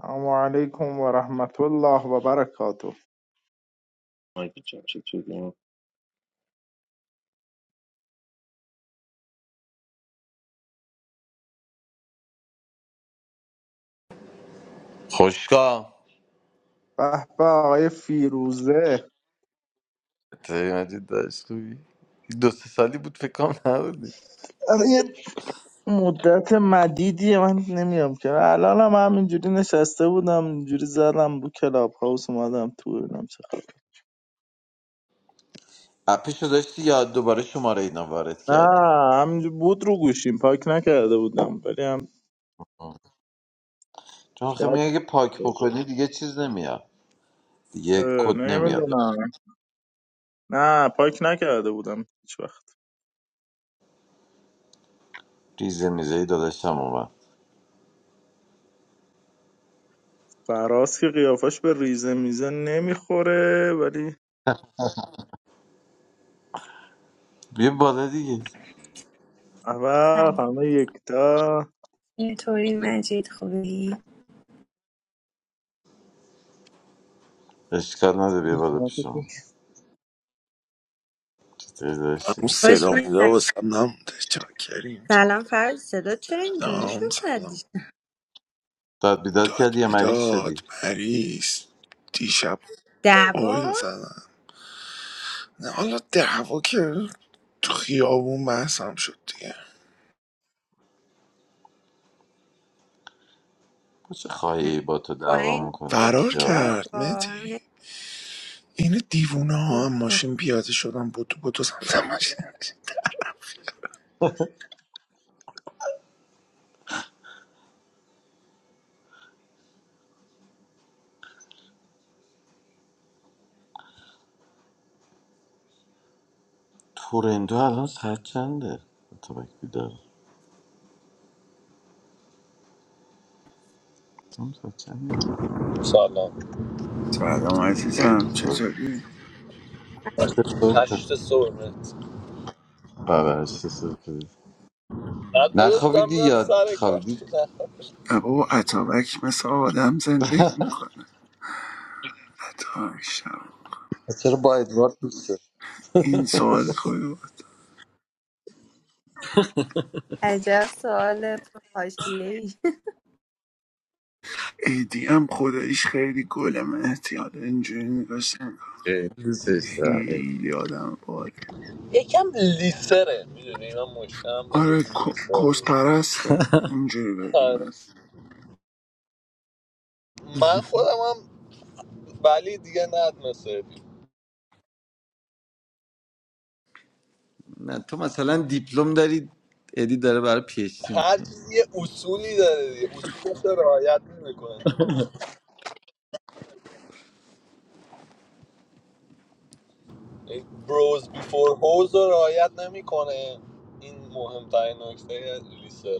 سلام علیکم و رحمت الله و برکاته مایک جان چطوری؟ خوشگاه به به آقای فیروزه تایی مجید داشت خوبی دو سه سالی بود فکر کنم نبودی الان یه مدت مدیدیه من نمیام که الان هم همینجوری نشسته بودم اینجوری زدم رو کلاب هاوس اومدم تو ببینم چه خبر. اپشو داشتی یا دوباره شماره اینا وارد کردی نه همینجوری بود رو گوشیم پاک نکرده بودم ولی هم آه. چون خیلی شاید میگه اگه پاک بکنی دیگه چیز نمیاد اه، دیگه کد نمیاد نمیدونم نه پاک نکرده بودم هیچ وقت ریزه میزه ای داداشم اومد فراز که قیافش به ریزه میزه نمیخوره ولی بیا بالا دیگه اول سلام همه یکتا اینطوری مجید خوبی اشکال نداره بیا بالا پیشم چطوری داشتی همون صدا خوش میدم مودا واسم نمونده چاکریم چه سلام فرد صدا چرا اینجوری شد سلام سلام بعدش داد بیداد داد کردی یا مریض بیداد شدی مریض دیشب دعوا آیا زدن نه حالا دعوا که تو خیابون بحثم شد دیگه با چه خواهی با تو با دعوا این میکنی با فرار خیابون کیا کرد با متی همین این دیوونه ها اوه هم اوه ماشین پیاده شدن بودو بودو سمت ماشین تورندو الان ساعت چنده تو بک بیدار تو هم ساعت Salon. سلام عزیزم چطوری؟ Eight چنده thousand. I پرستش سپید don't understand. نخوابیدی I'm یا sorry, خوابیدی Carter. I نه بابا اتابک مثل آدم زندگی میکنه عطا شب پس چرا با ادوارد دوسته این سوال خوبی بود عجب سوال حاشیه ای ایدی هم خداییش خیلی گل مهدی حالا اینجوری نگاش نکن خیلی دوستش دارم ادی خیلی آدم باری am a lister. Do you know? I'm a آره lister. کس I'm. پرسته اینجوری بگیم از I'm. I'm. Balidiyat masir. نه تو مثلا دیپلم داری ادی داره برای پی اچ دی Every میکنه thing is a rule. Every thing is a rule. You must not forget. Bros before hoser. You must not forget. This is the most important thing. You are a lister.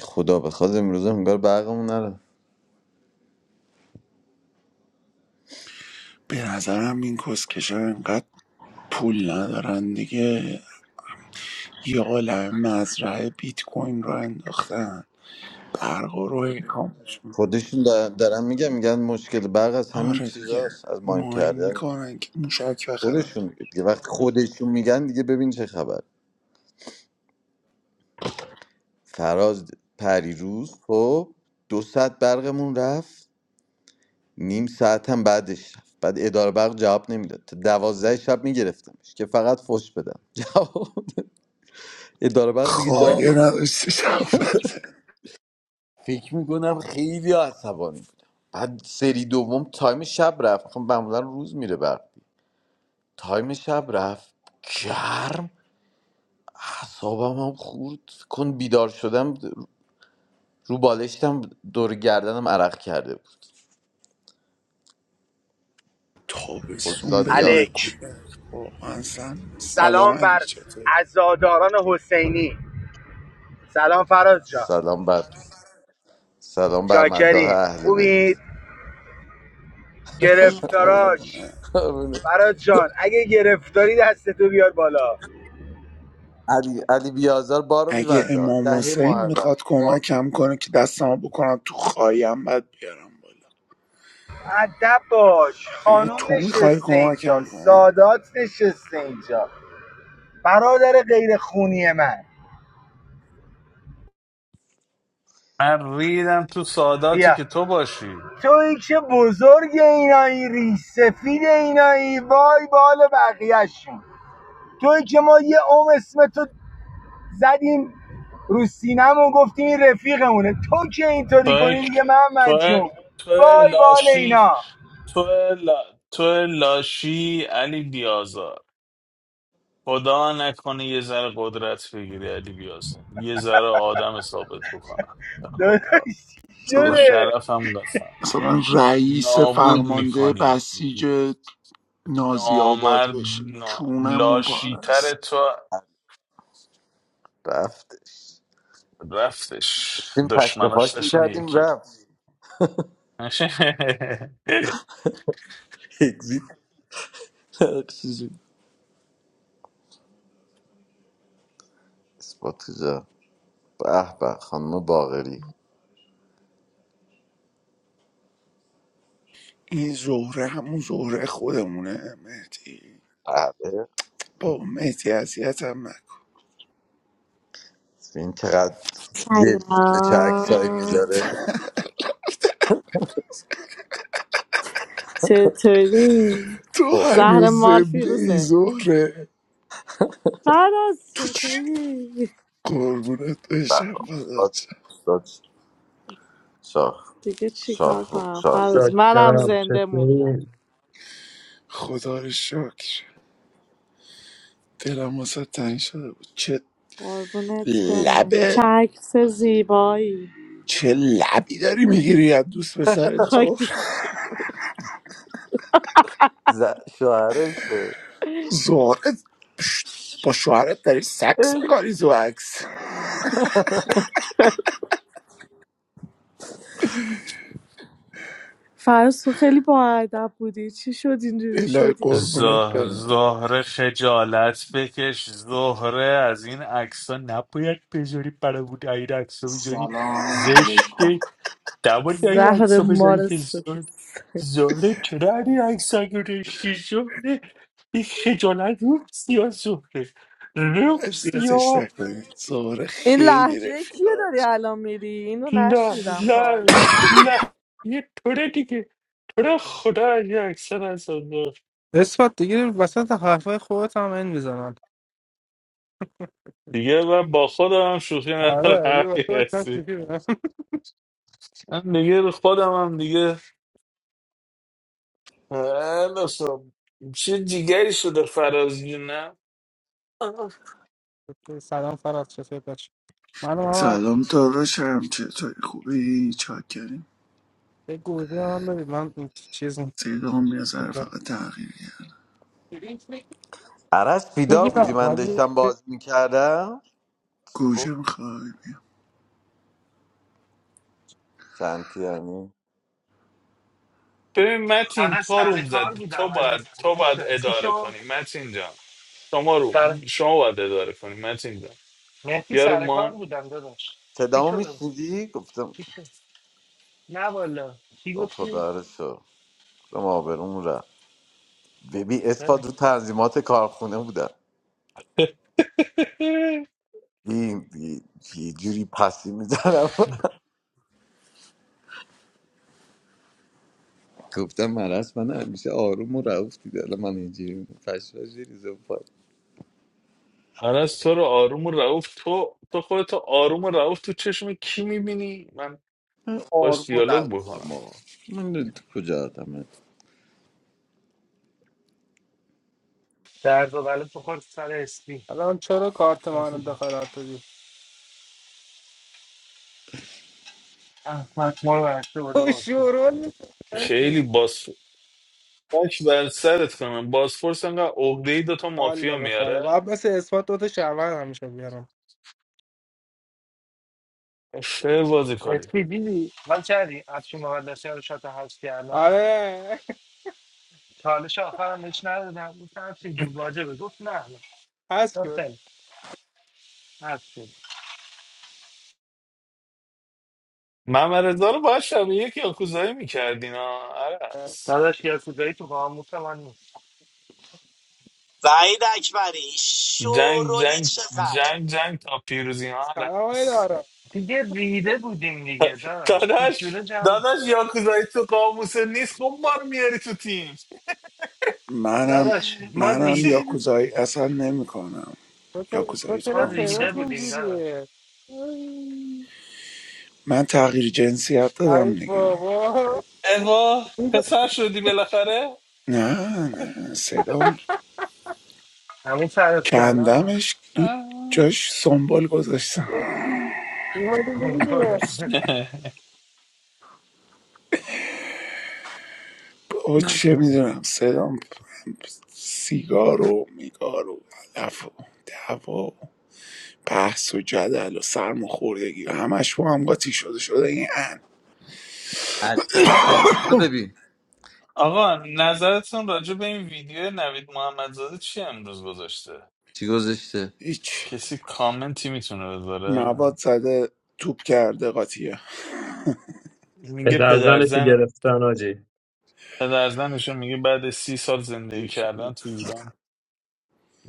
خدا بخواد امروز انگار برقمون نره به نظرم این کسکشا انقدر پول ندارن دیگه یه عالم مزرعه بیت کوین رو انداختن برق و رو اینکامش خودشون در- دارن میگن میگن مشکل برق از همین آره دیگه چیزاست از ماین ماین کردن میکنن که موشک بخرن خودشون میگه دیگه وقتی خودشون میگن دیگه ببین چه خبر فراز پریروز خب دو ساعت برقمون رفت نیم ساعت هم بعدش رفت بعد اداره برق جواب نمیداد تا دوازده شب میگرفتمش که فقط فش بدم جواب اداره برق دیگه Oh. جواب خایه نداشته شب فکر میکنم خیلی عصبانی بودم بعد سری دوم تایم شب رفت خب معمولا روز میره برق تایم شب رفت گرم اعصابم هم خورد فکر کن بیدار شدم رو بالشتم دور گردنم عرق کرده بود تابستون استاد بیاز بدون الک کولر واقعا سم سلام سلام علی بر چطوری عزاداران حسینی سلام فراز جان سلام بر سلام بر مداح چاکریم اهل بیت خوبید گرفتاراش قربونه فراز جان اگه گرفتاری دستتو بیار بالا علی علی بیازار بارو اگه میبنده امام دهه حسین محرم میخواد بار کمکم کنه که دستمو بکنم تو خواهیم بعد بیارم بالا ادب باش اگه خانوم تو میخوای نشسته اینجا کمکم کنی سادات نشسته اینجا برادر غیر خونی من من ریدم تو ساداتی بیا که تو باشی توی که بزرگ اینایی ریش سفید اینایی وای بال بقیهشون توی که ما یه عمر اسم تو زدیم رو سینمون گفتیم این رفیقمونه تو که اینطوری تو کنی دیگه محمد تو جون تو وای بال لاشی اینا تو لا تو لاشی علی بیازار خدا نکنه یه ذره قدرت بگیری علی بیازار یه ذره آدم ثابت بکنم به داداش خدا به مثلا شده شرفم قسم مثلا رئیس نابود فرمانده میکنی بسیج نازی آباد نامرد بشه نا... کونمون پاره لاشیتر است تو رفتش رفتش داشتیم دشمناش تکتفاش داشتن میکردیم یکی رفت اگزیت اکسیژن اثبات کجا به به خانم باقری این زهره همون زهره خودمونه مهدی بله با مهدی اذیتم نکن این چقدر جل شده چه عکسایی Hello. میذاره Che Cheyli. تو اوه هنوز Zahra Morfi زنده ای Ruzeh. زهره Farz تو Che چی Cheyli. قربونت به بشم به. استاد بزرچه استاد شاه Tegh chikakha. شاه شاهی Farz. Melam دارم zende manda. چطوری خدا رو شکر دلم واسه تنگ شده بود چه Carbonet pehne. لبه Chayk se zibai. چه لبی داری میگیری از دوست پسر Khayk. زهر ز... شوهرشه زهره ش- با شوهرت داری سکس میکنی تو عکس Farz so heli baad abudi. Chy shodin du الهی shodin. قربونت زه- برم زهره خجالت بکش زهره از این عکس ها نباید بذاری برای بود این عکس ها بذاری سلام علیکم زشته نباید این عکس Zahra ها بذاری که Moras badi. زهره زهره چرا این عکس ها گرشتی زهره این خجالت رو سیا زهره رو اذیتش سیا نکنید زهره In lagh. خیلی Kya رفیقات darialam mirdi? Ino nasht نه nidan thala. نه نه یه طوره دیگه طوره خدا این عکس ها نزن اثبات دیگه وسط حرفای خودت هم این میزنن دیگه من با خودم هم شوخی ندارم آره یه وقت همین باید من هستی شوخی من دیگه خودم هم دیگه اه، مثلا چه دیگری شده فراز جون، نه آه. کنم. سلام فراد چطور بچه من هم از سلام داداشم چطوری خوبی چاکریم یه گوجه من بدید من این چیز صدام یه ذره فقط تغییر کرد. عرش بیدار بودی میگیرم من ولی داشتم باز میکردم گوجه میخوای بیا. شنتیانی ببین متین اول تا سر روم کار زدی تو بودم باید عزیزم تو باید نشدم چی اداره شد کنی متین جان شما رو سر شما باید اداره کنی متین جان مهدی بیا رو سر کار ما بودم داداش چی صدامو شد میشنیدی گفتم چی شد نه والا چی خب گفتی خدا رو شو دم آبروم رفت ببین نه. اثبات رو تنظیمات کارخونه بودم این یه جوری پسی میزنم گفتم مرس من همیشه آروم و رعوف دیده الان من اینجوری فشفاش ریزه و پای از تو رو آروم و رعوف تو تو خودتو آروم و رعوف تو چشم کی میبینی من من باش آروم و دیالوگ رعوف هم بکنم آقا من کجا آدمه درد و بله تو خود سر اسپی الان چرا کارت ما رو مهدی جون. دخالت دادی احمد ما رو برشته بوده او باز کن. شورون نیست خیلی باس باش بر سرت کنم بازپرس انقدر عقده ای دوتا الله مافیا بخوره میاره باید مثل اثبات دوتا شهرون همیشه بیارم خیلی بازی کاری اسپی دیدی حال کردی افشین مقدسی رو شات هست کردم آره چالش آخرم بهش ندادم گفتم افشین جون واجبه گفت نه نه. هست گفت که خیلی افشین محمد رضا رو باید شبیه یک یاکوزایی میکردین ها عرس داداش یاسودایی تو قاموس من نیست وحید اکبری جنگ شورولی جنگ چقدر جنگ جنگ تا پیروزی ها سلام های عرس دارم دیگه ریده بودیم دیگه داداش هیچ داداش جوره داداش یاکوزایی تو قاموس نیست خب ما رو میاری تو تیم منم داداش ما منم ریده یاکوزایی اصلا نمیکنم تو چرا تو یاکوزایی تو ما چرا ریده صدات قاموسم بودیم نیست اینجوریه داداش من تغییر جنسیت ای دادم دیگه بابا اوا پسر شدی بالاخره نه نه صدام همین فراز سلام کندمش دو جاش سنبال گذاشتم یهو دیگه دیگه. با چه میدونم صدام سیگار و میگار و علف و دعوا و بحث و جدل و سرماخوردگی و همش با هم قاطی شده شده این ان علی بنتو رو ببین آقا نظرتون راجع به این ویدیو نوید محمدزاده چی امروز گذاشته چی گذاشته هیچ کسی کامنتی میتونه بذاره مواد زده توپ کرده قاطیه میگه پدر زنش رو پدرزن گرفتن آجی پدرزنشون میگه بعد سی سال زندگی گیر کردن شده. تو ایران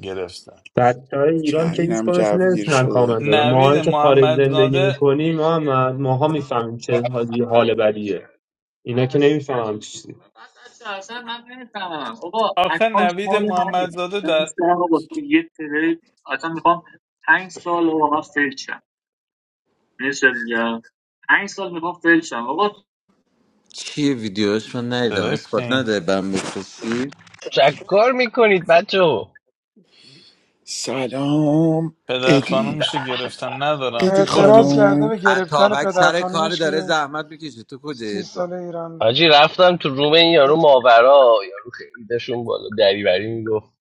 گرفتن بچه های که ایران که هیچ اینم کنشون جوگیر نمیتونن کامل شده دادن نوید ماهایی که خارج زندگی محمدزاده میکنیم محمد ماها میفهمیم چه حاجی حال بدیه اینا که نمیفهمم چیزی آخه نوید محمدزاده در چیه ویدیوش من ندیدم صدای اثبات پین نداره برم بفرستی چکار میکنید بچه ها؟ سلام پدر ادی خانومشو گرفتن ندارم ادی برو اعتراض تو کرده خانم به گرفتن اتابک پدر سر کار خانومش داره که زحمت میکشه تو کجا سی ادوا ساله ایران حاجی بوده رفتم تو روم این یارو ماورا یارو خیلی داشون بالا دریوری میگفت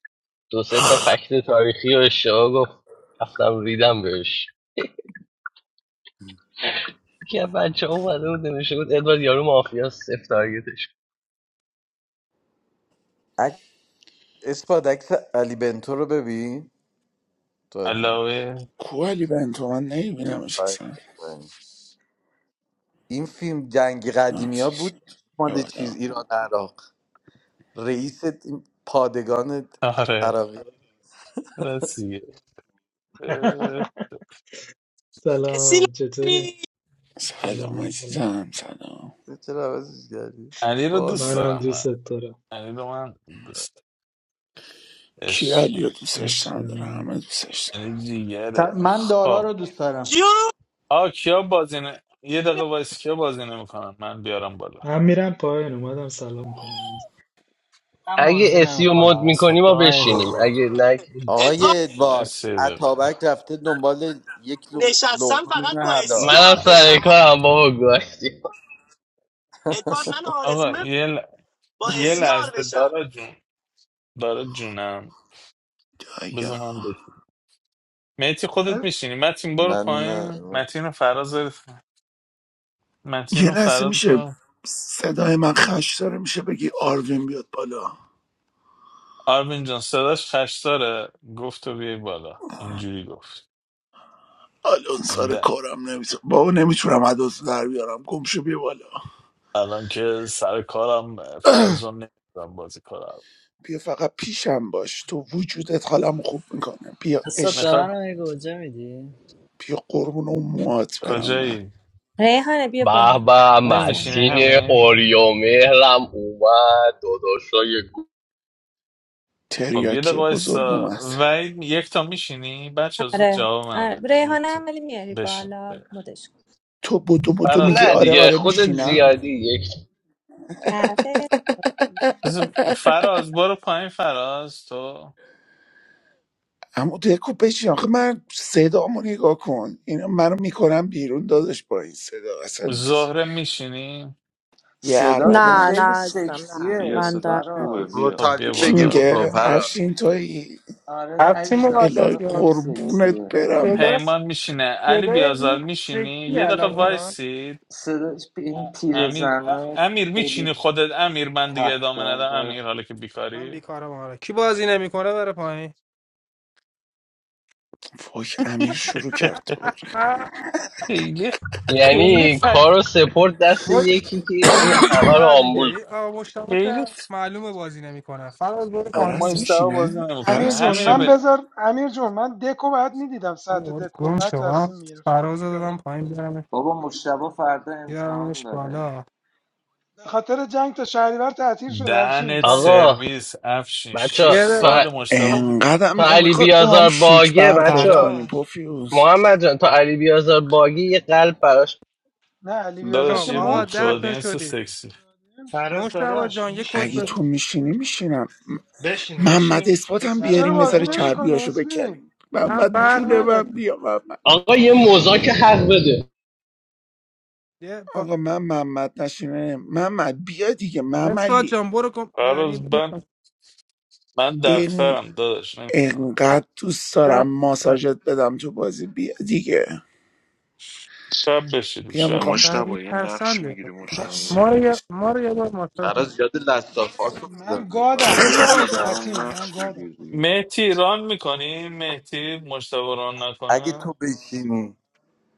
دو سه تا فکت تاریخی و اشتباه گفت رفتم ریدم بهش یکی از بچه ها اومده بود نمیشه بود ادوارد یارو مافیا سفت تارگتش اک- اثبات عکس علی بنتو رو ببین دادی علاوه کوالی بنتو من نمیبینمش آفرین، اصلا آفرین. این فیلم جنگ قدیمی ها نازش. بود مال چیز یادم ایران عراق رئیس این پادگان آره عراقی رسیه اه، اسی سلام چطوری؟ نداری؟ سلام سلام سلام عزیزم سلام چرا عوضش کردی علی رو باز دوست شد. منم دارم دوست من دارم علی رو من دوست دارم. کی کیالی عشق رو دوستش عشق نداره منی همه دوستش داره علی س- جیگره من دارا خب رو دوست دارم جو آ کیا بازی نه یه دقیقه وایس کیا بازی نمیکنن من بیارم بالا من میرم پایین اومدم سلام کنم من اگه موضوع اسی نمی و کنم مد اسفاد میکنی تو ما های بشینیم گوجود اگه نه که هیچ ادوارد آقای آقا ادوارد سه دقیقه اتابک رفته دنبال یک لق- نشستم لقمه فقط نون با اسی حلال منم یار سر بشم آ- کارم بابا گاشتی ادوارد من آقا آرزمه یه با یه اسی یار لحظه بشم دارا جون دارا جونم بذار دایا. من بهت مهدی خودت میشینی متین برو من پایین اه، متین رو فراز متین یه رو لحظه فراز میشه برو صدای من خش داره میشه بگی آروین بیاد بالا آرمین جان صداش خش داره گفت تو بیای بالا اینجوری گفت الان این سر ده کارم نمیتونم بابا نمیتونم عدس در بیارم گم شو بیا بالا الان که سر کارم فراز رو نمیدونم بازی کارم بیا فقط پیشم باش تو وجودت حالم خوب میکنه بیا اسفاد به میخواد عشقم منم یه گوجه میدی؟ بیا قربون اون موات برم من کجایی ریحانه بیا به بالا به بازی نمیشینی هم متین همه اوریو مهرم اومد داداشای گو- خب یه دقیقه تریاکی بزرگ وایسا اومد وحید یک تا میشینی بچه زود آره جواب منو آره بده یک ریحانه تا هم ولی میاری بشین بالا مدش کن تو بودو بودو بره. میگی نه آره دیگه آره خودت میشینم زیادی یک حرفه بذار- فراز برو پایین فراز تو اما دکو بچین آخه من صدامو نگاه کن اینا منو میکنم بیرون دادش با این صدا اصلا زهره میشینی یه هر صدات بده که Na na خیلی نمیتونم زنش. izdam na. سکسیه بیا Manda صدات nabi. خوبه فراز بیا خب روتالین بیا کی بگیر بالا بیا بخورم میگه بالا فراز افشین توی آره هرچی عزیزم مقدس صدا الهی بیاد خیلی قربونت سکسیه برم پیداست پیمان میشینه علی صدای بیازار این میشینی فکری یه دقیقه الان واقعا وایسی صدا این تیر امیر ا- زنای امیر میچینی خیلی خودت امیر من دیگه ادامه ندم کفتارهای امیر حالا که من بیکاری بیکارم آره کی بازی نمیکنه بره پایین وای امیر شروع کرد دوباره آه، خیلی خیلی یعنی خد کارو سپورت دست مت یکی که یعنی خیلی همه رو یا دیگه آمبول این آقا مشتاق خیلی که خ- معلومه بازی نمیکنه فراز بره خب ما عرس پایین اشتباه بازی میشینه امیر نمیکنه عرس جون همینو من به میشینه بذار امیر جون من دکو بعد میدیدم ساعت آقا، دکو گم بعد شما تصمیم میگرفتم فراز رو ولی دادم حالا پایین بیارم بابا مشتبه فردا امتحان بیارمش داره بالا به خاطر جنگ تا شهریور تعطیل شد افشین دهنت جنگ آقا سرویس افشین بچه شیش یه دقیقه تا, سال صبر مشتبه انقدم تا علی نمیخواد با هم بیازار شیک باگه بچه برخورد کنی فراز پوفیوز محمد جان تا علی بیازار باگه یه قلب براش نه علی خب بیازار داداش که یه آقا مد ده شد تا مفتادینس شدید سکسی مفتادیم شد. فراز مشتاق داداش جان یه کد اگه بده تو میشینی؟ میشینی میشینم بشینیم محمد بشینیم اثباتم اسمی منم چرا بیاریم دارم یه میرم بازی باشه نمیکنه چربیاشو اسمی بکنیم من محمد برق جونه اسمی من نداریم بیا محمد آقا یه مزاک حق بده یه با... آقا من محمد نشینه محمد بیا دیگه مسعود مملی جان برو گم فرض یعنی من من این دفترم داداش نمیکنم انقدر آه، دوست دارم صبر. ماساژت بدم تو بازی بیا دیگه شب بشید بیا شب میخوام فری مشتبا یه نقش پسنده میگیری ما بس ما مشتبا رو یه ما رو یه بار ماساژ نکن. فراز یاد لستافاس افتادم من یه بازی. خب گادم بگیر مشتبه جان برام متین من نقش گادم بگیر دیگه مهتی ایران میکنی مهتی مجتبا ران اگه نکنه تو بشینی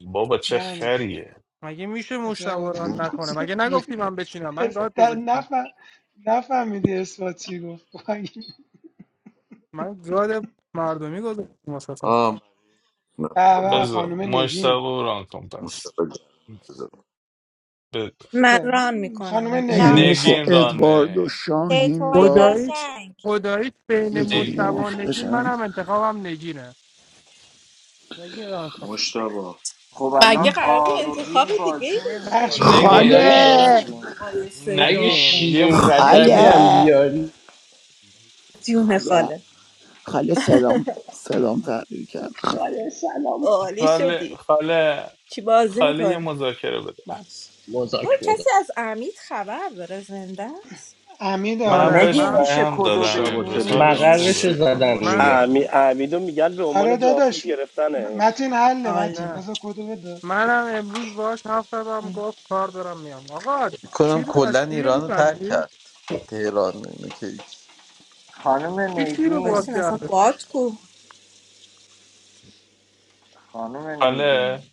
بابا چه یعنی چی خریه مگه میشه عجب مشتبه آدم رو نه. نکنه مگه نگفتی من بچینم من گاد گذاشتم نفهم نفهمیدی اثبات چی گفت به من گاد مردمی گذاشتم ماساژم آه من- نه، خب، به بذار خانم نگین مجتبا ران کن پس مشکل دارم. ب- من ران میکنم خانم اگه نگین یعنی بخوای میشه اسم نگین میخواد را میکنه ادوارد و رانه شاهین چطوری با خداییش قشنگ خداییش بین یکی مشتبه دیگه نگین و نگین مافیاشن منم انتخابم نگینه نگین رو انتخاب. مشتبا خب مگه الان قرار بود انتخاب آروین دیگه ای بازی داشته نقش باشی میگیرم نمیکنه یعنی نگین چی خدایش متین اصلا خاله نقش این آروین میگیرم مقایسه اگه نگین داغون یه شیرین م- واقعا افت رجبی یه هم خاله بیاری جون خاله خاله خاله صدام صدام تغییر کرد خاله. آره سلام عالی خاله شدی خاله چی بازی خاله یه میکنی مذاکره بده باش اون مزاک مزاک کسی از امید خبر داره زنده است امی من داره آره بهش نگین من خواهد میشه پیام کدو دادم مشتبا امروز بگین حالش تلگرام تو مقرش خوبه چک کن زدن اه، من میگه مشتبا آره داداش م- متین حله آل متین نه بذار کدو بده منم امروز باش حرف زدم گفت کار دارم میام آقا کنم شیر رو از کلا شیر ایران رو ترک میبندی؟ کرد تهران و اینو که هیچ. خانم کی شیر رو باز بایستین نگین اصلا کرده؟ باد کو خانم خاله نگین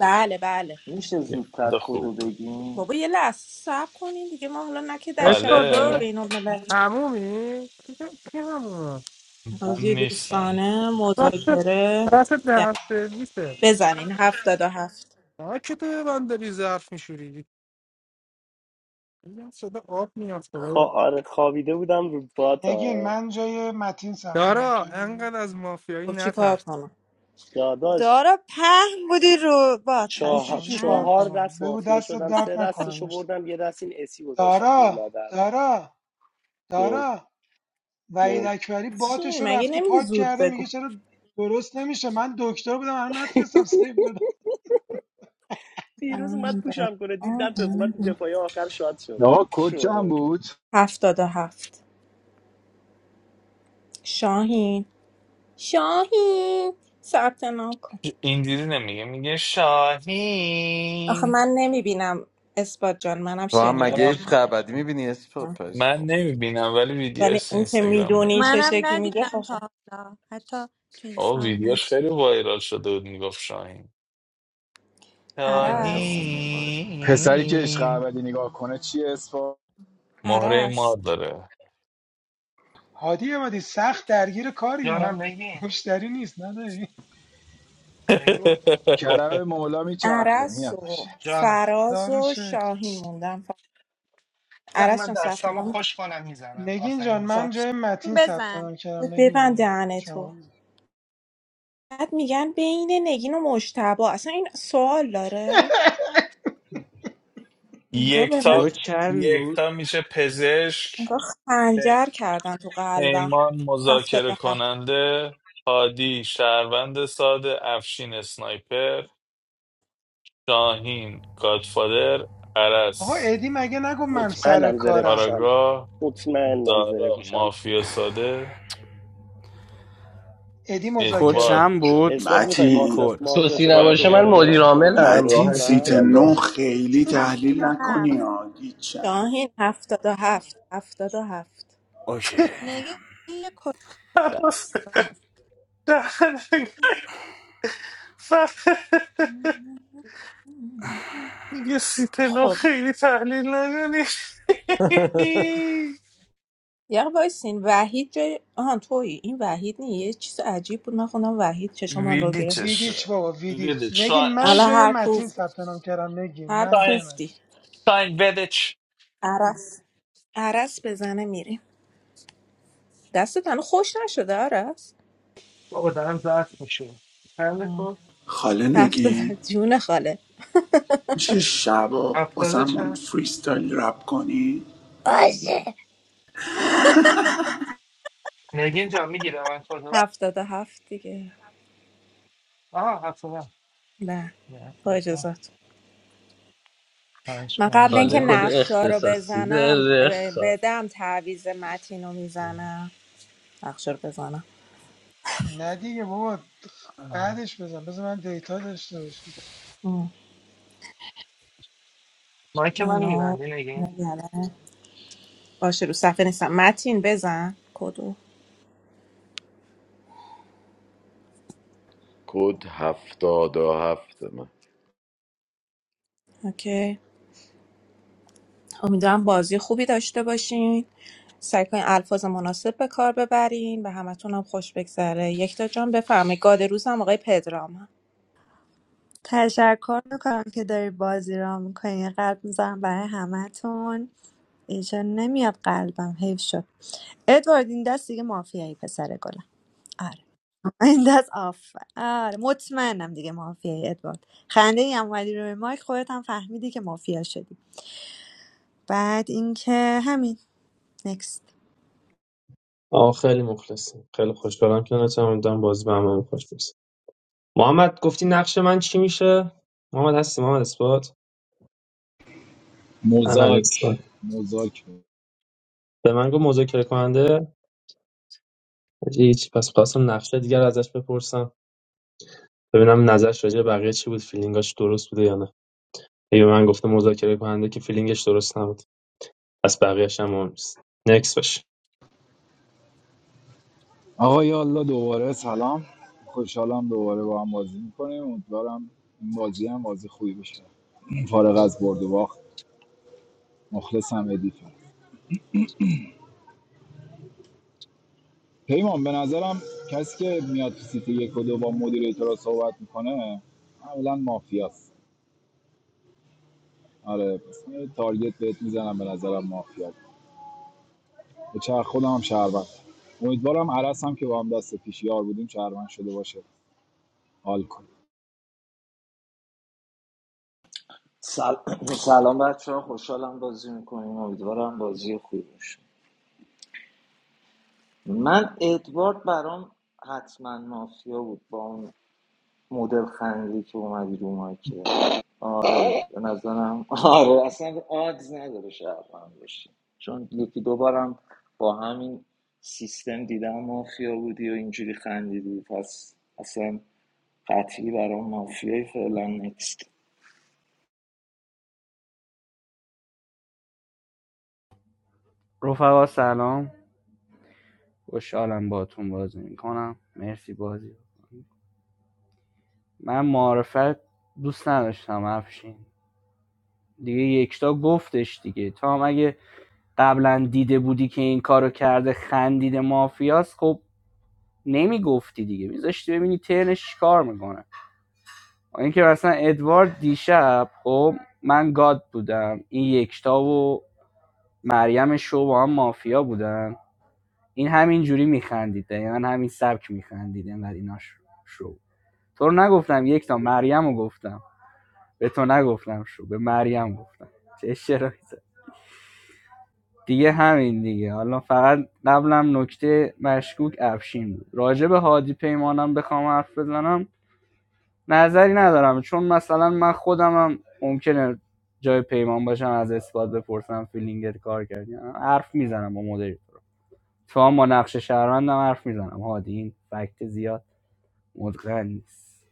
بله بله میشه یه زودتر خنده کدو خوب بگین بابا یه لحظه سب کنین دیگه ما حالا نه که در شبکه استاد های خاله بین المللی همومی؟ کی کی همومه؟ من بازی نیستم دوستانه دستت مذاکره دستت به هم سرویسه بزنین هفتاد و هفت آه که تو به من داری ظرف میشوری میگم صدا آب میاد خا... خدایا آره خوابیده بودم رو نگین باتا من جای متین ثبت نام دارا کردم انقدر از مافیایی خب چی کار نترس کنم داداش دارا پهن بودی رو باد یعنی چی چهار, قشنگ چی کار نه چهار کنم دست بگو مافیا دستت شدم درد سه نکنه دستشو مشت بردم یه دست این اسی گذاشت تو دارا لادر دارا جون دارا وحید جون اکبری چین باتش رو مگه رفته نمیگی پاک زود کرده بگو میگه چرا درست نمیشه من دکتر بودم الان نتونستم سیو بدم دیروز اومد پوشم کنه دید نتونست اومد تو دفاعی آخر شاد آقا کد شد چند بود هفتاد و هفت شاهین شاهین ثبت نام کن اینجوری نمیگه میگه آخه شاهین من نمیبینم اثبات جان منم تو هم شنیدم مگه منم عشق ابدی میبینی اسپورت پس من عمر؟ نمیبینم ولی ولی ویدیوش تو اون که اینستاگرام میدونی میاد چه منم شکلی میگه ندیدم خوشم تا حالا حتی تو او اینستام ندیدم ویدیوش خیلی وایرال شده بود میگفت شاهین نه عرس ایدم. پسری که عشق شاهین ابدی نگاه کنه چیه اسفا مهره مار عرس داره هادی عبادی سخت درگیر کاری ها جانم نگین مشتری نیست نداری نگین کرم مولا میچرخه عرس میاد باشه و جانم خدا فراز رو و شکر شاهین موندم وقتی عرس من جان ثبت دستامو نام کن خوش کنم میزنم نگین آفرین جان میزنم من باش جای متین ثبت بزن نام کردم نگین ببند جان دهن تو شما بعد میگن بین نگین و مجتبی اصلا این سوال داره انگار به من کد یکتا چند بود یکتا میشه پزشک انگار خنجر پ- کردن تو قلبم پیمان هفتاد مذاکره و هفت کننده هادی شهروند ساده افشین اسنایپر شاهین گادفادر آقا عرس ادی مگه نگو من سر مطمئنم زره کارم پوشم کاراگاه مطمئنم زره دارا پوشم مافیا ساده ادی کد ادوارد مذاکره چند بود اثبات میخوای متین مافیا کد مافیا سوسی شدم نباشه من دوباره مدیر بهش خبرنگار خودت عاملم شورول متین راحت سیت کنم میتونم نو بازی کنم. خیلی هفتاد تحلیل و نکنی هفت ها گیچن شاهین هفتاد و هفت هفتاد و هفت اوکی نگه یه کد ر- عباس و هفت دهنگ یه سیتنا خب خیلی تحلیل نگنی یه وایسین وحید جای آهان تویی این وحید نیه یه چیز عجیب بود من خوندم وحید چشمان رو گرفت ویدیچش ویدیچ بابا ویدیچ ویدیچ نگین شاین من الان جای هر متین کوفت ثبت نام کردم نگین هر من جای شاین کوفتی متین شاین ویدیچ عرس عرس بزنه میریم دستت هنو خوش نشده عرس بابا دارم زرد میشه چند آه. کد؟ خاله هفته نگی در جون خاله میشه شبا هفتاده واسمون چند؟ فریستایل رپ کنی باشه نگین جان میگیره من کدو؟ هفتاد و هفت دیگه آها هفتاده نه نه، با خیلی. خوب. اجازت پنج، من نه، قبل حالا اینکه نه، کد نه. نقشه رو اختصاصی بزنم داره ب- بدم تعویز متین رو میزنم نقشه رو بزنم نه دیگه بابا بعدش بزن بذار من دیتا داشته باشم ام. مایک منو منو میبندی نگین بله. باشه رو صفحه نیستم متین بزن کدو کد هفتاد و هفت اوکی امیدوارم بازی خوبی داشته باشین سعی کنین الفاظ مناسب به کار ببرین و همتون هم خوش بگذره یک تا جان بفرمایید گاد روزم آقای پدرام تشکر میکنم که داری بازی را میکنی یه قلب میزنم برای همتون اینجا نمیاد قلبم حیف شد ادوارد این دست دیگه مافیایی پسر گلم آره این دست آف آره مطمئنم دیگه مافیایی ادوارد خنده ای هم ولی روی مایک خودت هم فهمیدی که مافیا شدی بعد اینکه همین نکست آه خیلی مخلصیم خیلی خوشحالم که نتونم امیدوارم باز به همه خوش برسه محمد گفتی نقش من چی میشه محمد هستی محمد اثبات محمد مزاک اثبات مزاک بود. به من گفت مذاکره کننده حاجی هیچ پس خواستم نقشه دیگر ازش بپرسم ببینم نظرش راجع به بقیه چی بود فیلینگاش درست بوده یا نه هی به من گفته مذاکره کننده که فیلینگش درست نبود پس بقیه‌ش هم مهم نیست نکس باشه آقا یا الله دوباره سلام خوشحالم دوباره با هم بازی میکنیم امیدوارم این بازی هم بازی خوبی بشه فارغ از برد و باخت مخلصم ردیفم پیمان به نظرم کسی که میاد تو سیتی یک و دو با مدیریتورا صحبت میکنه معمولا مافیاست آره پس یه تارگت بهت میزنم به نظرم به چرخ خودم هم شهروند امیدوارم عرص هم که با هم دست پیش یار بودیم شهروند شده باشه حال کنه سل... سلام بچه ها خوشحالم بازی میکنیم امیدوارم بازی خوبی باشه من ادوارد برام حتما مافیا بود با اون مدل خندی که اومدی رو مایکه آره به نظرم آره اصلا آدز نداره شهر من باشی چون یکی دوبارم با همین سیستم دیدم مافیا بودی و اینجوری خندیدی پس اصلا قطعی برام مافیای فعلا نیست رفقا سلام خوشحالم باهاتون بازی میکنم مرسی بازی من معرفت دوست نداشتم افشین دیگه یکتا گفتش دیگه تو هم اگه قبلا دیده بودی که این کارو کرده خندیده مافیاست خب نمیگفتی دیگه میذاشتی ببینی ترنش چیکار میکنه اینکه مثلا ادوارد دیشب خب من گاد بودم این یکتا و مریم شو با هم مافیا بودن این همین جوری میخندید دقیقا همین سبک میخندید انقدر اینا شو شو. تو رو نگفتم یک تا مریم رو گفتم به تو نگفتم شو به مریم گفتم چه اشتراکی زد. دیگه همین دیگه حالا فقط قبلم نکته مشکوک افشین بود راجع به هادی پیمانم بخوام حرف بزنم نظری ندارم چون مثلا من خودمم ممکنه جای پیمان باشم از اثبات بپرسم فیلینگت کار کردی حرف میزنم با مدیر اتفاقا با نقش شهروندم حرف میزنم هادی این فکت زیاد مدقن نیست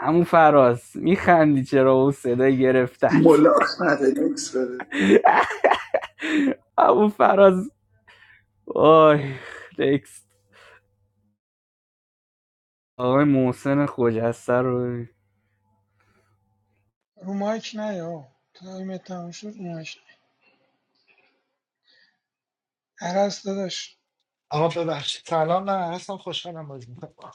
همون فراز میخندی چرا اون صدای گرفتت ملاق نده نکس بده همون فراز آی نکست آقای محسن خجسته رو رو مایک نیا تایم تموم شد رو مایک نیا. عرض داداش آقا ببخشید سلام نه هستم خوشحالم بازی میکنم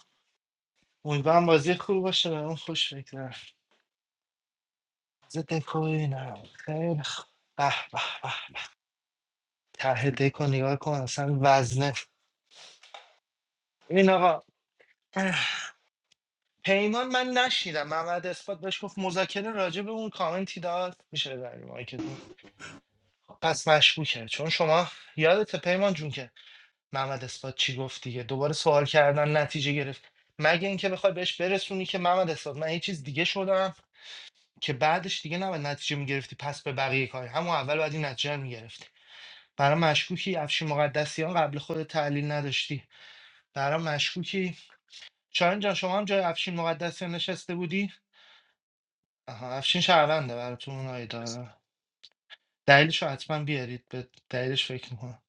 امیدوارم بازی خوب باشه اون خوش بگذره ضد کوی نه خیلی خوب به به به ته دکو نگاه کن اصلا وزنه این آقا اه. پیمان من نشیدم محمد اثبات بهش گفت مذاکره راجع به اون کامنتی داد میشه ببری مایکتون پس مشکوکه چون شما یادت پیمان جون که محمد اثبات چی گفت دیگه دوباره سوال کردن نتیجه گرفت مگه اینکه بخوای بهش برسونی که محمد اثبات من یه چیز دیگه شدم که بعدش دیگه نباید نتیجه میگرفتی پس به بقیه کاری همون اول باید این نتیجه رو میگرفتی برای مشکوکی افشین مقدسیان قبل خود تحلیل نداشتی برای مشکوکی شاهین جان شما هم جای افشین مقدسیان نشسته بودی آها افشین شهرونده براتون اونایی داره دلیلش رو حتما بیارید به دلیلش فکر میکنم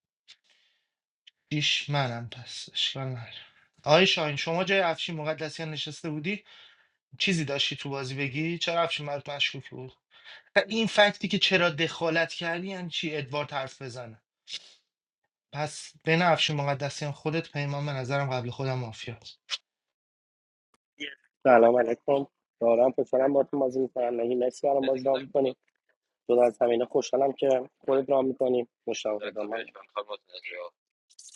دیش منم پس اشکال نداره آقای شاهین شما جای افشین مقدسیان نشسته بودی چیزی داشتی تو بازی بگی چرا افشین برات مشکوک بود و این فکتی که چرا دخالت کردی یعنی چی ادوارد حرف بزنه پس بین افشین مقدسیان خودت پیمان به نظرم قبل خودم مافیاست سلام علیکم دارم پسرم با تو بازی میکنم نگی مرسی برام بازی رام میکنی جدا از همینه خوشحالم که خودت رام میکنی مشتاق خدمت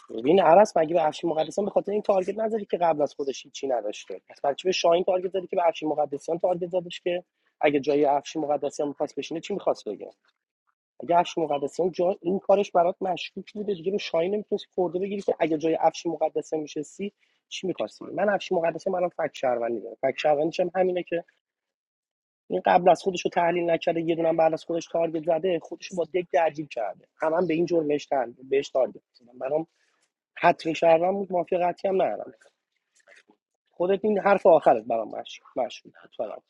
ببین عرس مگه به افشین مقدسیان به خاطر این تارگت نزدی که قبل از خودش هیچی نداشته پس بچه به شاهین تارگت زدی که به افشین مقدسیان تارگت زدش که اگه جای افشین مقدسیان میخواست بشینه چی میخواست بگه؟ اگه افش مقدسیان جا این کارش برات مشکوک بوده دیگه به شاهین نمیتونستی خورده بگیری که اگه جای افش مقدسیان میشستی چی میخواستی من افش مقدسیان الان فک شهروندی دارم فک شهروندیش هم همینه که این قبل از خودش رو تحلیل نکرده یه دونم بعد از خودش تارگت زده خودش رو با دک درگیر کرده هم, هم به این جرمش تحلیل بهش تارگت زدم برام حتمی شهروند بود مافیا قطعی هم ندارم خودت این حرف آخرت برام مشکوک مشکوک بود فقط.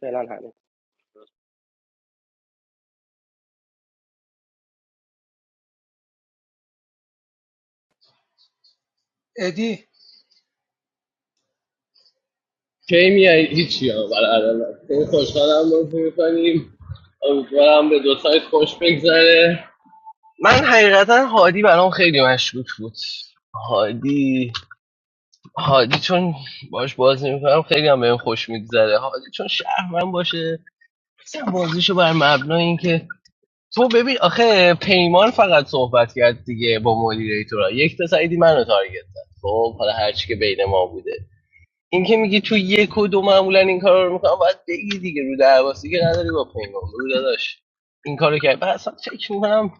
فعلا ادی کی میای هیچی ها برای آدم خیلی خوشحالم بازی میکنیم امیدوارم به دو سایت خوش بگذره من حقیقتا هادی برام خیلی مشکوک بود هادی هادی چون باش بازی میکنم خیلی هم بهم خوش میگذره هادی چون شهر من باشه مثلا بازیشو بر مبنای اینکه تو ببین آخه پیمان فقط صحبت کرد دیگه با مدیریتورا یک تا سعیدی منو تارگت زد خب حالا هرچی که بین ما بوده این که میگی تو یک و دو معمولا این کار رو میکنم باید بگی دیگه رو درواسی که نداری با پیمان رو داداش این کارو کرد بعد اصلا فکر میکنم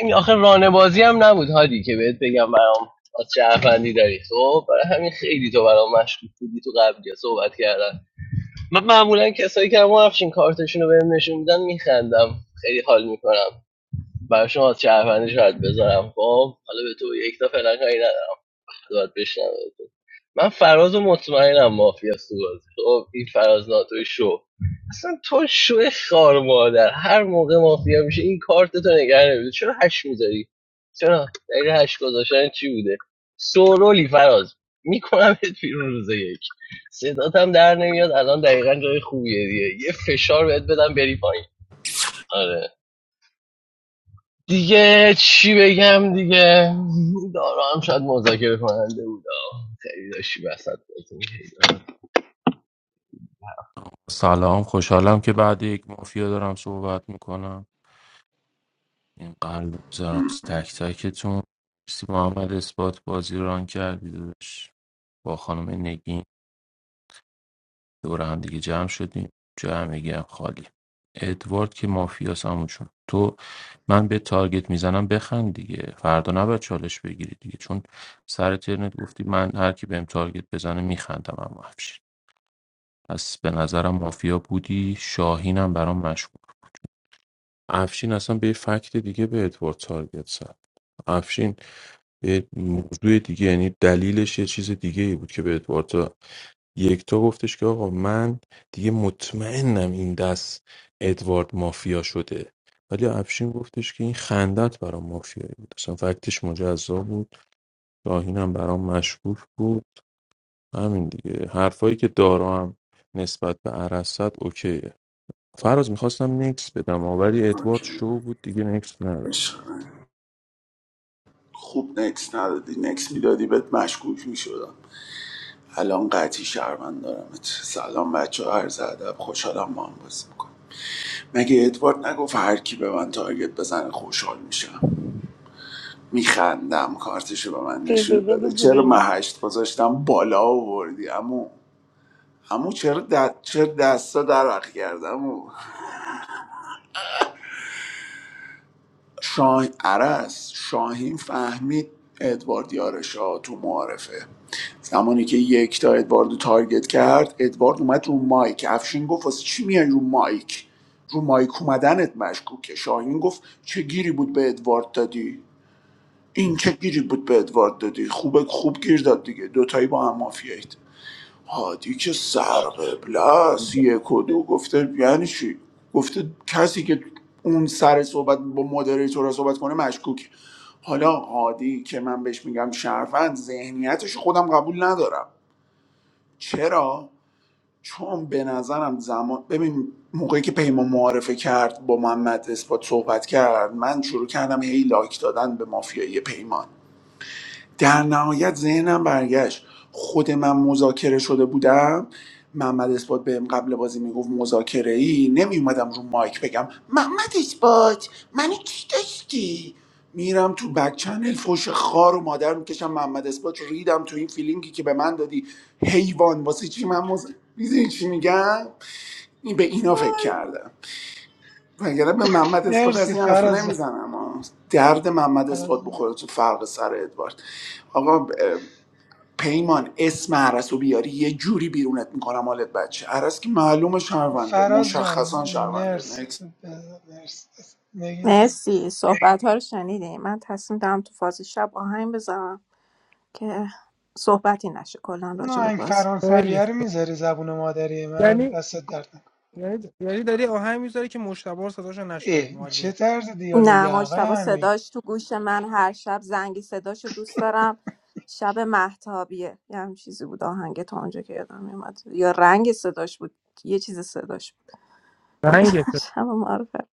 این آخه رانه بازی هم نبود هادی که بهت بگم برام از چه افندی داری خب برای همین خیلی تو برام مشکوک بودی تو قبلی صحبت کردن من معمولا کسایی که همون افشین کارتشون رو بهم نشون میدن میخندم خیلی حال میکنم براشون از چه افندی شاید بذارم خب حالا به تو یک تا فعلا کاری ندارم. باید بشنوه من فراز و مطمئنم مافیاست تو بازی خب این فراز ناتوی شو اصلا تو شو خار مادر هر موقع مافیا میشه این کارت تو نگه نمیده چرا هش میذاری چرا دقیقه هش گذاشتن چی بوده سورولی فراز میکنم بهت بیرون روز یک صدات هم در نمیاد الان دقیقا جای خوبیه دیگه یه فشار بهت بدم بری پایین آره دیگه چی بگم دیگه دارا هم شاید مذاکره کننده بود آه. خیلی داشتی وسط بازی می‌کردی. سلام خوشحالم که بعد یک مافیا دارم صحبت میکنم این قلب میذارم تک تکتون سی محمد اثبات بازی ران کردی داداش با خانم نگین دور هم دیگه جمع شدیم جای همگی هم خالی ادوارد که مافیاس همون تو من به تارگت میزنم بخند دیگه فردا نباید چالش بگیری دیگه چون سر ترنت گفتی من هر کی بهم تارگت بزنه میخندم اما افشین پس به نظرم مافیا بودی شاهینم برام مشکوک افشین اصلا به یه فکت دیگه به ادوارد تارگت زد افشین یه موضوع دیگه یعنی دلیلش یه چیز دیگه ای بود که به ادوارد یکتا گفتش که آقا من دیگه مطمئنم این دست ادوارد مافیا شده ولی افشین گفتش که این خندت برام مافیایی بود اصلا فکتش مجزا بود راهینم برام مشکوک بود همین دیگه حرفایی که دارا هم نسبت به عرصت اوکیه فراز میخواستم نکس بدم آه، ولی ادوارد اوکی شو بود دیگه نکس نداد عشق من. خوب نکس ندادی نکس میدادی بهت مشکوک میشدم الان قطعی شهروند دارمت سلام بچه ها عرض ادب خوشحالم با هم بازی میکنم مگه ادوارد نگفت هر کی به من تارگت بزنه خوشحال میشم میخندم کارتشو به من نشون داده چرا همین محشت گذاشتم بالا آوردی امو امو چرا, دست چرا دستا درق کردم شاه... عرس شاهین فهمید ادوارد یارشا تو معارفه زمانی که یک تا ادواردو تارگت کرد ادوارد اومد رو مایک افشین گفت واسه چی میای رو مایک رو مایک اومدنت مشکوکه شاهین گفت چه گیری بود به ادوارد دادی این چه گیری بود به ادوارد دادی خوبه خوب گیر داد دیگه دوتایی با هم مافیایید هادی که سر قبله است یک و دو گفته یعنی چی گفته کسی که اون سر صحبت با مدریتور صحبت کنه مشکوک حالا هادی که من بهش میگم شرفند ذهنیتش خودم قبول ندارم چرا چون به نظرم زمان ببین موقعی که پیمان معارفه کرد با محمد اثبات صحبت کرد من شروع کردم هی لایک دادن به مافیایی پیمان در نهایت ذهنم برگشت خود من مذاکره شده بودم محمد اثبات بهم قبل بازی میگفت مذاکره ای نمیومدم رو مایک بگم محمد اثبات منو کی داشتی میرم تو بک چنل فوش خار و مادر میکشم محمد اثبات ریدم تو این فیلینگی که به من دادی حیوان واسه چی من مز... میدونی چی میگم این به اینا فکر آی کردم وگرنه به محمد اثبات از مرسی این حرفا فراز جان نمیزنم آه. درد محمد فراز اثبات جان, بخوره تو فرق سر ادوارد آقا پیمان اسم عرس رو بیاری یه جوری بیرونت میکنم حالت بچه عرس که معلوم شهرونده فراز جان. مشخصا شهرونده مرسی نکس مرسی نگین تو مرسی صحبت ها رو شنیدیم من تصمیم دارم تو فاز شب آهنگ بذارم که صحبتی نشه کلا اون راجع به آهنگ بازی خیلی فرانسویه خوب رو میذاری زبون مادری من یعنی دستت درد نکن یعنی یعنی داری آهنگ میذاری که مشتبه رو صداشو نشنویم ای چه عالیه طرز دیالوگی نه آقای مجتبا امیر صداش تو گوش من هر شب زنگی صداش رو دوست دارم شب محتابیه یه هم چیزی بود آهنگ تا اونجا که یادم میومد یا رنگ صداش بود یه چیز صداش بود آهنگته. شب معرفه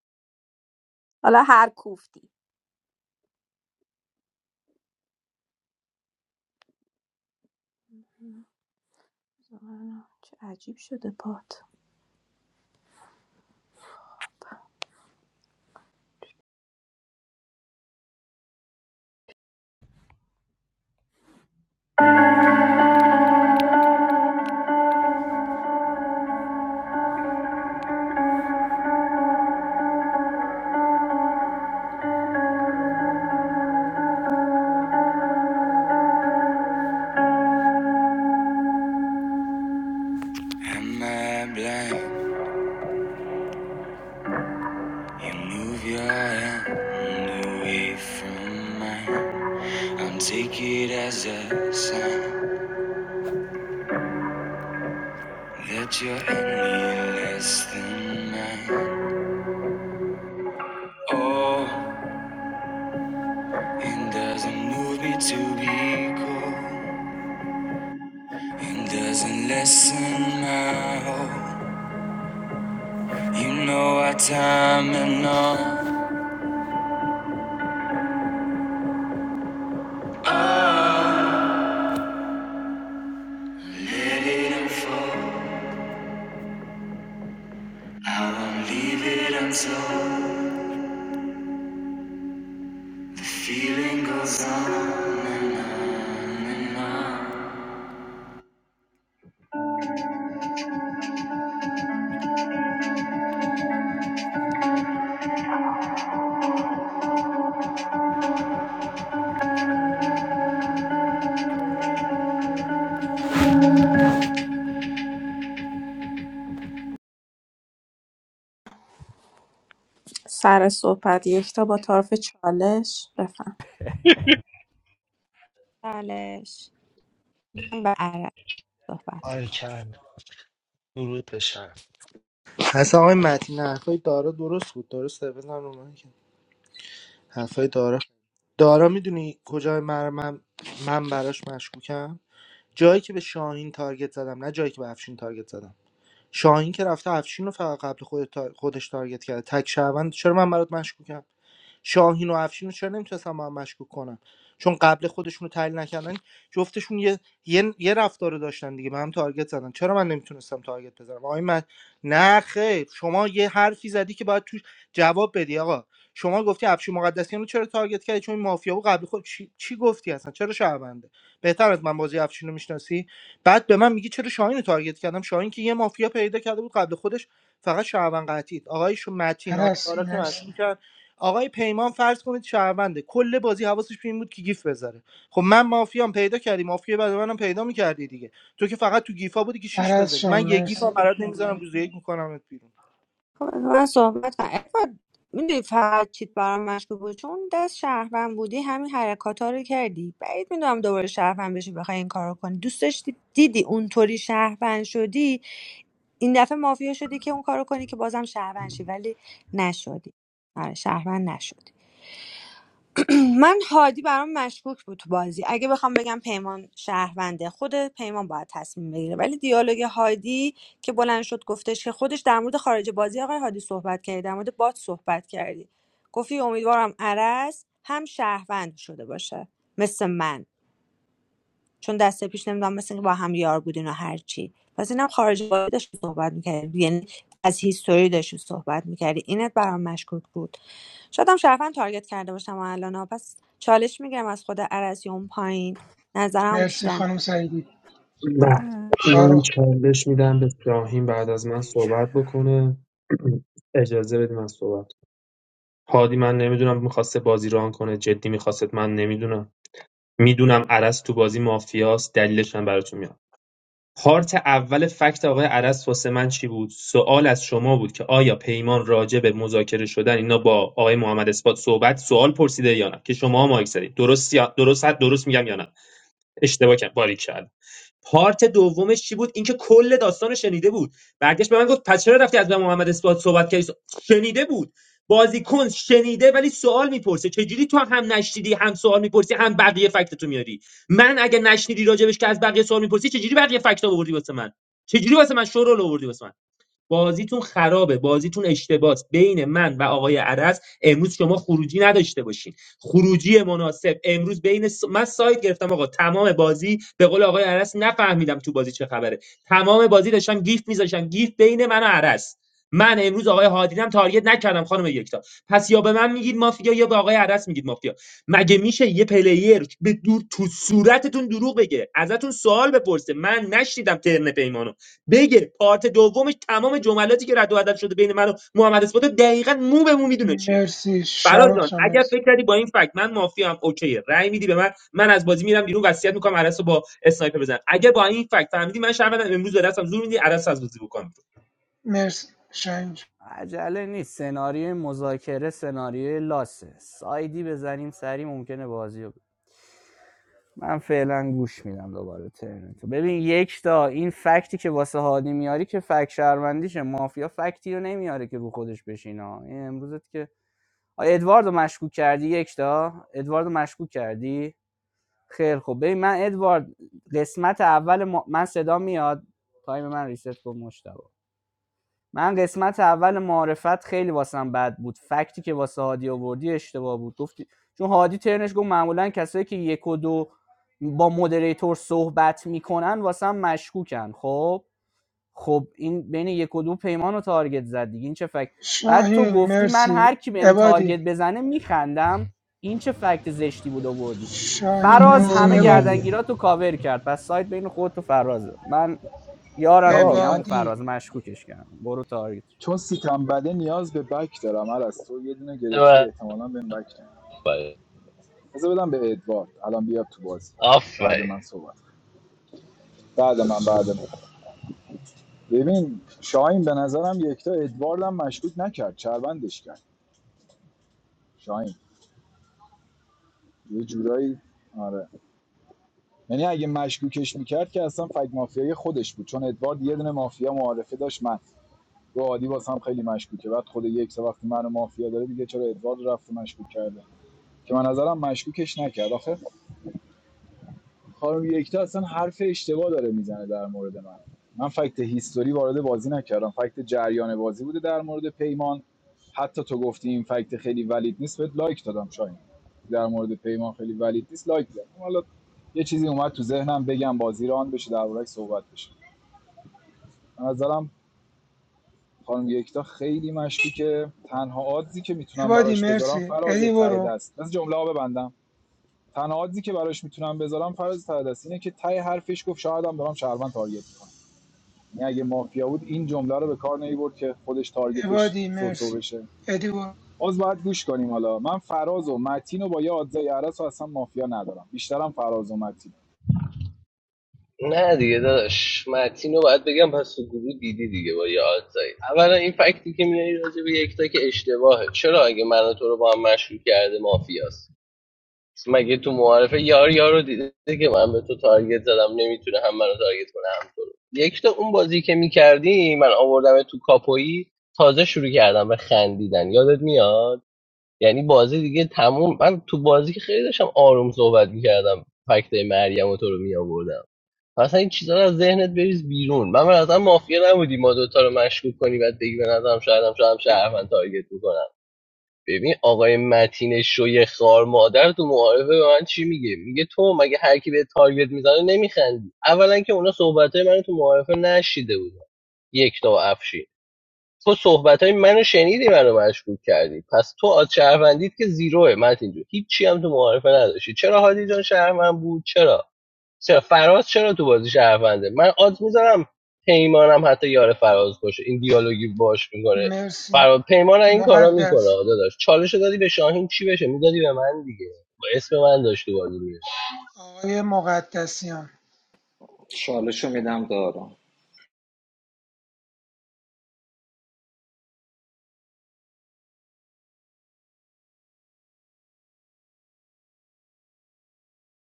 حالا هر کوفتی چه عجیب شده پات I'm not blind. You move your hand away from mine. I'll take it as a sign that you're any less than mine. Oh, it doesn't move me to be cold. It doesn't lessen my hope. You know our time and all. Oh, let it unfold. I won't leave it until the feeling goes on and on and on. سر صحبت یکتا با طرف چالش بفهم چالش من به عرب صحبت آره کرد درود به شرم اصلا آقای متین حرفای دارا درست بود درست بزن رو من که حرفای دارا دارا میدونی کجای من من, من براش مشکوکم جایی که به شاهین تارگت زدم نه جایی که به افشین تارگت زدم شاهین که رفته افشین رو فقط قبل خود تا- خودش تارگت کرده تک شهروند چرا من برات مشکوکم شاهین و افشین رو چرا نمیتونستم با هم مشکوک کنم چون قبل خودشون رو تحلیل نکردن جفتشون یه یه, یه رفتار رو داشتن دیگه به هم تارگت زدن چرا من نمیتونستم تارگت بزنم آقای من نه خیر شما یه حرفی زدی که باید توش جواب بدی آقا شما گفتی افشین مقدسیان رو چرا تارگت کردی چون این مافیا بود قبل خود چی, چی گفتی اصلا چرا شهرونده بهتر از من بازی افشین رو میشناسی بعد به من میگی چرا شاهین رو تارگت کردم شاهین که یه مافیا پیدا کرده بود قبل خودش فقط شهروند قطعید آقای متین آقای عرض دارا که مرسی مشکوکن. آقای پیمان فرض کنید شهرونده کل بازی حواسش به این بود که گیف بذاره خب من مافیام پیدا کردی مافیا بعد منم پیدا میکردی دیگه تو که فقط تو گیفا بودی که شیش عرض بذاری جان من یه گیف هم مرسی برات نمیذارم روز یک میکنمت بیرون خب از من صحبت کن ادوارد میدونی فقط چیت برام مشکوک بود چون دست شهروند بودی همین حرکات ها رو کردی بعید میدونم دوباره شهروند بشی بخوای این کار رو کنی دوست داشتی دیدی اونطوری شهروند شدی این دفعه مافیا شدی که اون کارو کنی که بازم شهروند شی ولی نشدی آره شهروند نشدی من هادی برام مشکوک بود تو بازی اگه بخوام بگم پیمان شهرونده خود پیمان باید تصمیم بگیره ولی دیالوگ هادی که بلند شد گفتش که خودش در مورد خارج بازی آقای هادی صحبت کردی در مورد باد صحبت کردی گفتی امیدوارم عرض هم شهروند شده باشه مثل من چون دسته پیش نمیدونم مثل اینکه با هم یار بودین و هرچی پس اینم خارج بازی داشتی صحبت میکردی یعنی از هیستوری داشتی صحبت میکردی اینت برام مشکوک بود شاید هم شرفن تارگت کرده باشم الان ها، پس چالش میگیرم از خود عرضی اون پایین نظرم مرسی بیشتر خانم سعیدی می‌خرم بله. من شاروخ چالش میدم به شاهین بعد از من ریچل صحبت بکنه اجازه بدید من صحبت کنم. هادی من نمیدونم میخواسته بازی ران کنه جدی میخواست من نمیدونم میدونم عرض تو بازی مافیاست دلیلش هم براتون میاد. پارت اول فکت آقای عرس واسه من چی بود؟ سوال از شما بود که آیا پیمان راجع به مذاکره شدن اینا با آقای محمد اثبات صحبت سوال پرسیده یا نه که شما مایک زدید درست درست درست میگم یا نه اشتباه کردم باریک پارت دومش چی بود اینکه کل داستان شنیده بود برگشت به من گفت پس چرا رفتی از من محمد اثبات صحبت کردی شنیده بود بازیکن شنیده ولی سوال میپرسه چجوری تو هم نشنیدی هم سوال میپرسی هم بقیه فکت تو میاری من اگه نشنیدی راجبش که از بقیه سوال میپرسی چجوری بقیه فکت آوردی واسه من چجوری واسه من شورول آوردی واسه من بازیتون خرابه بازیتون اشتباس بین من و آقای عرس امروز شما خروجی نداشته باشین خروجی مناسب امروز بین س... من سایت گرفتم آقا تمام بازی به قول آقای عرس نفهمیدم تو بازی چه خبره تمام بازی داشتم گیف میذاشتم گیف بین من و عرس من امروز آقای هادینم تارگت نکردم خانم یکتا پس یا به من میگید مافیا یا به آقای عرس میگید مافیا مگه میشه یه پلیر به دور تو صورتتون دروغ بگه ازتون سوال بپرسه من نشنیدم ترن پیمانو بگه پارت دومش تمام جملاتی که رد و بدل شده بین من و محمد اسپات دقیقا مو به مو میدونه چیه مرسی فراز شاروخ جان جان اگر مرسی فکر کردی با این فکت من مافی هم اوکیه رأی میدی به من من از بازی میرم بیرون وصیت میکنم عرس رو با اسنایپر بزن اگر با این فکت فهمیدی من شهروندم امروز به دستم زور میدی عرس از بازی بکنم مرسی شاهین جان. عجله نیست سناریوی مذاکره سناریوی لاسه سایدی بزنیم سری ممکنه بازی رو من فعلا گوش میدم دوباره ترن تو ببین یک تا این فکتی که واسه هادی میاری که فکت شهروندیشه مافیا فکتی رو نمیاره که رو خودش بشینه این امروزت که آ ادواردو مشکوک کردی یک تا ادواردو مشکوک کردی خیر خب ببین من ادوارد قسمت اول ما... من صدا میاد تایم من ریست کن مشتاق من قسمت اول معرفت خیلی واسم بد بود فکتی که واسه هادی آوردی اشتباه بود گفتی چون هادی ترنش گفت معمولا کسایی که یک و دو با مودریتور صحبت میکنن واسم مشکوکن خب خب این بین یک و دو پیمان رو تارگت زد دیگه این چه فکت بعد تو شاهین گفتی من مرسی هر کی بهم عبادی تارگت بزنه میخندم این چه فکت زشتی بود آوردی شاهین فراز مرسی همه عبادی گردنگیرات رو کاور کرد پس سایت بین خودت و فرازه من یارم آه دیگه همون من فراز عبادی مشکوکش کردم برو تارگت چون سیتم بده نیاز به بک دارم عرص تو یه دونه گرفتی آره، احتمالاً بهم بک دارم آفرین بذار بدم به ادوارد الان بیاد تو بازی بعد آفرین من صحبت کن. بعد من بعد من ببین شاهین به نظرم یکتا ادوارد هم مشکوک نکرد چربندش کرد شاهین یه جورایی آره یعنی اگه مشکوکش میکرد که اصلا فگ مافیای خودش بود چون ادوارد یه دونه مافیا معارفه داشت من رو عادی واسم خیلی مشکوکه بعد خود یک سه وقتی منو مافیا داره دیگه چرا ادوارد رفت مشکوک کرده که من نظرم مشکوکش نکرد آخه خانم یکتا اصلا حرف اشتباه داره میزنه در مورد من من فکت هیستوری وارد بازی نکردم فکت جریان بازی بوده در مورد پیمان حتی تو گفتی این فکت خیلی ولید نیست بهت لایک دادم شاید در مورد پیمان خیلی ولید نیست لایک دادم حالا یه چیزی اومد تو ذهنم بگم بازی ران بشه دربارهش صحبت بشه به نظرم خانم یکتا خیلی مشکوکه تنها آدزی که میتونم عبادی براش بذارم مرسی فراز ادی ته برو دست از جمله ها ببندم تنها آدزی که براش میتونم بذارم فراز ته دست اینه که ته حرفش گفت شاید هم دارم شهروند تارگت میکنم یعنی اگه مافیا بود این جمله رو به کار نمیبرد که خودش تارگتش عبادی سوسو مرسی بشه ادی برو باز باید گوش کنیم حالا من فراز و متین و با یه آدزای عرس و اصلا مافیا ندارم بیشترم فراز و متین نه دیگه داداش متین رو باید بگم پس تو گروه دیدی دیگه با یه آدزایی اولا این فکتی که میاری راجع به یکتا که اشتباهه چرا اگه من و تو رو با هم مشروع کرده مافیاست مگه تو معارفه یار یار رو دیده که من به تو تارگت زدم نمیتونه هم منو تارگت کنه هم تو رو یک تا اون بازی که میکردی من آوردم تو کاپویی تازه شروع کردم به خندیدن یادت میاد یعنی بازی دیگه تموم من تو بازی که خیلی داشتم آروم صحبت میکردم فکتای مریم و تو رو میآوردم اصلا این چیزا رو از ذهنت بریز بیرون من به مافیا نبودی ما دوتا رو مشکوک کنی بعد بگی به نظرم شاید هم شاید هم شهروند تارگت می‌کنم. ببین آقای متین شوی خار مادر تو معارفه به من چی میگه میگه تو مگه هر کی به تارگت میزنه نمیخندی اولا که اونا صحبتای منو تو معارفه نشیده بودن یک تا افشی تو صحبتای منو شنیدی منو مشکوک کردی پس تو از شهروندیت که زیروه متین جو هیچی هم تو معارفه نداشتی چرا هادی جان شهروند بود چرا چرا فراز چرا تو بازی شهرونده من آد میذارم پیمانم حتی یار فراز باشه این دیالوگی باش میکنه مرسی فراز پیمان این کارا میکنه مقدس داداش چالشو دادی به شاهین چی بشه میدادی به من دیگه با اسم من داشت تو بازی میشه آقای مقدسیان شالشو میدم دارم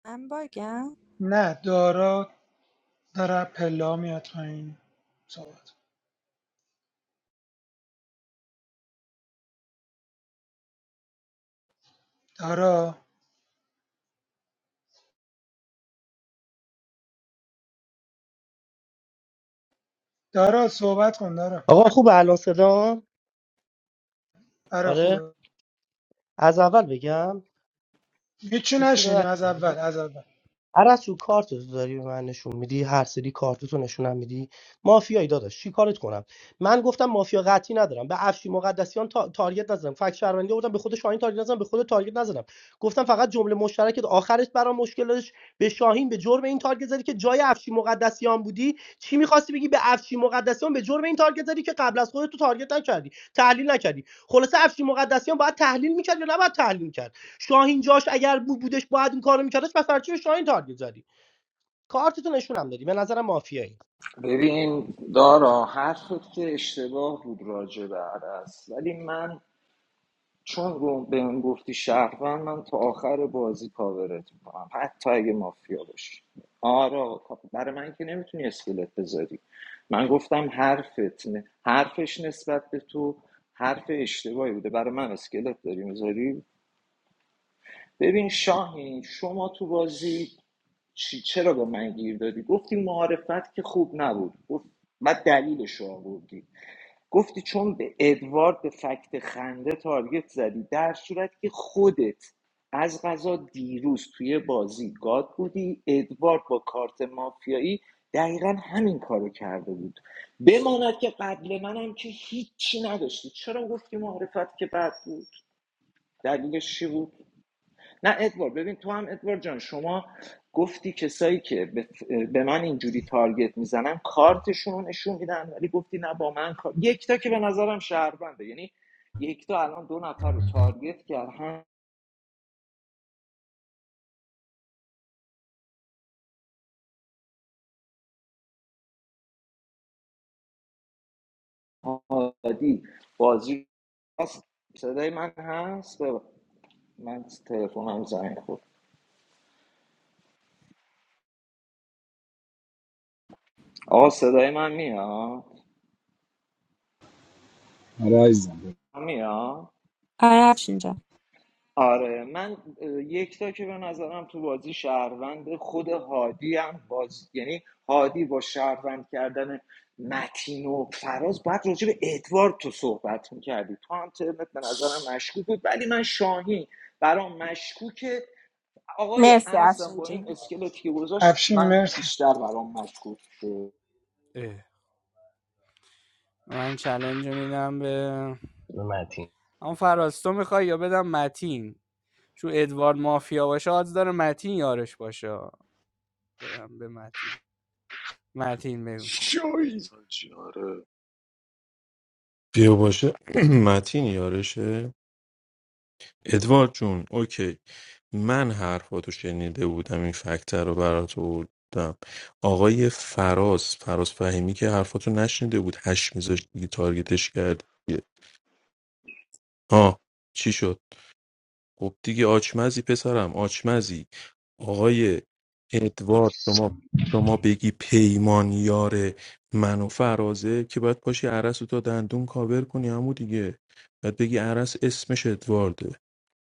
من باگم نه دارا داره پلا میاد پایین صحبت دارا دارا صحبت کن دارا آقا خوب الان صدا آره آره خوبه از اول بگم هیچی هیچی رو نشینیم از نکنی اول از اول عرصو کارتو داری به من نشون میدی هر سری کارتتو نشونم میدی مافیایی داداش چی کارت کنم من گفتم مافیا قطعی ندارم به افشی مقدسیان تا... تارگت نزدم فک شهروندی آوردم به خود شاهین تارگت نزدم به خود تارگت نزدم گفتم فقط جمله مشترکت آخرش برام مشکل داشت به شاهین به جرم این تارگت زدی که جای افشی مقدسیان بودی چی میخواستی بگی به افشی مقدسیان به جرم این تارگت زدی که قبل از خودت تو تارگت نکردی تحلیل نکردی خلاصه افشی مقدسیان باید تحلیل میکرد یا نباید تحلیل می‌کرد؟ شاهین جاش اگر بود بودش باید این کارو میکردش پس برای چی به شاهین تارگت زدی کارتتو نشونم دادی به نظرم مافیایی ببین دارا حرفت که اشتباه بود راجع به عرس ولی من چون رو به اون گفتی شهروند من تا آخر بازی کاورت میکنم حتی اگه مافیا باشی آرا برای من که نمیتونی اسکلت بذاری من گفتم حرفت نه. حرفش نسبت به تو حرف اشتباهی بوده برای من اسکلت داری میذاری ببین شاهین شما تو بازی چی چرا به من گیر دادی گفتی معارفت که خوب نبود گفت بعد دلیلش رو آوردی گفتی چون به ادوارد به فکت خنده تارگت زدی در صورت که خودت از غذا دیروز توی بازی گاد بودی ادوارد با کارت مافیایی دقیقا همین کارو کرده بود بماند که قبل منم که هیچی نداشتی چرا گفتی معرفت که بد بود دلیلش چی بود نه ادوارد ببین تو هم ادوارد جان شما گفتی کسایی که به, به من اینجوری تارگت میزنن کارتشون رو نشون میدن ولی گفتی نه با من کار یکتا که به نظرم شهربنده یعنی یکتا الان دو نفر رو تارگت کرد هم هادی بازی هست صدای من هست بب- من تلفنم زنگ خورد آقا صدای من میاد آره عزیزم. میاد آره افشین جان آره من اه، یک تا که به نظرم تو بازی شهروند خود هادی هم باز یعنی هادی با شهروند کردن متین و فراز باید راجع به ادوارد تو صحبت میکردی تو هم ترمت به نظرم مشکوک بود ولی من شاهین برام مشکوکه آقای مرسی عرصم افشین با این جون اسکلتی که گذاشت افشین من مرسی بیشتر برام مشکوک شد من چلنج میدم به متین اما فراز تو میخوای یا بدم متین چون ادوارد مافیا باشه آدز داره متین یارش باشه بدم به متین متین بگو شوی اوکی من حرفاتو شنیده بودم این فکتر رو برات بودم آقای فراز فراز فهمی که حرفاتو نشنیده بود هش میذاشت دیگه تارگتش کرد دیگه. آه چی شد خب دیگه آچمزی پسرم آچمزی آقای ادوارد شما شما بگی پیمان یار من و فرازه که باید پاشی عرس رو تا دندون کاور کنی همون دیگه باید بگی عرس اسمش ادوارده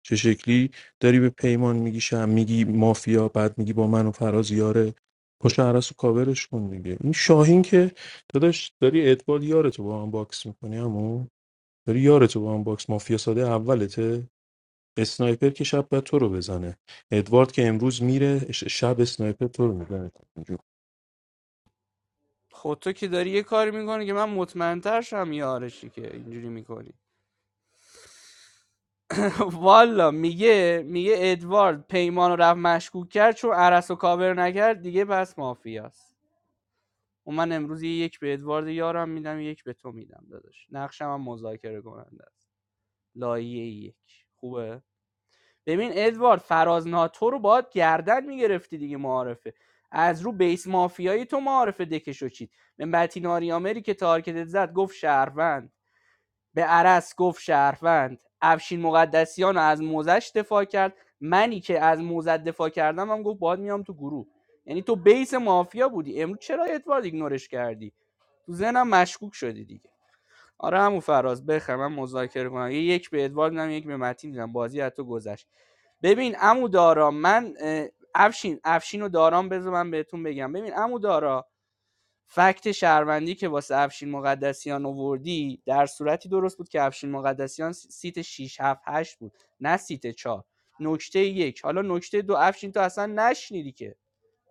چه شکلی داری به پیمان میگی شم میگی مافیا بعد میگی با من و فراز یاره پشت عرس و کاورش کن دیگه این شاهین که داداش داری ادوارد یارتو با هم باکس میکنی اما داری یارتو با هم باکس مافیا ساده اولته اسنایپر که شب باید تو رو بزنه ادوارد که امروز میره ش- شب اسنایپر تو رو میزنه خود تو که داری یه کاری میکنی که من مطمئنتر شم یارشی که اینجوری میکنی والا میگه میگه ادوارد پیمان رو رفت مشکوک کرد چون عرس و کاور نکرد دیگه پس مافیاست و من امروز یک به ادوارد یارم میدم یک به تو میدم داداش نقشم هم مذاکره کننده است لایه یک خوبه ببین ادوارد فراز ناتو رو باید گردن میگرفتی دیگه معارفه از رو بیس مافیایی تو معارفه دکشو چید من بتین آمریکا که تارکتت زد گفت شهروند به عرض گفت شهروند افشین مقدسیان از موزش دفاع کرد منی که از موزت دفاع کردم هم گفت باید میام تو گروه یعنی تو بیس مافیا بودی امروز چرا ادوارد ایگنورش کردی تو ذهنم مشکوک شدی دیگه آره همون فراز بخر من مذاکره کنم یک به ادوارد میدم یک به متین میدم بازی از تو گذشت ببین عمو دارا من افشین افشین و دارام بذار من بهتون بگم ببین عمو دارا فکت شهروندی که واسه افشین مقدسیان آوردی در صورتی درست بود که افشین مقدسیان سیت شش هفت هشت بود نه سیت چهار نکته یک حالا نکته دو افشین تو اصلا نشنیدی که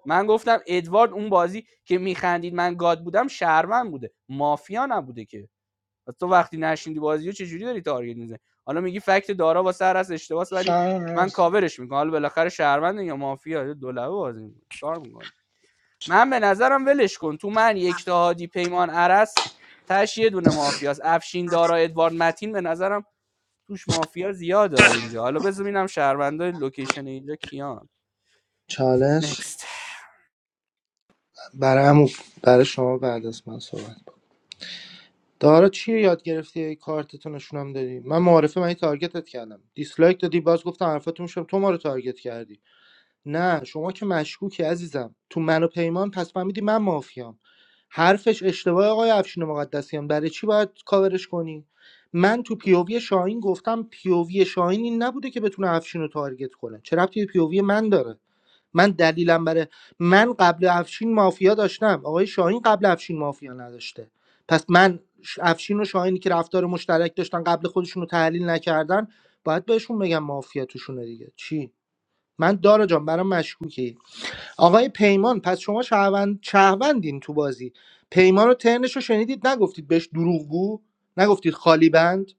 من گفتم ادوارد اون بازی که میخندید من گاد بودم شهروند بوده مافیا نبوده که پس تو وقتی نشنیدی بازی رو چجوری داری تارگت میزنی حالا میگی فکت دارا واسه هر از اشتباس ولی شاهین من مرسی کاورش میکنم حالا بالاخره شهروند یا مافیا دو لبه بازی می‌کنه. چیکار می‌کنی؟ من به نظرم ولش کن تو من یک تا هادی پیمان عرس تش یه دونه مافیاست افشین دارا ادوارد متین به نظرم توش مافیا زیاده اینجا حالا بذار ببینم شهروندای لوکیشن اینجا کیان چالش نکست برای عمو- برای شما بعد از من صحبت کن. دارا چیه یاد گرفتی ای کارتتو نشونم دادی من معارفه من یه تارگتت کردم دیسلایک دادی باز گفتم حرفاتو میشم تو ما رو تارگت کردی نه شما که مشکوکی عزیزم تو من و پیمان پس فهمیدی من مافیام حرفش اشتباه آقای افشین مقدسیان برای چی باید کاورش کنی من تو پیووی شاهین گفتم پیووی شاهین این نبوده که بتونه افشین رو تارگت کنه چه ربطی به پیووی من داره من دلیلم برای من قبل افشین مافیا داشتم آقای شاهین قبل افشین مافیا نداشته پس من ش- افشین و شاهینی که رفتار مشترک داشتن قبل خودشون رو تحلیل نکردن باید بهشون بگم مافیا توشونه دیگه چی من دارا جان برام مشکوکی آقای پیمان پس شما شهروند شهروندین تو بازی پیمان رو ترنش رو شنیدید نگفتید بهش دروغگو نگفتید خالی بند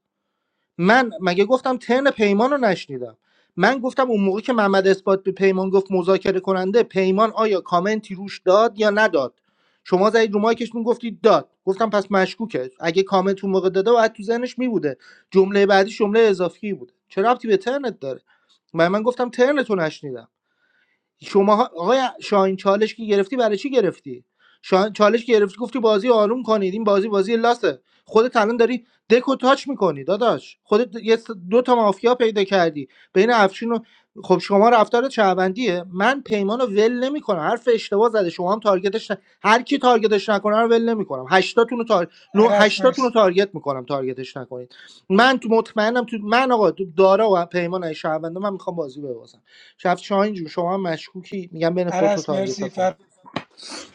من مگه گفتم ترن پیمان رو نشنیدم من گفتم اون موقع که محمد اثبات به پیمان گفت مذاکره کننده پیمان آیا کامنتی روش داد یا نداد شما زدید رو مایکشون گفتید داد گفتم پس مشکوکه اگه کامنت اون موقع داده باید تو ذهنش می بوده جمله بعدی جمله اضافی بوده چه ربطی به ترنت داره من من گفتم ترنتو نشنیدم شما آقای شاهین چالش که گرفتی برای چی گرفتی شاهین چالش گرفتی گفتی بازی آروم کنید این بازی بازی لاسه خودت الان داری دکو تاچ میکنی داداش خودت یه س- دو تا مافیا پیدا کردی بین افشین و خب شما رفتار چهبندیه من پیمانو ول نمیکنم حرف اشتباه زده شما هم تارگتش ن... هر کی تارگتش نکنه رو ول نمیکنم هشتاتون رو تار... نو... عرس هشتاتون رو مرسی تارگت میکنم تارگتش نکنید من تو مطمئنم تو من آقا تو دارا و پیمان شهرونده من میخوام بازی ببازم کفشاین جون شما هم مشکوکی میگم بین خودتو عرس تارگت مرسی کن فر...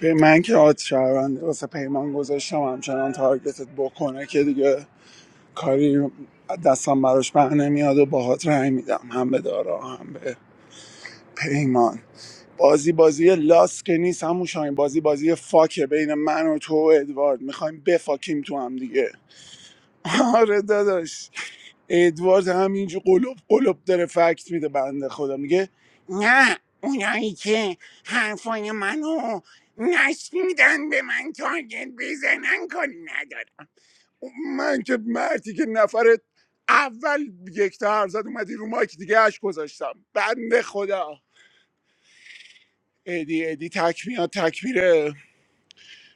به من که آت شهروند واسه پیمان گذاشتم همچنان تارگتت بکنه که دیگه کاری دستم براش بر نمیاد و باهات رأی میدم هم به دارا هم به پیمان بازی بازی لاس که نیست همون شاین بازی بازی فاکه بین من و تو و ادوارد میخوایم بفاکیم تو هم دیگه آره داداش ادوارد همینجور قلوب قلوب داره فکت میده بنده خدا میگه نه اونایی که حرفای منو نشنیدن به من تارگت بزنن کاری ندارم من که مردی که نفر اول یک تا حرف زد اومدی رو مایک دیگه اش گذاشتم بنده خدا ادی ادی تک میاد تک میره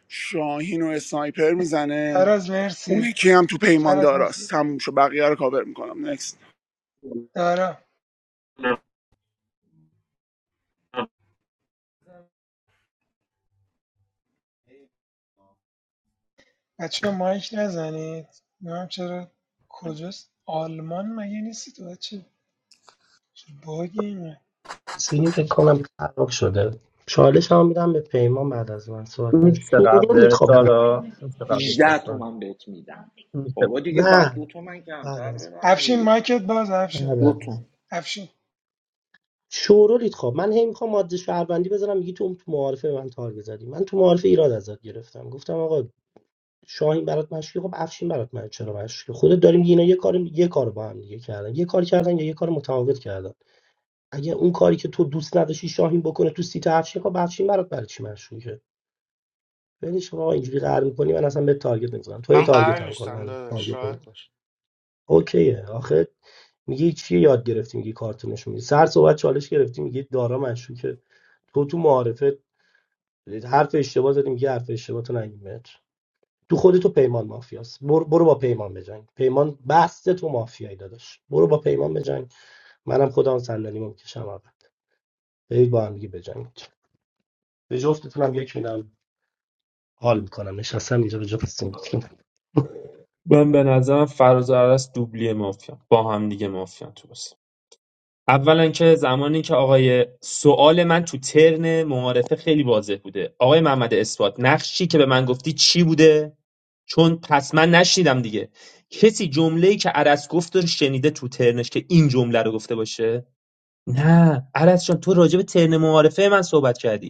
شاهین و اسنایپر میزنه فراز اون مرسی یکی هم تو پیمان فراز داراست مرسی تموم شد بقیه رو کاور میکنم نکست. دارا بچه مایک نزنید نمیم چرا کجاست آلمان مگه نیستی تو بچه چه باگی اینه سیلی فکر کنم خراب شده چالش هم میدم به پیمان بعد از من صحبت من نیست شورولیت قبل خب سارا نیست قبل 18 سارا تومن بهت میدم نیست. بابا دیگه باید دو نه تومن بعد کمتر از بدم افشین دیگه مایکت باز افشین بعد دو از من تومن افشین شورولیت خب من هی میخوام ماده شهروندی بذارم میگی تو تو معارفه به من تارگت زدی من تو معارفه ایراد ازت گرفتم گفتم آقا شاهین برات مشکی خب افشین برات من چرا مشکی خودت داریم اینا یه کار یه کار با هم دیگه کردن یه کار کردن یا یه کار متفاوت کردن اگه اون کاری که تو دوست نداشتی شاهین بکنه تو سیت هفشین خب افشین برات برای چی مشکوکه ولش کن اینجوری قهر میکنی من اصلا به تارگت نمیزنم تو هی تارگت هم کن من تارگت شاید نمی‌زنم. باشه اوکیه آخه میگی چی یاد گرفتی میگی کارتونش میگی سر صحبت چالش گرفتی میگی دارا مشکوکه تو تو معارفه حرف اشتباه زدی میگی حرف اشتباه تو نگیمت تو خودت تو پیمان مافیاست برو, برو با پیمان بجنگ پیمان بسته تو مافیایی داداش برو با پیمان بجنگ منم خودم صندلیمو میکشم اول برید با هم دیگه بجنگید به جفتتونم یک میدم حال میکنم نشستم اینجا به جا میکنم من به نظرم فراز و عرس دوبلی مافیا با هم دیگه مافیا تو بازی. اولا که زمانی که آقای سوال من تو ترن معارفه خیلی واضح بوده آقای محمد اثبات نقشی که به من گفتی چی بوده چون پس من نشنیدم دیگه کسی جمله‌ای که عرض گفت رو شنیده تو ترنش که این جمله رو گفته باشه نه عرس جان تو راجع به ترن معارفه من صحبت کردی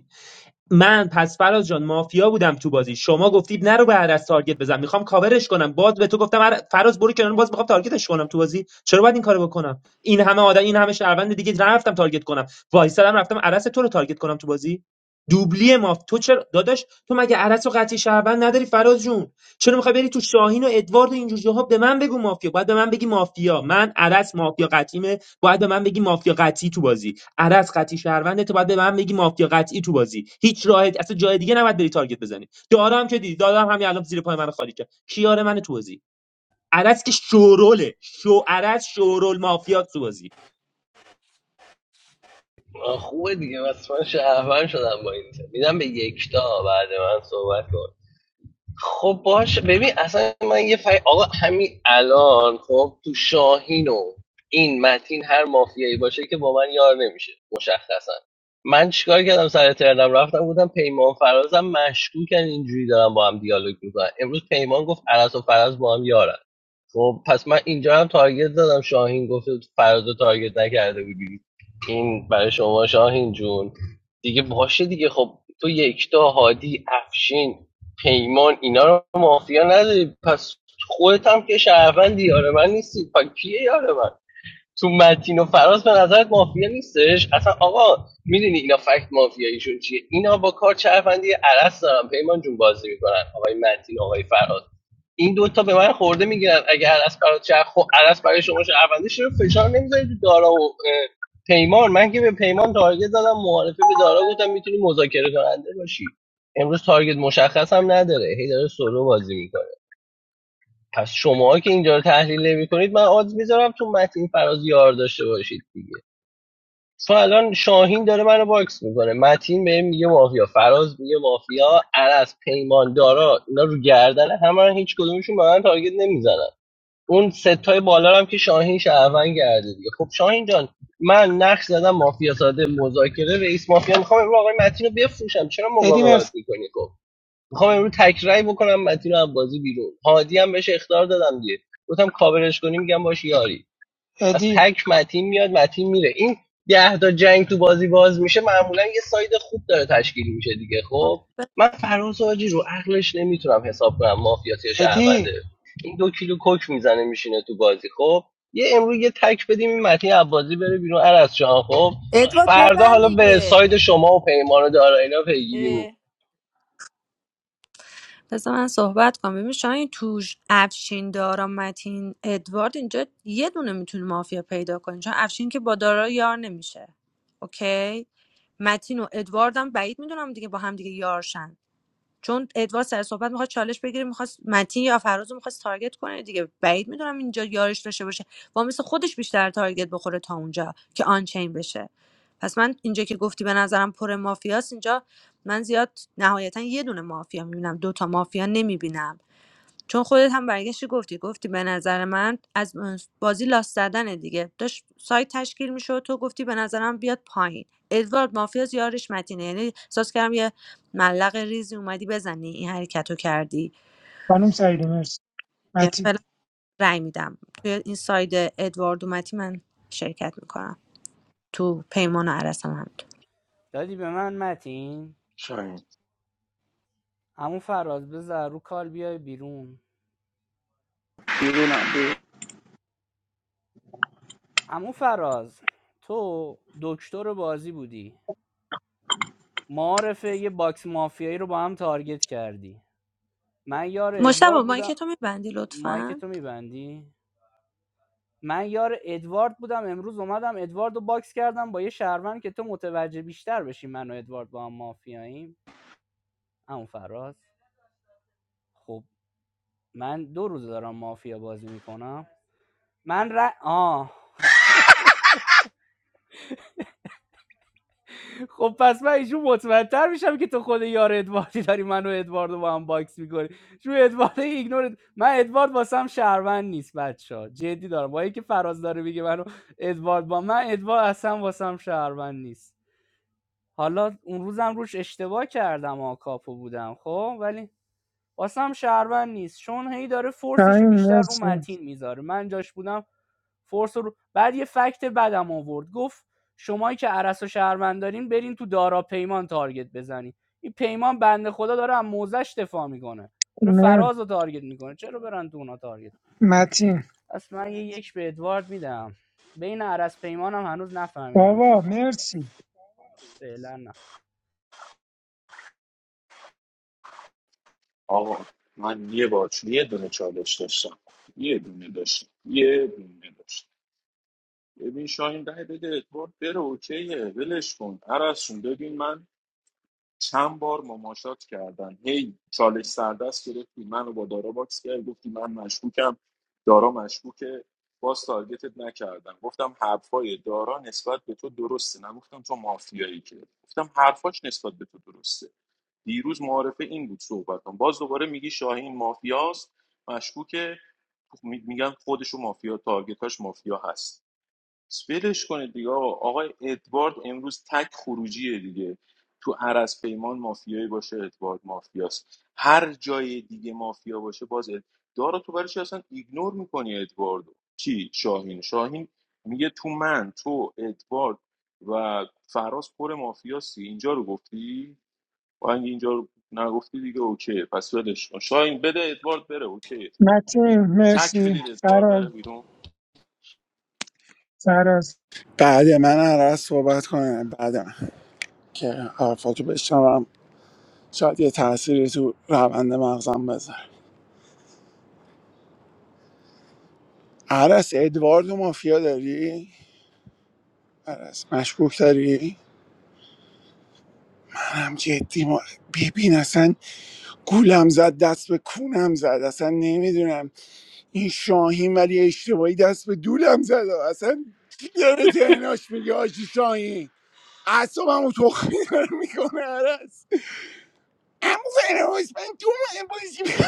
من پس فراز جان مافیا بودم تو بازی شما گفتی نرو به عرض تارگت بزن میخوام کاورش کنم باز به تو گفتم عر- فراز برو کنار باز میخوام تارگتش کنم تو بازی چرا باید این کارو بکنم این همه آدم این همه شهروند دیگه نرفتم تارگت کنم وایسادم رفتم عرض تو رو تارگت کنم تو بازی دوبلی ماف تو چرا داداش تو مگه عرض و قطعی شهروند نداری فراز جون چرا میخوای بری تو شاهین و ادوارد و اینجور جاها به من بگو مافیا باید به من بگی مافیا من عرض مافیا قطعیمه باید به من بگی مافیا قطعی تو بازی عدس قطعی شهروند تو باید به من بگی مافیا قطعی تو بازی هیچ راه اصلا جای دیگه نباید بری تارگت بزنی دارم که دیدی دارم همین الان زیر پای من خالی کرد کیار من تو بازی عدس که شوروله شو عدس شورول مافیا تو بازی خوبه دیگه بس من شهروند شدم با این تیم. میدم به یکتا بعد من صحبت کن خب باش ببین اصلا من یه فای... آقا همین الان خب تو شاهین و این متین هر مافیایی باشه که با من یار نمیشه مشخصا من چیکار کردم سر ترنم رفتم بودم پیمان فرازم مشکوکن اینجوری دارم با هم دیالوگ میکنن امروز پیمان گفت عرض و فراز با هم یارن خب پس من اینجا هم تارگت دادم شاهین گفت فراز رو تارگت نکرده بودی این برای شما شاهین جون دیگه باشه دیگه خب تو یکتا هادی افشین پیمان اینا رو مافیا نداری پس خودت هم که شهروندی یار من نیستی پا کیه یار من تو متین و فراز به نظرت مافیا نیستش اصلا آقا میدونی اینا فکت مافیاییشون چیه اینا با کار چرفندی عرص دارن پیمان جون بازی میکنن آقای متین و آقای فراز این دوتا به من خورده میگیرن اگه عرص برای چرخ خب عرص برای شما شهرونده چرا فشار نمیذاری تو دارا و پیمان من که به پیمان تارگت زدم معارفه به دارا گفتم میتونی مذاکره کننده باشی امروز تارگت مشخص هم نداره هی داره سولو بازی میکنه پس شما که اینجا رو تحلیل نمی کنید من آدز میذارم تو متین فراز یار داشته باشید دیگه تو الان شاهین داره منو باکس میکنه متین بهم میگه مافیا فراز میگه مافیا عرض پیمان دارا اینا رو گردن همه رو هیچ کدومشون به من تارگت نمیزنن اون ستای بالا هم که شاهین شهروند کرده دیگه خب شاهین جان من نقش زدم مافیا ساده مذاکره رئیس مافیا میخوام امروز آقای متین رو بفروشم چرا ادی مقاومت مرسی میکنی خب میخوام امروز تکرای بکنم متین رو از بازی بیرون هادی هم بهش اخطار دادم دیگه گفتم کاورش کنی میگم باش یاری از ادی تک متین میاد متین میره این ده تا جنگ تو بازی باز میشه معمولا یه ساید خوب داره تشکیل میشه دیگه خب خب ب- من فراز آجی رو عقلش نمیتونم حساب کنم مافیاتی یا ادی شهرونده این دو کیلو کوک میزنه میشینه تو بازی خب یه امروز یه تک بدیم این متین عبازی بره بیرون عرض جان خب ادوارد فردا ببند حالا به دیگه ساید شما و پیمان و دارا اینا پیگیری می‌کنم. اه. بذار من صحبت کنم ببین شاید توش افشین دارا متین ادوارد اینجا یه دونه میتونه مافیا پیدا کنی چون افشین که با دارا یار نمیشه اوکی متین و ادوارد هم بعید میدونم دیگه با هم دیگه یارشن چون ادوارد سر صحبت میخواد چالش بگیره میخواد متین یا فراز رو میخواد تارگت کنه دیگه بعید میدونم اینجا یارش داشته باشه با مثل خودش بیشتر تارگت بخوره تا اونجا که آنچین بشه پس من اینجا که گفتی به نظرم پر مافیاست اینجا من زیاد نهایتا یه دونه مافیا میبینم دو تا مافیا نمیبینم چون خودت هم برگشتی گفتی گفتی به نظر من از بازی لاست زدن دیگه داشت سایت تشکیل میشد تو گفتی به نظرم بیاد پایین ادوارد مافیا یارش متینه یعنی احساس کردم یه ملق ریزی اومدی بزنی این حرکت رو کردی خانم سعیدی مرسی یعنی متین فعلا رأی میدم توی این ساید ادوارد اومدی من شرکت میکنم تو پیمان و عرس هم همینطور دادی به من متین شاید عمو فراز بذار رو کال بیای بیرون میدونم عمو فراز تو دکتر بازی بودی معارفه یه باکس مافیایی رو با هم تارگت کردی من یار مشتبه ادوارد مایک بودم تو میبندی مایک لطفا تو میبندی من یار ادوارد بودم امروز اومدم ادواردو باکس کردم با یه شهروند که تو متوجه بیشتر بشی من و ادوارد با هم مافیاییم همون فراز خب من دو روز دارم مافیا بازی میکنم من ر... آه خب پس من ایشون مطمئنتر میشم که تو خود یار ادواردی داری منو و ادواردو با هم باکس میکنی شو ادوارد ایگنور من ادوارد واسم شهروند نیست بچه جدی دارم با اینکه فراز داره میگه منو ادوارد با من ادوارد اصلا واسم شهروند نیست حالا اون روزم روش اشتباه کردم ها کاپو بودم خب ولی واسم شهروند نیست چون هی داره فورسش رو شاهین بیشتر رو مرسی متین میذاره من جاش بودم فورس رو بعد یه فکت بدم آورد گفت شمایی که عرس و شهروند دارین برین تو دارا پیمان تارگت بزنین این پیمان بنده خدا داره از موزش دفاع میکنه داره مر فراز رو تارگت میکنه چرا برن تو اونا تارگت متین پس من یه یک به ادوارد میدم بین عرس پیمانم هنوز نفهمیدم کی بابا مافیاست مرسی فعلا نه آقا من یه بار یه دونه چالش داشتم یه دونه داشتم یه دونه داشتم ببین شاهین رای بده ادوارد بره اوکیه ولش کن عرصون ببین من چند بار مماشات کردم هی چالش سردست گرفتی منو با دارا باکس کردی گفتی من مشکوکم دارا مشکوکه باز تارگتت نکردم گفتم حرفای دارا نسبت به تو درسته نگفتم تو مافیایی که گفتم حرفاش درسته دیروز بود صحبتم باز دوباره میگی شاهین مافیاست مشکوکه خب می- میگن خودشو مافیا تارگتاش مافیا هست ولش کنید دیگه آقا آقای ادوارد امروز تک خروجیه دیگه تو عرض پیمان مافیایی باشه ادوارد مافیاست هر جای دیگه مافیا باشه باز اد... دارا تو برای چی اصلا ایگنور میکنی ادواردو کی شاهین شاهین میگه تو من تو ادوارد و فراز پر مافیاسی اینجا رو گفتی و اگه اینجا رو نگفتی دیگه اوکی پس ولش کن شاهین بده ادوارد بره اوکی متین تک مرسی بدید ادوارد فراز بره بیرون فراز بعد من عرض صحبت کنم بعد من که حرفاتو بشنوم شاید یه تأثیری تو روند مغزم بذاره عرس ادوارد مافیا داری؟ عرس مشکوک داری؟ منم جدی ما ببین اصلا گولم زد دست به کونم زد اصلا نمیدونم این شاهین ولی اشتباهی دست به دولم زد اصلا چی داره تهناش میگه آجی شاهین اعصابمو تخمی داره میکنه عمو فراز من دو ماه بازی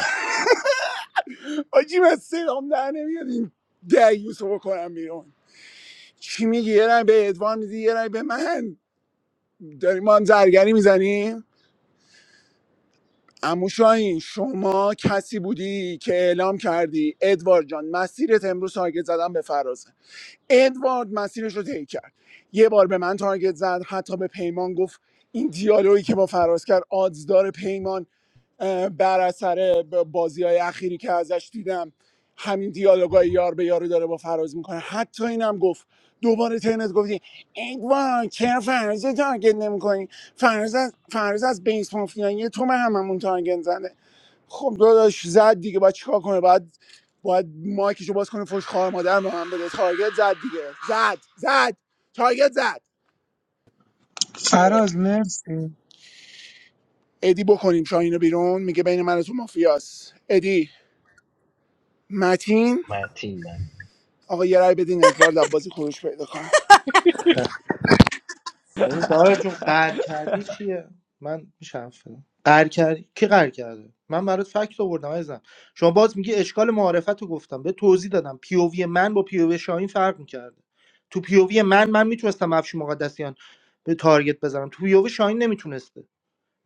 آجی من صدام در نمیاد این دیوس رو بکنم بیرون چی میگی یه رای به ادوان میدی یه رای به من داریم ما هم زرگری میزنیم امو شاهین شما کسی بودی که اعلام کردی ادوارد جان مسیرت امروز تارگت زدن به فرازه ادوارد مسیرش رو طی کرد یه بار به من تارگت زد حتی به پیمان گفت این دیالوگی که با فراز کرد آدز داره پیمان بر اثر بازی های اخیری که ازش دیدم همین دیالوگای یار به یارو داره با فراز میکنه حتی اینم گفت دوباره ترنت گفتی ای وای چرا فرز رو تارگت نمیکنی فرز از فرز از بیس مافیایی تو به هممون تارگت زده خب داداش زد دیگه باید چیکار کنه باید باید مایکشو باز کنه فوش خواهر مادر به من بده تارگت زد دیگه زد زد تارگت زد اه. فراز مرسی ادی بکنیم شاهین رو بیرون میگه بین من و تو مافیاس ادی متین متین آقا یه رای بدین ادوارد عباسی خروج پیدا کنه اون داره جون قهر کردی چیه من میشم فیلم قهر کردی کی قهر کرده من برات فکت آوردم عزیزم شما باز میگی اشکال معرفت رو گفتم به توضیح دادم پیووی من با پیووی شاهین فرق میکرده تو پیووی من من میتونستم افش مقدسیان به تارگت بزنم تو پیووی شاهین نمیتونسته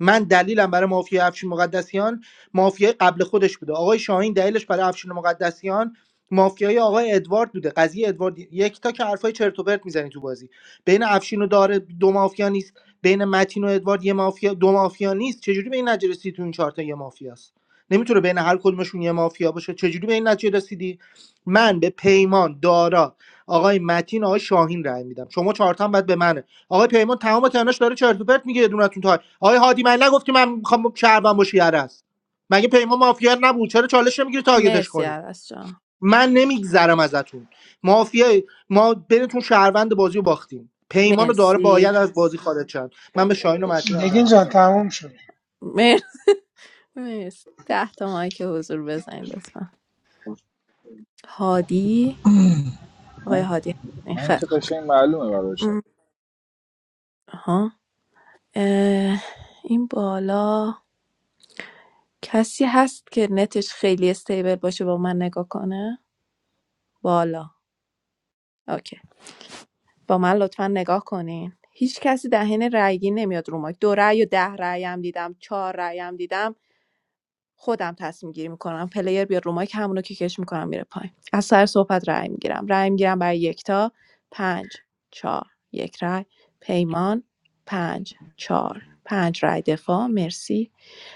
من دلیلم برای مافیا افشین مقدسیان مافیای قبل خودش بوده آقای شاهین دلیلش برای افشین مقدسیان مافیای آقای ادوارد بوده قضیه ادوارد یک تا که حرفای چرت و پرت میزنی تو بازی بین افشین و داره دو مافیا نیست بین متین و ادوارد یه مافیا دو مافیا نیست چجوری به این نتیجه رسیدی تو این چهار تا یه مافیاست نمیتونه بین هر کدومشون یه مافیا باشه چجوری به این نتیجه رسیدی من به پیمان دارا آقای متین آقای شاهین رأی میدم شما چهار تا هم به من آقای پیمان تمام تناش داره چرت و پرت میگه دونتون تا آقای هادی من نگفت که من میخوام شهروند باشی عرس مگه پیمان مافیا نبود چرا چالش نمیگیری تارگتش مرسی کنی عرس جان من نمیگذرم ازتون مافیا ما بینتون شهروند بازی رو باختیم پیمان داره مرسی باید از بازی خارج شد من به شاهین و متین هم نگین رفت جان تموم شد مر... مرسی ده تا مایک حضور بزنید لطفا هادی آقای من هادی این من خیر که قشنگ معلومه برای شما آها اه، این بالا کسی هست که نتش خیلی استیبل باشه با من نگاه کنه بالا اوکی با من لطفا نگاه کنین هیچ کسی دهن رأیگی نمیاد رو ما دو رأی و ده رأی هم دیدم چهار رأی هم دیدم خودم تصمیم گیری میکنم پلیر بیاد رو مایک همونو که کش میکنم میره پایین از سر صحبت رأی میگیرم رأی میگیرم برای یکتا پنج چهار یک رأی پیمان پنج چهار پنج رأی دفاع مرسی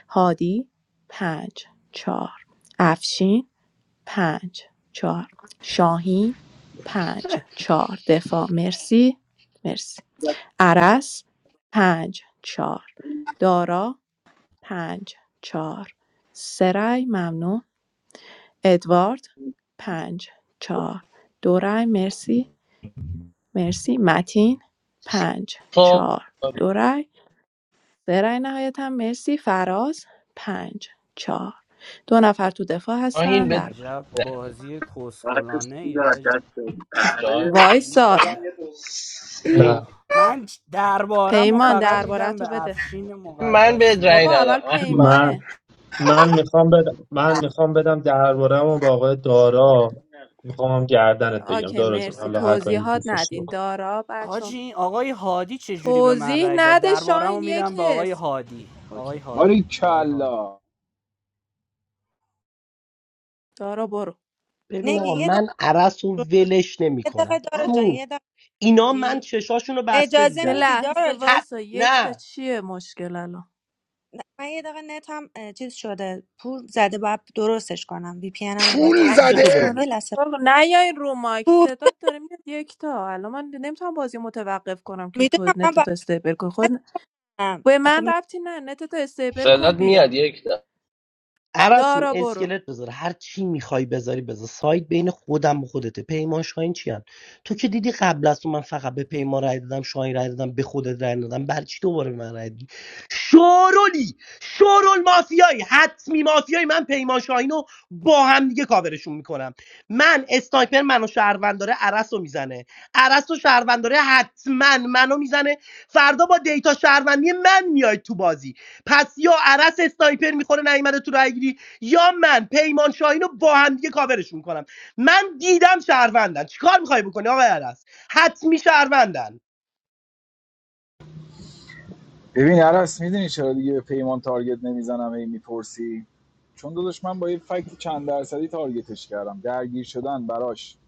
هادی پنج چهار افشین پنج چهار شاهین پنج چهار دفاع مرسی مرسی عرس پنج چهار دارا پنج چهار سه رای ممنون ادوارد پنج چهار دو رای مرسی مرسی متین پنج خب چهار دو رای سه رای نهایتا مرسی فراز پنج چهار دو نفر تو دفاع شاهین هستن به درباره عجب بازی کسخلانه ای آجی گیر وایسار کرد جا. نه شاهین من دربارم و پیمان فقط درباره میدم تو به بده افشین من به رأی بابا مقدسیان اول ندم احمد پیمانه من من میخوام بدم من میخوام بدم درباره‌مو به آقای دارا میخوام گردنت بگیرم اوکی دارا جون مرسی حالا هر کاری توضیحات دوست داشتی ندین بکن دارا بچه آجی آقای هادی چجوری به من توضیح رأی داد نده دربارم رو شاین یک میدم به آقای حس هادی آقای اوکی آری هادی آقای هادی کلا دارا برو ببین نگی آقا یه من عرص رو دقیقه ولش یه دقیقه نمیکنم دارا جان امو یه دقیقه اینا من میدی چشاشون رو بسته اجازه یه دیدم میدی لحظه دارا جان حد وایسا یک تا نه چیه مشکل الان من یه دقیقه نتم اه، چیز شده پور زده باید درستش کنم وی پی انم رو باید تا- پول نقش تو عوض بگو زده کنم والا یه لحظه چیکار کنم؟ نه یا این رو مایک پور صدات داره میاد یک تا الان من نمیتونم بازی رو متوقف کنم که تو میدونم من نت باید تو استیبل کن خود بستم به خب من نه. ربطی نه نت تو استیبل صدات کن بیا میاد یک دم عرض جون دارا برو اسکلت بذار هر چی میخوای بذاری بذار سایت بین خودم و خودته پیمان شاهین چی هم. تو که دیدی قبل از تو من فقط به پیمان رای دادم شاهین رای دادم به خودت رای دادم بر چی دوباره به من رای دادی شورولی شورول مافیایی حتمی مافیایی من پیمان شاهین رو با هم دیگه کاورشون میکنم من اسنایپر منو شهروند داره عرس رو میزنه عرس و شهروند داره حتما منو میزنه فردا با دیتا شهروندی من میای تو بازی پس یا عرس استایپر میخوره نیومده تو رای یا من پیمان شاهین رو با هم دیگه کاورش میکنم من دیدم شهروندن چیکار میخوای بکنی آقای عرس حتمی شهروندن ببین عرس میدونی چرا دیگه به پیمان تارگت نمیزنم هی میپرسی چون داداش من با یه فکت چند درصدی تارگتش کردم درگیر شدن براش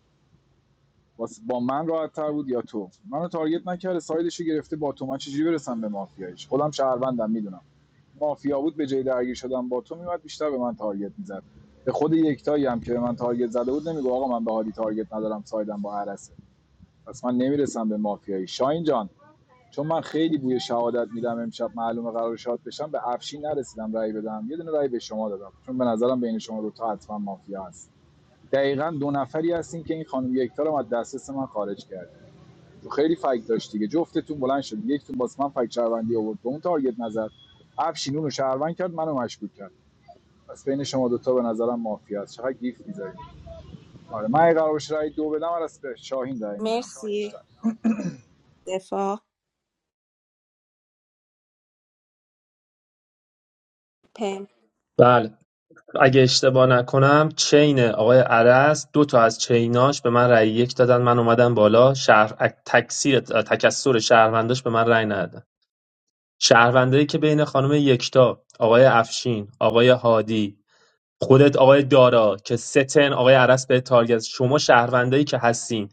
واس- با من راحت تر بود یا تو منو تارگت نکرده سایدش رو گرفته با تو من چجوری برسم به مافیایش خودم شهروندم میدونم مافیا بود به جای درگیر شدن با تو میومد بیشتر به من تارگت میزد به خود یکتایی هم که به من تارگت زده بود نمیگو آقا من به حالی تارگت ندارم سایدم با عرسه پس من نمیرسم به مافیایی شاین جان چون من خیلی بوی شهادت میدم امشب معلومه قرار شاد بشم به افشین نرسیدم رأی بدم یه دونه رأی به شما دادم چون به نظرم بین شما دوتا حتما مافیا هست دقیقا دو نفری هستین که این خانم یکتا رو از دسترس من خارج کرد تو خیلی فکت داشت دیگه جفتتون بلند شد یکتون باز من فکت شهروندی آورد به اون تارگت نزد افشین اون رو شهروند کرد منو مشکوک کرد پس بین شما دو تا به نظرم مافیا هست چقدر گیف میذارید آره من اگه قرار باشه رأی دو بدم از به شاهین رأی میدم مرسی بیشتر دفاع پم بله اگه اشتباه نکنم چین آقای عرس دو تا از چیناش به من رأی یک دادن من اومدم بالا شهر تکثیر تکثر شهرونداش به من رأی ندادن شهروندایی که بین خانم یکتا آقای افشین آقای هادی خودت آقای دارا که ستن آقای عرس به تارگت شما شهروندایی که هستین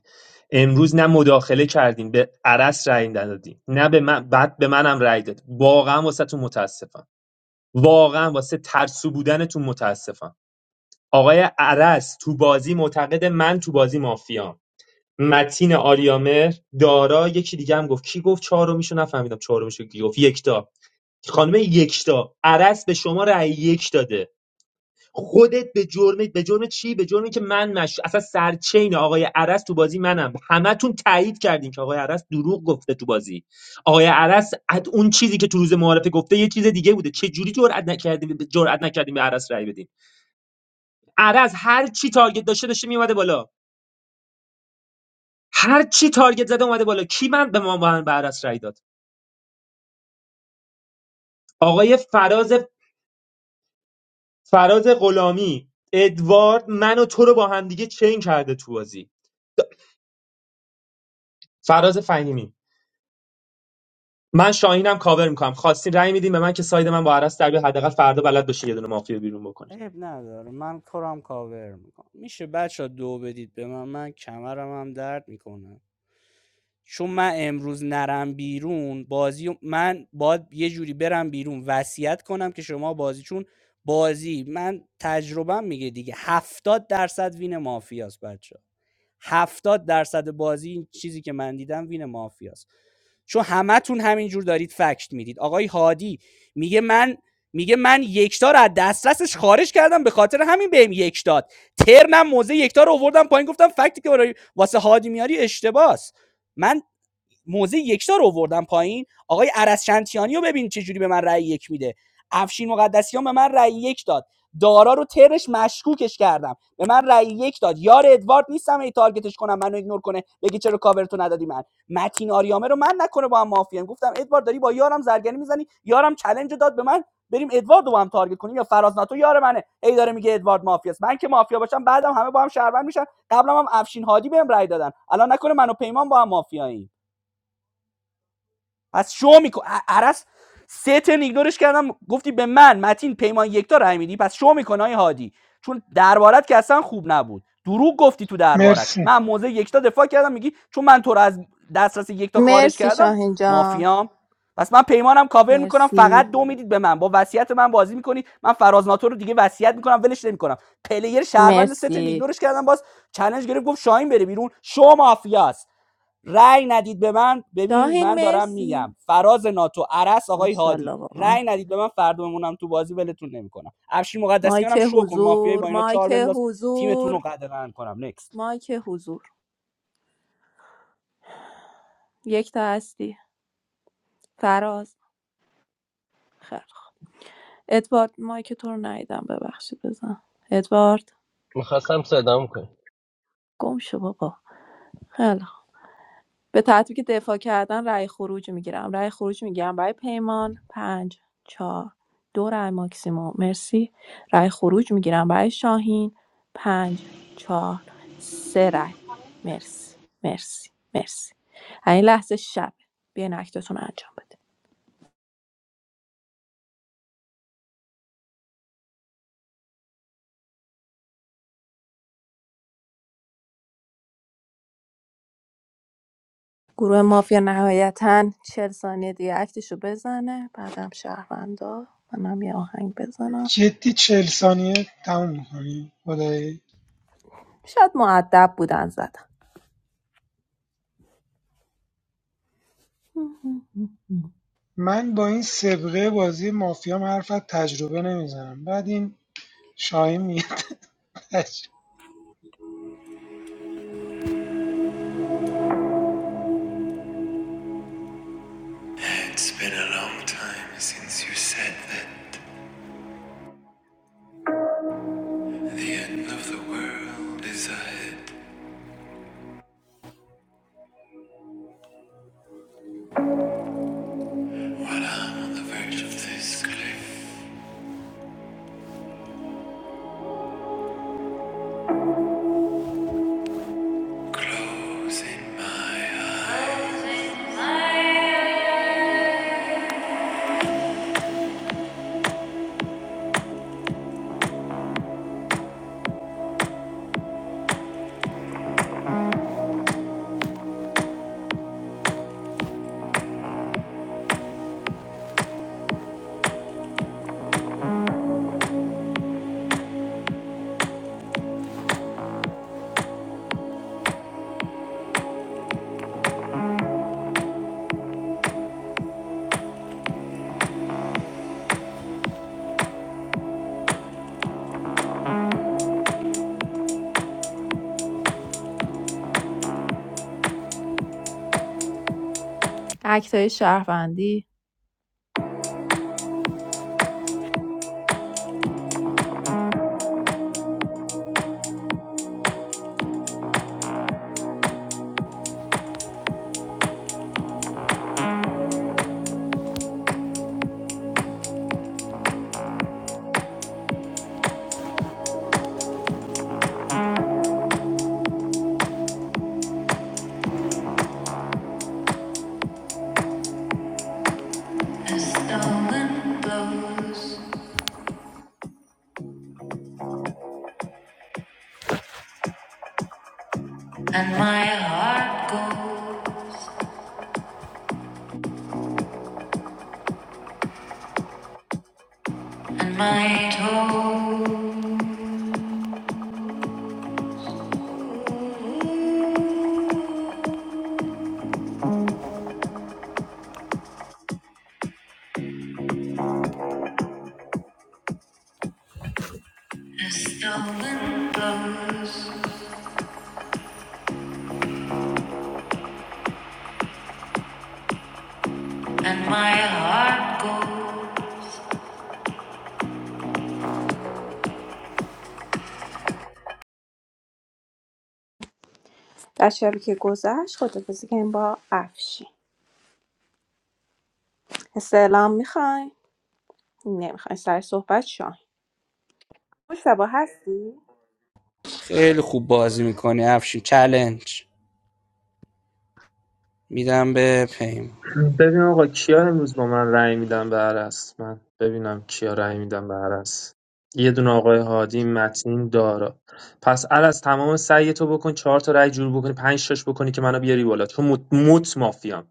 امروز نه مداخله کردین به عرس رأی ندادین نه به من بعد به منم رأی داد واقعا واسهتون متاسفم واقعا واسه ترسو بودنتون متاسفم آقای عرض تو بازی معتقده من تو بازی مافیام متین آریامر دارا یکی دیگه هم گفت کی گفت چهارمیشو نفهمیدم چهارمیشو کی گفت یکتا خانم یکتا عرض به شما رأی یک داده خودت به جرم به جرم چی به جرمی که من مش اصلا سرچین آقای عرس تو بازی منم همتون تایید کردین که آقای عرس دروغ گفته تو بازی آقای عرس از اون چیزی که تو روز معارفه گفته یه چیز دیگه بوده چه جوری جرئت نکردیم جرئت نکردیم به عرس رأی بدیم عرض هر چی تارگت داشته داشته میومده بالا هر چی تارگت زده اومده بالا کی من به ما من به عرض رای داد آقای فراز فراز غلامی ادوارد من و تو رو با هم دیگه چین کرده تو بازی فراز فهیمی من شاهینم کاور میکنم خواستین رای میدین به من که ساید من با عرض در بیاد. حداقل فردا بلد باشین یه دونه مافیا بیرون بکنین عیب نداره من کارم کاور میکنم میشه بچه ها دو بدید به من من کمرم هم درد میکنه چون من امروز نرم بیرون بازی من باید یه جوری برم بیرون وصیت کنم که شما بازی چون بازی من تجربه میگه دیگه 70 درصد وین مافیاست بچه 70 درصد بازی این چیزی که من دیدم وین مافیاست چون همتون همینجور دارید فکت میدید آقای هادی میگه من میگه من یکتا رو از دسترسش خارج کردم به خاطر همین بهم یک داد ترنم موزه یکتا رو آوردم پایین گفتم فکتی که برای واسه هادی میاری اشتباس من موزه یکتا رو آوردم پایین آقای عرس رو ببین چه جوری به من رأی یک میده افشین مقدسیان به من رأی یک داد دارا رو ترش مشکوکش کردم به من رأی یک داد یار ادوارد نیستم ای تارگتش کنم منو ایگنور کنه بگی چرا کاور تو ندادی من متین آریامه رو من نکنه با هم مافیان گفتم ادوارد داری با یارم زرگری میزنی یارم چلنج داد به من بریم ادوارد رو با هم تارگت کنیم یا فراز ناتو یار منه ای داره میگه ادوارد مافیاست من که مافیا باشم بعدم همه با هم شهروند میشن قبلا هم افشین هادی بهم رأی دادن الان نکنه منو پیمان با هم مافیاییم پس شو میکن عرس سه ترن ایگنورش کردم گفتی به من متین پیمان یکتا رای میدی پس شو میکن های هادی چون دربارت که اصلا خوب نبود دروغ گفتی تو دربارت مرسی من موزه یکتا دفاع کردم میگی چون من تو رو از دسترس یکتا خارج مرسی کردم شاهین جان مافیام پس من پیمانم کاور میکنم مرسی فقط دو میدید به من با وصیت من بازی میکنید من فراز ناتو رو دیگه وصیت میکنم ولش نمیکنم پلیر شهروند ست مرسی ایگنورش کردم باز چالش گرفت گفت شاهین بره بیرون شو مافیاست رأی ندید به من ببین شاهین من دارم مرسی میگم فراز ناتو عرس آقای ماشاءالله هادی واقعا رأی ندید به من فردا بمونم تو بازی ولتون نمیکنم افشین مایک مقدسیانم شو کن مافیایی حضور با اینا چهار مایک بنداز تیمتون حضور رو قدغن کنم نکست مایک حضور یک تا هستی فراز خیلی خوب. ادوارد مایک تو رو ندیدم ببخشید بزن ادوارد میخواستم صدام کنم گم شو بابا خیلی خوب. به ترتیبی که دفاع کردن رأی خروج میگیرم رأی خروج میگیرم برای پیمان پنج چهار دو رأی ماکسیموم مرسی رأی خروج میگیرم برای شاهین پنج چهار سه رأی مرسی مرسی مرسی این لحظه شب بیاین اکتتون رو انجام بده گروه مافیا نهایتا چهل ثانیه دیگه اکتشو بزنه بعدم شهروندا منم یه آهنگ بزنم جدی چهل ثانیه تموم میکنی خدایی شاید معدب بودن زدم من با این سبقه بازی مافیا حرف از تجربه نمیزنم بعد این شاهین میاد تجربه. آقای تویش شرف اندی. باشه و که گذاشته بذکن با عفشی. استلام میخوای؟ نه میخوای استاد صحبت کنی؟ خوش به باهستی. خیلی خوب بازی میکنی افشین چلنج میدم به پیمان ببین آقا کیا امروز با من رأی میدم به عرس من ببینم کیا رأی میدم به عرس یه دونه آقای هادی متین دارا پس عرس تمام سعی تو بکن چهار تا رأی جور بکنی پنج تاش بکنی که منو بیاری بالا چون مت, مت مافیام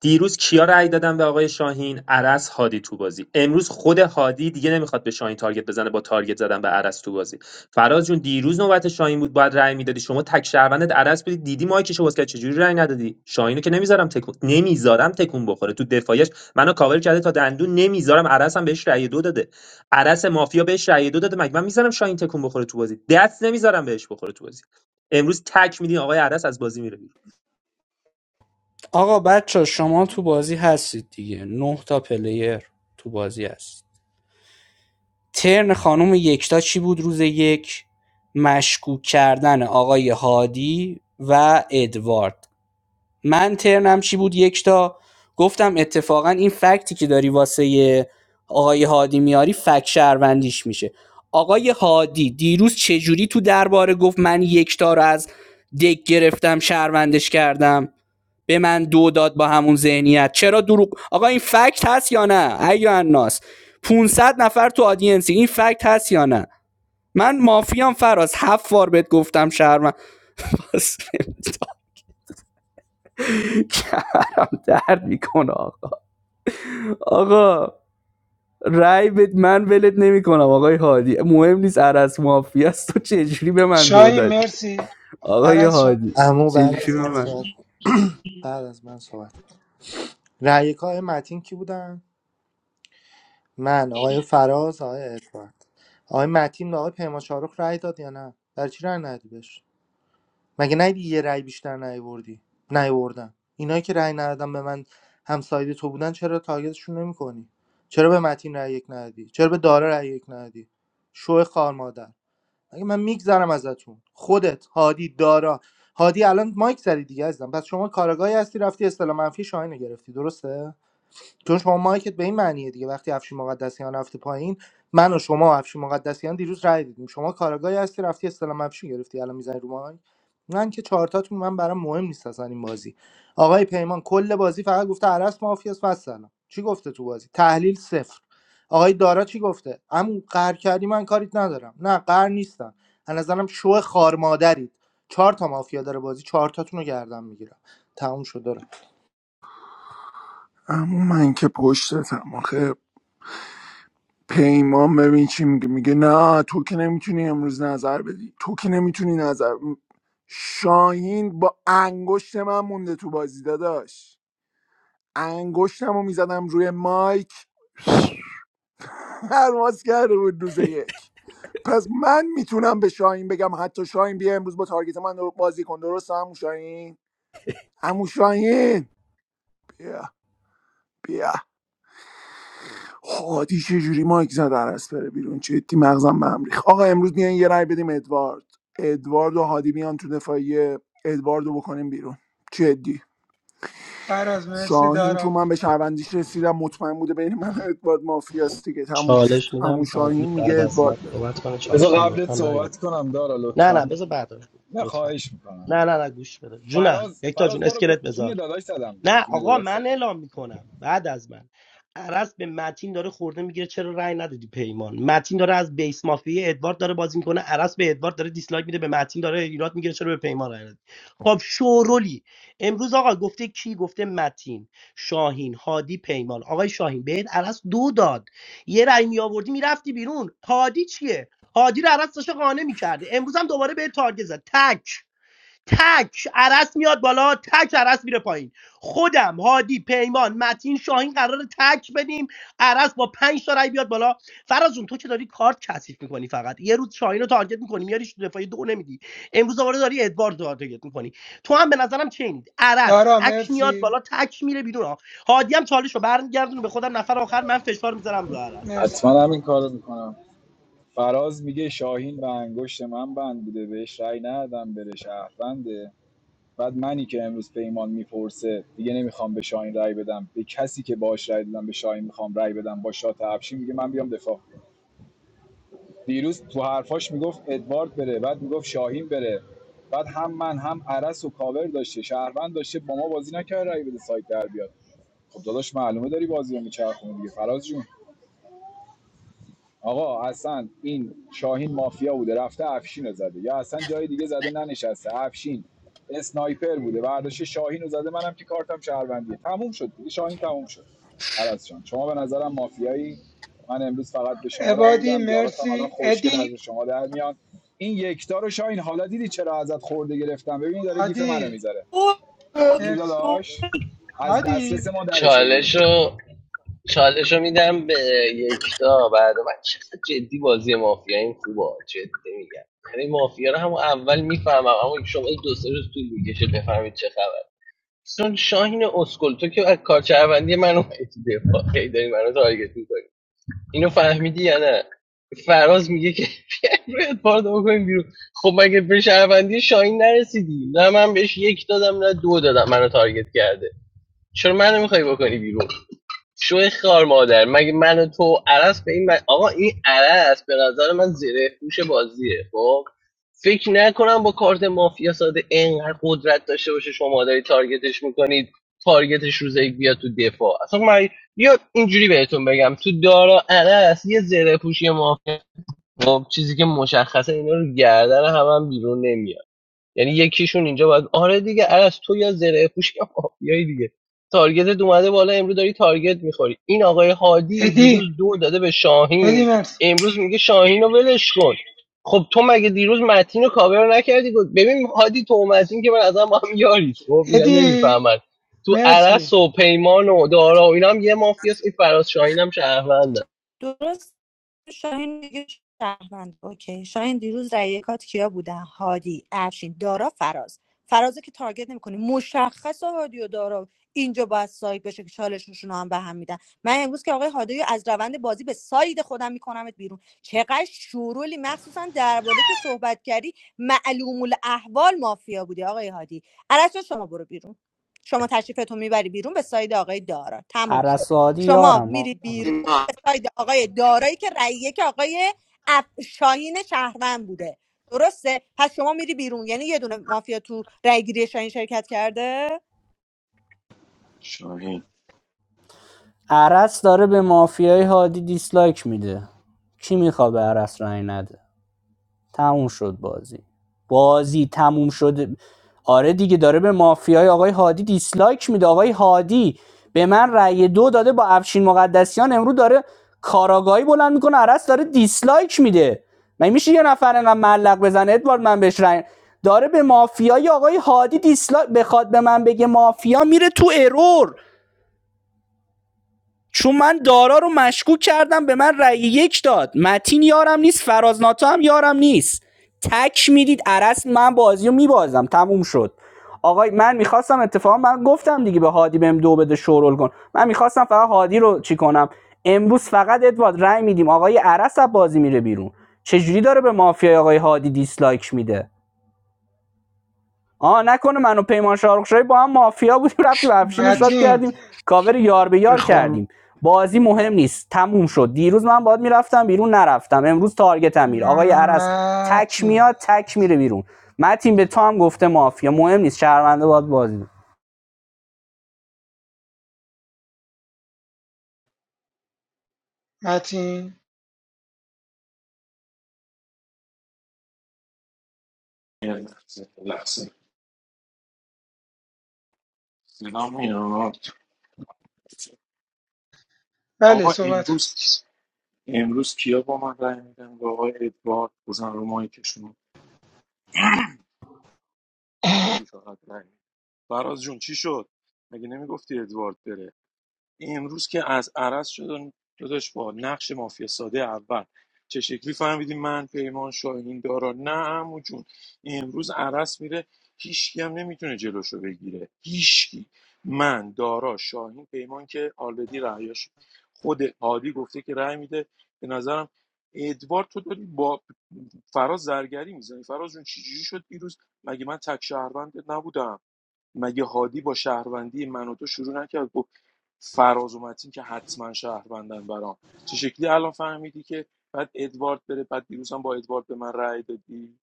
دیروز کیا رأی دادن به آقای شاهین عرس هادی تو بازی امروز خود هادی دیگه نمیخواد به شاهین تارگت بزنه با تارگت زدن به عرس تو بازی فراز جون دیروز نوبت شاهین بود باید رأی میدادی شما تک شهروندت عرض بدی دیدی مایکشو باز کرد چجوری رأی ندادی شاهینو که نمیذارم تکون نمیذارم تکون بخوره تو دفاعش منو کاور کرده تا دندون نمیذارم عرض هم بهش رأی دو داده عرض مافیا بهش رأی دو داده مگه من میذارم شاهین تکون بخوره تو بازی دست نمیذارم بهش بخوره تو بازی امروز تک میدین آقای عرض از بازی میره بیرون آقا بچه شما تو بازی هستید دیگه نه تا پلیر تو بازی هست ترن خانم یکتا چی بود روز یک مشکوک کردن آقای هادی و ادوارد من ترنم چی بود یکتا گفتم اتفاقا این فکتی که داری واسه آقای هادی میاری فکت شهروندیش میشه آقای هادی دیروز چجوری تو درباره گفت من یکتا رو از دک گرفتم شهروندش کردم به من دو داد با همون ذهنیت چرا دروغ آقا این فکت هست یا نه ایو الناس 500 نفر تو آدینسی این فکت هست یا نه من مافیام فراز هفت بار بهت گفتم شهرم پس کمرم درد میکنه آقا آقا رای بد من ولت نمیکنم آقای هادی مهم نیست عرس مافیا است تو چجوری به من دو شاهین دادی مرسی آقای عرز شاهین هادی اما بعد چجوری از به من من صحبت بعد از من صحبت رأی آقای متین کی بودن من آقای فراز آقای ارفان آقای متین به آقای پیمان شاروخ رأی داد یا نه در چی رأی ندی بهش مگه نیدی یه رأی بیشتر نیاوردی نیاوردن اینایی که رأی ندادن به من همساید تو بودن چرا تارگتشون نمیکنی چرا به متین رأی یک ندادی چرا به دارا رأی یک ندادی شو خار مادر مگه من میگذرم ازتون خودت هادی دارا هادی الان مایک زدی دیگه ازم پس شما کاراگاهی هستی رفتی اصطلاح منفی شاهین رو گرفتی درسته چون شما مایکت به این معنیه دیگه وقتی افشین مقدسیان رفته پایین من و شما و افشین مقدسیان دیروز رای دیدیم شما کاراگاهی هستی رفتی استلام افشین گرفتی الان میزنی رو مایک من که چهارتاتون من برام مهم نیست اصلا این بازی آقای پیمان کل بازی فقط گفته عرس مافیاس و سلام چی گفته تو بازی تحلیل صفر آقای دارا چی گفته عمو قهر کردی من کاریت ندارم نه قهر نیستم از نظرم شو خارمادرید چهار تا مافیا داره بازی چهار تاتون رو گردن میگیرم تموم شد داره اما من که پشتتم آخه پیمان ببین چی میگه میگه نه تو که نمیتونی امروز نظر بدی تو که نمیتونی نظر شاهین با انگشت من مونده تو بازی داداش انگشتم رو میزدم روی مایک پرواز کرده بود روز یک پس من میتونم به شاهین بگم حتی شاهین بیا امروز با تارگت من رو بازی کن درست همون شاهین همون شاهین بیا بیا هادی چجوری مایک زد عرس بره بیرون جدی مغزم به هم ریخت. آقا امروز میان یه رای بدیم ادوارد ادوارد و هادی میان تو دفاعیه ادوارد رو بکنیم بیرون جدی فراز مرسی شاهین دارا چون من به شهروندیش رسیدم مطمئن بوده بین من و ادوارد مافیاست دیگه تموم شد چالش میدم عمو شاهین هادی میگه بعد از من ادوارد بره صحبت کنه چالش بذار میدم قبلت لطفا برگرد صحبت کنم دارا نه لطفا نه بذار بعدش نه لطفا خواهش میکنم نه نه نه گوش بده جونم فراز یکتا فراز جون ما رو اسکلت بذار جون داداش زدم دیگه نه جون آقا داداش من زدم اعلام میکنم بعد از من عرس به متین داره خورده میگیره چرا رأی ندادی پیمان متین داره از بیس مافیا ادوارد داره بازی میکنه عرس به ادوارد داره دیسلایک میده به متین داره ایراد میگیره چرا به پیمان رأی ندادی خب شورولی امروز آقا گفته کی گفته متین شاهین هادی پیمان آقای شاهین بهت عرس دو داد یه رأی میآوردی میرفتی بیرون هادی چیه هادی رو عرس داشته قانع میکرده امروز هم دوباره به تارگت زد تک تک عرس میاد بالا تک عرس میره پایین خودم هادی پیمان متین شاهین قراره تک بدیم عرس با پنج تا رای بیاد بالا فراز جون تو که داری کارت کثیف میکنی فقط یه روز شاهین رو تارگت میکنی میاریش دفاعی دو نمیدی امروز دوباره داری ادوارد رو تارگت میکنی تو هم به نظرم چینید عرس دارا تک میاد مرسی بالا تک میره بیرون ها. هادی هم چالش رو برمیگردونه به خودم نفر آخر من فشار میذارم رو عرس مرسی حتما همین کار میکنم فراز میگه شاهین به انگشت من بند بوده بهش رأی ندادم بره شهرونده بعد منی که امروز پیمان میپرسه دیگه نمیخوام به شاهین رأی بدم به کسی که باهاش رأی دادم به شاهین میخوام رأی بدم با شات افشین میگه من بیام دفاع دیروز تو حرفاش میگفت ادوارد بره بعد میگفت شاهین بره بعد هم من هم عرس و کاور داشته شهروند داشته با ما بازی نکرد رأی بده سایت در بیاد. خب داداش معلومه داری بازی رو میچرخونی دیگه فراز جون آقا اصلا این شاهین مافیا بوده رفته افشین رو زده یا اصلا جای دیگه زده ننشسته افشین اسنایپر بوده برداشته شاهین رو زده منم که کارتم شهروندیه تموم شد دیگه شاهین تموم شد عرض جان شما به نظرم مافیایی من امروز فقط به شما رأی عبادی میدم یاراتم الان مرسی خوشگل از ادی شما در میان این یکتا رو شاهین حالا دیدی چرا ازت خورده گرفتم ببین داره گیف منو هادی میذاره اوه، اوه، دیدی مرسی داداش اوه. از دسترس هادی ما درش آوردی چالشو چالشو میدم به یکتا بعد من چقدر جدی بازی مافیا این خوبه جدی میگم یعنی مافیا رو همون اول میفهمم اما شما دو سه روز طول میکشه بفهمید چه خبر چون شاهین اسکل تو که از کارچه من اومدی تو دفاع هی داری منو تارگت می‌کنی. اینو فهمیدی یا نه فراز میگه که بیایم بارد پاردو بکنیم بیرون خب مگه به شهروندی شاهین نرسیدی نه من بهش یک دادم نه دو دادم منو تارگت کرده چرا منو میخوای بکنی بیرون شوی خار مادر مگه من و تو عرس به این من... آقا این عرس به نظر من زیر هوش بازیه خب فکر نکنم با کارت مافیا ساده انقدر قدرت داشته باشه شما داری تارگتش میکنید تارگتش روز یک بیاد تو دفاع اصلا من یا اینجوری بهتون بگم تو دارا عرس یه زره پوشی مافیا خب چیزی که مشخصه اینا رو گردن هم, هم بیرون نمیاد یعنی یکیشون اینجا باید آره دیگه عرض تو یا زره پوش یا مافیایی دیگه تارگتت اومده بالا امروز داری تارگت میخوری این آقای هادی دیروز ادی دو داده به ادی شاهین مرسی امروز میگه شاهین رو ولش کن خب تو مگه دیروز متین رو کاور نکردی گفت ببین هادی تو و متین که من از هم با هم یاری خب ادی نمیفهمن تو مرسی عرس و پیمان و دارا و اینا هم یه مافیاست این فراز شاهین هم شهروند درست شاهین دیگه شهروند اوکی شاهین دیروز رأی کات کیا بودن هادی افشین دارا فراز فرازه که تارگت نمیکنی مشخص هادی و دارا اینجا باید سایت بشه که چالششون رو هم به هم میدن من امروز که آقای هادی رو از روند بازی به ساید خودم میکنمت بیرون چقدر شورولی مخصوصا درباره که صحبت کردی معلوم الاحوال مافیا بودی آقای هادی الان شما برو بیرون شما تشریفتون میبری بیرون به ساید آقای دارا تموم شد عرصادی شما یارم میری آقا. بیرون به ساید آقای دارایی که رأیه که آقای اف... شاهین شهروند بوده درسته پس شما میری بیرون یعنی یه دونه مافیا تو رأیگیری شاهین شرکت کرده شاهین عرس داره به مافیای هادی دیسلایک میده کی میخوا به عرس رای نده تموم شد بازی بازی تموم شد. آره دیگه داره به مافیای آقای هادی دیسلایک میده آقای هادی به من رأی دو داده با افشین مقدسیان امرو داره کاراگاهی بلند میکنه عرس داره دیسلایک میده من میشه یه نفر انقدر ملق بزنه ادوارد من بهش رأی داره به مافیای آقای هادی دیسلایک بخواد به من بگه مافیا میره تو ارور چون من دارا رو مشکوک کردم به من رأی یک داد متین یارم نیست فراز ناتا هم یارم نیست تک میدید عرس من بازی رو میبازم تموم شد آقای من میخواستم اتفاقا من گفتم دیگه به هادی بهم دو بده شورول کن من میخواستم فقط هادی رو چی کنم امروز فقط ادوارد رأی میدیم آقای عرس از بازی میره بیرون چجوری داره به مافیای آقای هادی دیسلایک میده آ نکنه منو پیمان شاروخشایی با هم مافیا بودیم رفتیم افشین رو شاد متین کردیم کاور یار به یار بخار کردیم بازی مهم نیست تموم شد دیروز من باید میرفتم بیرون نرفتم امروز تارگتم میره آقای عرس تک متین میاد تک میره بیرون متین به تو هم گفته مافیا مهم نیست شهرونده باید بازی کنه. متین صدام میاد؟ بله آقا صحبت کن. امروز امروز کیا با من رای میدن با آقای ادوارد بزن رو مایکشون عادی فقط رای می‌دن. فراز جون چی شد مگه نمیگفتی ادوارد بره امروز که از عرض شدن داداش با نقش مافیا ساده اول چه شکلی فهمیدیم من پیمان شاهین دارا نه عمو جون امروز عرض میره هیچکی هم نمیتونه جلوشو بگیره هیچکی من دارا شاهین پیمان که آلردی رأیاش خود عادی گفته که رأی میده به نظرم ادوارد تو داری با فراز زرگری میزنی فراز جون چجوری شد دیروز مگه من تک شهروند نبودم مگه هادی با شهروندی من و تو شروع نکرد گفت فراز و متین که حتما شهروندن برام چه شکلی الان فهمیدی که بعد ادوارد بره بعد دیروز هم با ادوارد به من رأی دادی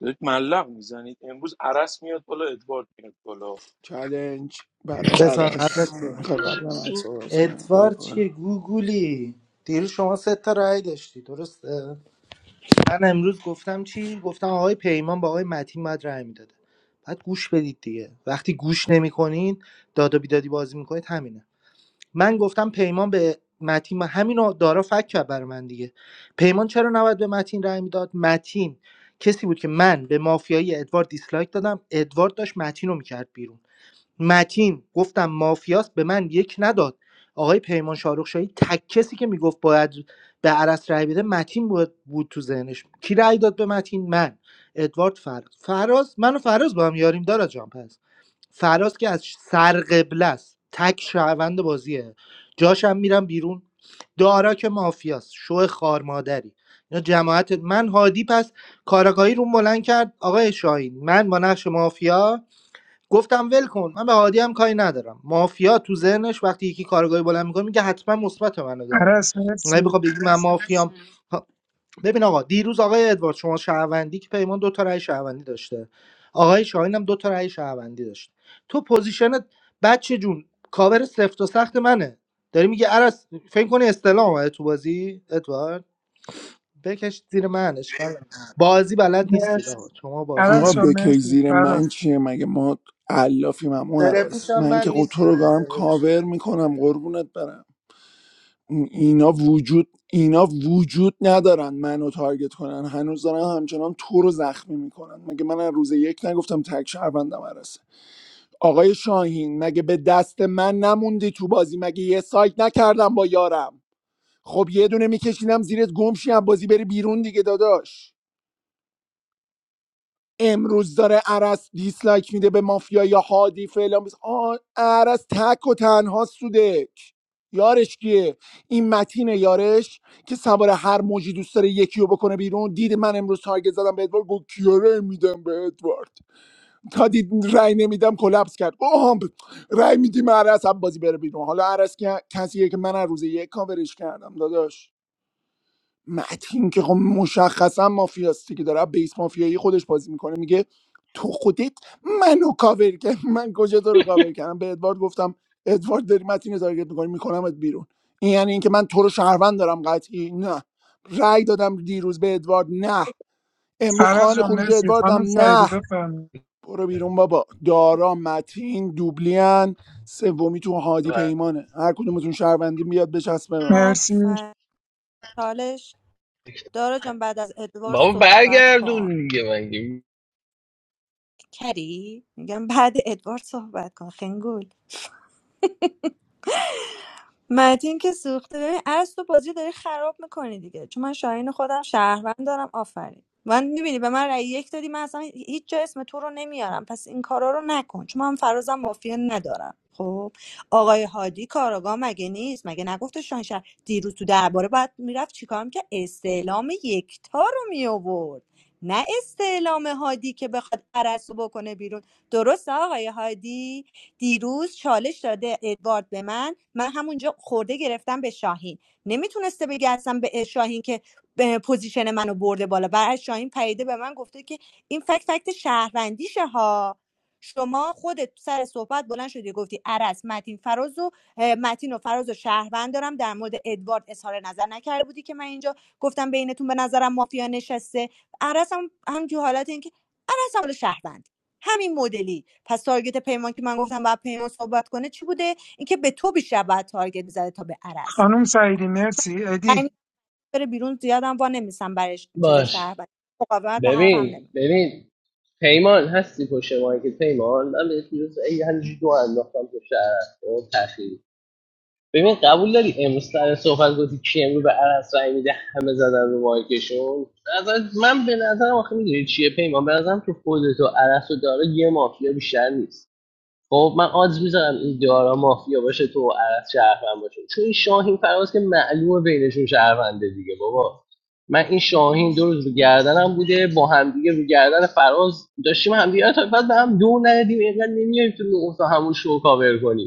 دارید ملق میزنید امروز عرس میاد بالا ادوارد میاد بالا چلنج برای بزن عرس قدرت میخوای قبل من صحبت ادوارد کنم چیه گوگولی دیروز شما سه تا رأی داشتی درسته من امروز گفتم چی گفتم آقای پیمان با آقای متین باید رأی میداده بعد گوش بدید دیگه وقتی گوش نمیکنید داد و بیدادی بازی میکنید همینه من گفتم پیمان به متین ما همینو دارا فک کرد برای من دیگه پیمان چرا نباید به متین رأی میداد متین کسی بود که من به مافیایی ادوارد دیسلایک دادم ادوارد داشت متین رو میکرد بیرون متین گفتم مافیاست به من یک نداد آقای پیمان شاروخ شاهی تک کسی که میگفت باید به عرس رای بده متین بود, بود تو ذهنش کی رای داد به متین من ادوارد فراز فراز من و فراز با هم یاریم دارا جان پس فراز که از سرقبله است تک شهروند بازیه جاشم میرم بیرون دارا که مافیاست شو خار مادری اینا جماعت من هادی پس کاراگاهی رو بلند کرد آقای شاهین من با نقش مافیا گفتم ول کن من به هادی هم کاری ندارم مافیا تو ذهنش وقتی یکی کارگاهی بلند میکنه میگه حتما مثبت منو داره عرس مرسی اگه بخوام بگی من مافیام ها، ببین آقا دیروز آقای ادوارد شما شهروندی که پیمان دو تا رأی شهروندی داشته آقای شاهین هم دو تا رأی شهروندی داشت تو پوزیشنت بچه جون کاور سفت و سخت منه داری میگه عرس فکر کنی استلام اومده تو بازی ادوارد بکش زیر من اشکال نداره. بازی بلد نیستید آقا مرسی شما بازی آقا عرس بلد جان بکش مرسی زیر فراز من چیه مگه ما علافیم همو زره هرس پوشم من من که خود تو رو دارم نیستم کاور میکنم قربونت برم اینا وجود اینا وجود ندارن منو تارگت کنن هنوز دارن همچنان تو رو زخمی میکنن مگه من از روز یک نگفتم تک شهروندم عرسه آقای شاهین مگه به دست من نموندی تو بازی مگه یه سایت نکردم با یارم خب یه دونه میکشینم زیرت گمشی از بازی بری بیرون دیگه داداش امروز داره عرس دیسلایک میده به مافیا یا هادی فعلا بس آه، عرس تک و تنها سوده یارش کیه این متینه یارش که سوار هر موجی دوست داره یکی رو بکنه بیرون دید من امروز تارگت زدم به ادوارد گفت کیا رأی میدم به ادوارد تا دید رأی نمیدم کلپس کرد گفت آها ب- رأی میدیم عرس هم بازی بره بیرون حالا عرس که کسیه که من از روز یک کاورش کردم داداش متین که خب مشخصا مافیاستی که داره بیس مافیایی خودش بازی میکنه میگه تو خودت منو کاور کرد من کجا تو رو کاور کردم به ادوارد گفتم ادوارد داری متین رو تارگت میکنی میکنمت بیرون این یعنی اینکه من تو رو شهروند دارم قطعی نه رأی دادم دیروز به ادوارد نه امروز فراز خواهان جان خروج مرسی ادواردم خانم سعیدی نه بفرمایید برو بیرون بابا دارا متین دوبلین سومی تو هادی پیمانه هر کدومتون شهروندی بیاد بچسبه به ما مرسی آفرین چالش دارا جان بعد از ادوارد بابا صحبت کن برگردون دیگه مگه کری میگم بعد ادوارد صحبت کن خنگول متین که سوخته ببین از تو بازی داری خراب میکنی دیگه چون من شاهین خودم شهروند دارم آفرین من میبینی به من رأی یک دادی من اصلا هیچ جا اسم تو رو نمیارم پس این کارا رو نکن چون من فرازم مافیا ندارم خب آقای هادی کاراگاه مگه نیست مگه نگفت شاهین شهر دیروز تو درباره باید میرفت چیکار میکرد استعلام یکتا رو میآورد نه استعلام هادی که بخواد عرض رو بکنه بیرون درست آقای هادی دیروز چالش داده ادوارد به من من همونجا خورده گرفتم به شاهین نمیتونسته بگه اصلا به شاهین که پوزیشن منو برده بالا برای شاهین پریده به من گفته که این فکت فکت شهروندیشه ها شما خودت سر صحبت بلند شدی گفتی عرس متین فراز و اه، متین و فراز و شهروند دارم در مورد ادوارد اظهار نظر نکرده بودی که من اینجا گفتم بینتون به نظرم مافیا نشسته عرس هم همجور حالت اینکه عرس هم شهروند همین مدلی پس تارگت پیمان که من گفتم باید پیمان صحبت کنه چی بوده اینکه به تو بیشتر باید تارگت میزده تا به عرض خانم سعیدی مرسی ادی یعنی بره بیرون زیادم وا نمیسم برای ش- چیز باش شهر و مقاومت به حرفم ببین نمی ببین پیمان هستی پشت که پیمان من بهت دیروز ای همینجوری دو انداختم پشت عرص اون تأخیری ببین قبول داری امروز سر صحبت گفتی کی امروز به عرص رای میده همه زدن رو مایکشون نظر من به نظرم آخه میدونی چیه پیمان به نظرم تو خودت و عرص و داره یه مافیا بیشتر نیست خب من آدز میذارم این دارا مافیا باشه تو عرض شهروند باشه چون این شاهین فراز که معلومه بینشون شهرونده دیگه بابا من این شاهین دو روز رو گردنم بوده با همدیگه رو گردن فراز داشتیم همدیگه آره، تا بعد به هم دو ندیم اینقدر نمیایم تو نقطه همون شو کاور کنیم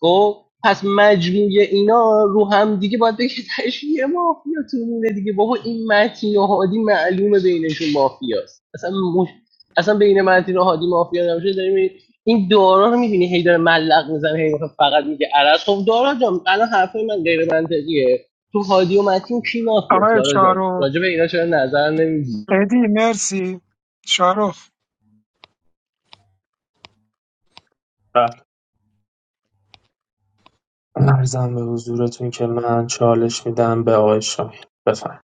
خب پس مجموعه اینا رو هم دیگه باید بگه تهش یه مافیا تو مونه دیگه بابا این متین و هادی معلومه بینشون مافیاست اصلا مش... اصلا بین متین و هادی مافیا نمیشه داریم این این دارا رو میبینی هی داره ملق میزنه هی می‌خواد فقط میگه عرض خب دارا جان الان حرفای من غیر منطقیه تو هادی و متین کی مافیاست آقای دارا جان شارو راجع به اینا چرا نظر نمیدی ادی مرسی شارخ ارزم به حضورتون که من چالش میدم به آقای شاهین بفرم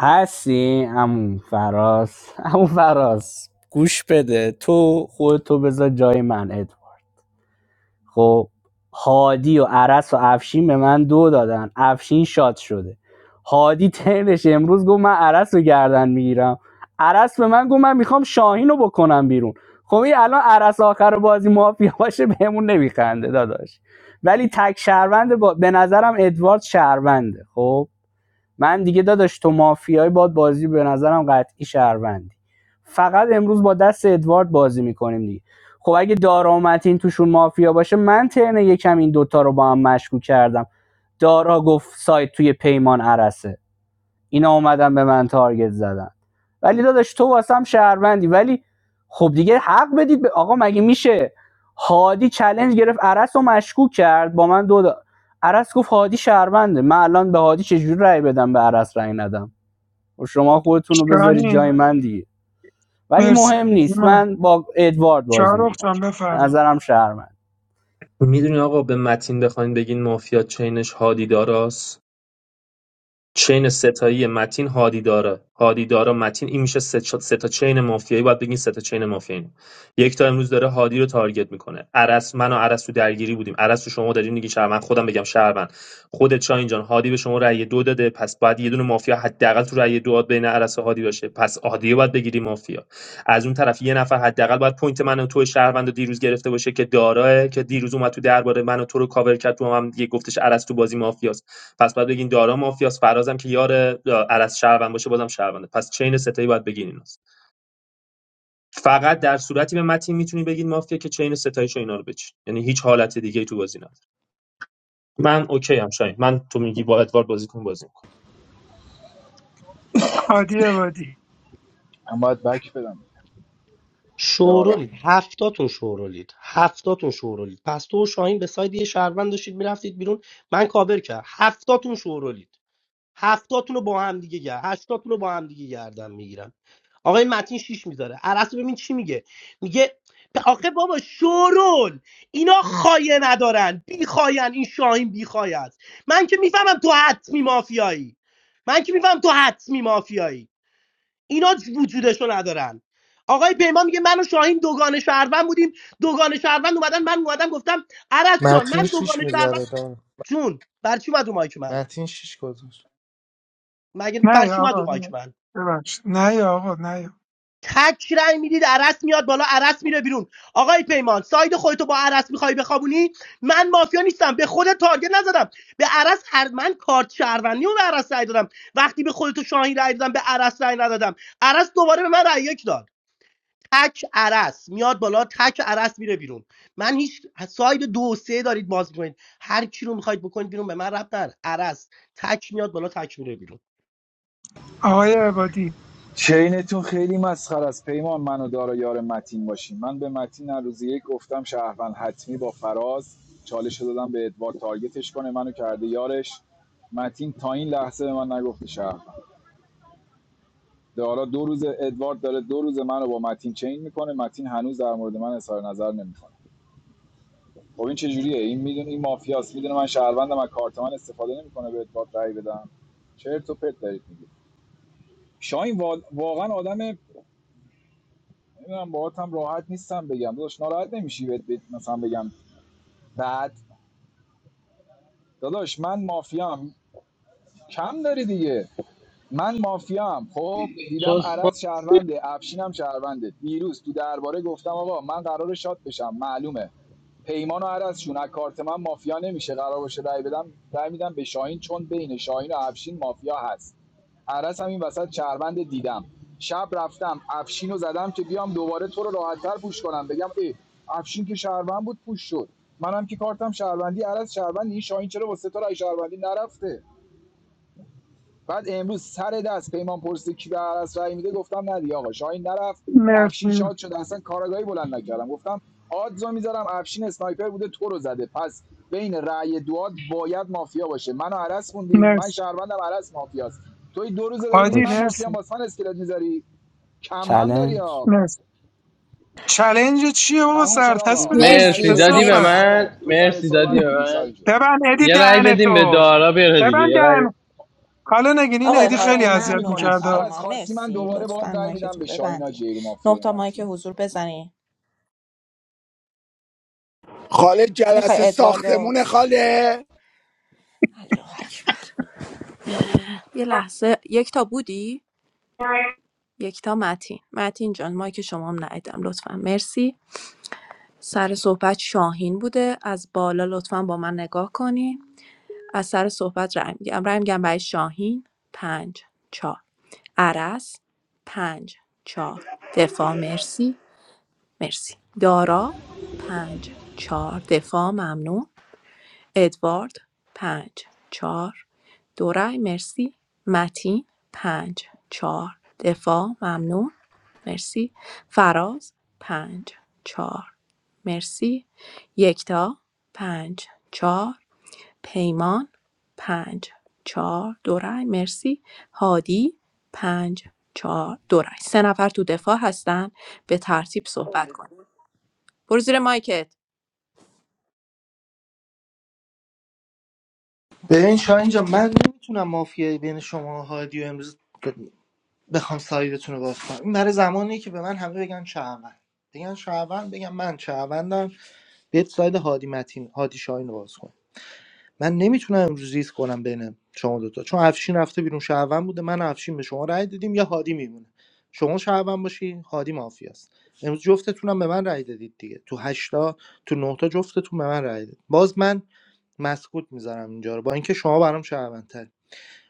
هستی عمو فراز عمو فراز گوش بده تو خودتو بذار جای من ادوارد. خب هادی و عرس و افشین به من دو دادن افشین شات شده هادی ترنش امروز گفت من عرس رو گردن میگیرم عرس به من گفت من میخوام شاهین رو بکنم بیرون خب این الان عرس آخر بازی مافیا باشه بهمون نمیخنده داداش ولی تک شهروند با... به نظرم ادوارد شهرونده خب من دیگه داداش تو مافیای باد بازی به نظرم قطعی شهروندی فقط امروز با دست ادوارد بازی میکنیم دیگه خب اگه دارا و متین توشون مافیا باشه من ترن یکم این دوتا رو با هم مشکوک کردم دارا گفت سایت توی پیمان عرسه اینا اومدن به من تارگت زدن ولی داداش تو واسم شهروندی ولی خب دیگه حق بدید به آقا مگه میشه هادی چلنج گرفت عرس رو مشکوک کرد با من دو دا... عرس گفت هادی شهرونده من الان به هادی چجوری رأی بدم به عرس رأی ندم و شما خودتون رو بذارید جای شاهین من دیگه ولی مرسی مهم نیست ایمان من با ادوارد بازی شارخ میکنم جان به بفرمایید نظرم شهروند میدونی آقا به متین بخواین بگین مافیا چینش هادی داراست چین ستایی متین هادی داره، هادی داره متین این میشه سه, چ- سه تا چین مافیایی باید بگین سه تا چین مافیایی یک تا امروز داره هادی رو تارگت میکنه عرس من و عرس تو درگیری بودیم عرس تو شما دارین میگین شهروند خودم بگم شهروند خودت شاهین جان هادی به شما رأی دو داده پس باید یه دونه مافیا حداقل تو رأی دو بین عرس و هادی باشه پس هادی رو باید بگیری مافیا از اون طرف یه نفر حداقل باید پوینت من و تو شهروند رو دیروز گرفته باشه که داراه که دیروز اومد تو درباره من و تو رو کاور کرد تو هم, هم دیگه گفتش عرس تو بازی مافیا پس باید بگین دارا مافیاست فرازم که یار عرض شهروند باشه بازم شهرونده پس چین ستایی باید بگین ایناست فقط در صورتی به متین میتونی بگین مافیا که چین ستاییشو اینا رو بچین یعنی هیچ حالت دیگه تو بازی نداره من اوکی ام شاین من تو میگی با ادوارد بازی کن بازی کن عادی عبادی من باید بک بدم دارا شورولید هفتاتون شورولید هفتاتون شورولید پس تو و شاهین به ساید یه شهروند داشتید میرفتید بیرون من کاور کرد هفتاتون شورولید هفتاتون رو با هم دیگه گرد هشتاتون رو با هم دیگه گردن میگیرم آقای متین شیش میذاره عرصه ببین چی میگه میگه ب- آخه بابا شورول اینا خایه ندارن بی خاین این شاهین بی خایه است من که میفهمم تو حتمی مافیایی من که میفهمم تو حتمی مافیایی اینا وجودشو ندارن آقای پیمان میگه من و شاهین دوگان شهروند بودیم دوگان شهروند اومدن من اومدم گفتم عرض جان من متین دوگان شیش شهروند میذاره دان جون بر چی اومد رو مایک من متین شیش گذاشت مگه نه بر چی یا اومد رو آقا مایک نه. من ببخشید نه یا آقا نه یا تک رأی میدید عرس میاد بالا عرس میره بیرون آقای پیمان ساید خودتو با عرس میخوای بخوابونی من مافیا نیستم به خود تارگت نزدم به عرس هر من کارت شهروندی رو به عرس رأی دادم وقتی به خودتو شاهین رأی دادم به عرس رأی ندادم عرس دوباره به من رأی یک داد تک عرس میاد بالا تک عرس میره بیرون من هیچ ساید دو و سه دارید باز میکنید هر کی رو میخواید بکنید بیرون به من ربط نداره عرس تک میاد بالا تک میره بیرون آقای عبادی چینتون خیلی مسخره است پیمان من و دارا یار متین باشیم من به متین هر روز یک گفتم شهروند حتمی با فراز چالش رو دادم به ادوار تارگتش کنه منو کرده یارش متین تا این لحظه به من نگفته شهروند دارا دو روز ادوارد داره دو روز منو با متین چین میکنه متین هنوز در مورد من اظهار نظر نمیکنه خب این چجوریه این میدونه این مافیاست میدونه من شهروندم از کارت من استفاده نمیکنه به ادوارد رای بدم چرت و پرت دارید میگید شاین واقعا آدم نمیدونم باهات هم راحت نیستم بگم داداش ناراحت نمیشی بهت بهت مثلا بگم بعد داداش من مافیام کم داری دیگه من مافیام خب دیدم عرض شهرونده افشین هم شهرونده دیروز تو درباره گفتم آقا من قراره شات بشم معلومه پیمان و عرض از کارت من مافیا نمیشه قرار باشه رأی بدم رأی میدم به شاهین چون بین شاهین و افشین مافیا هست عرض هم این وسط شهروند دیدم شب رفتم افشین رو زدم که بیام دوباره تو رو راحتتر پوش کنم بگم ای افشین که شهروند بود پوش شد منم که کارتم شهروندی عرض شهروندی این شاهین چرا واسه تو رأی شهروندی نرفته بعد امروز سر دست پیمان پرسید کی به عرس رأی میده گفتم نه دیگه آقا شاهین نرفت افشین مرسی شاد شد اصلا کارگاهی بلند نکردم گفتم آدزو میذارم افشین اسنایپر بوده تو رو زده پس بین رأی دوات باید مافیا باشه منو عرس موندی من مرسی شهروندم عرس مافیاست توی دو روزه داری میگی عادی من اوکی مافیام مرسی باز من اسکلت میذاری کمم داری چلنج ها مرسی چلنج چیه بابا تموم شد سرتست آقا من بودی ته مرسی مرسی دادی به صحبتم کسافت مرس. تمام من تو سر مرسی دادی صحبت به بودی من شاهین جون ببند ادی یه رأی بدیم به دهنتو دارا بره دیگه ببند یه رأی دهن حالا نگین این آقای ادی آدمو خیلی هادی آمبول اذیت ممنون میکنید میکرد از عرس شما خواستی من مرسی دوباره باهات لطفا رأی میدم مایکتون به رو شاهین ها ببندین نه مافیای تا من تو. مایک حضور بزنین خاله میخوای جلسه ادواردو ساختمونه خاله یه لحظه یک تا بودی یک تا متین متین جان مایک شما هم ندیدم لطفا مرسی سر صحبت شاهین بوده از بالا لطفا با من نگاه کنین از سر صحبت رای میگم رای میگم برای شاهین پنج چهار عرس پنج چهار دفاع مرسی مرسی دارا پنج چهار دفاع ممنون ادوارد پنج چهار دو رای مرسی متین پنج چهار دفاع ممنون مرسی فراز پنج چهار مرسی یکتا پنج چهار پیمان پنج چهار دو رای مرسی هادی پنج چهار دو رای سه نفر تو دفاع هستن به ترتیب صحبت کنید برو زیر مایکت ببین شاه اینجا من نمیتونم مافیایی بین شما و هادی و امروز ب- بخوام سایدتون رو باز کنم این برای زمانی که به من همه بگن شهروند بگن شهروند بگم من شهروندم بیت ساید هادی متین هادی شاهین رو باز کن من نمیتونم امروز ریز کنم بین شما دوتا چون افشین رفته بیرون شهروند بوده من و افشین به شما رأی دادیم یا هادی میمونه شما شهروند باشی هادی مافیاست امروز جفتتونم به من رأی دادید دیگه تو هشتا تو نهتا جفتتون به من رأی دادید باز من مسکوت میذارم اینجا رو با اینکه شما برام شهروندتر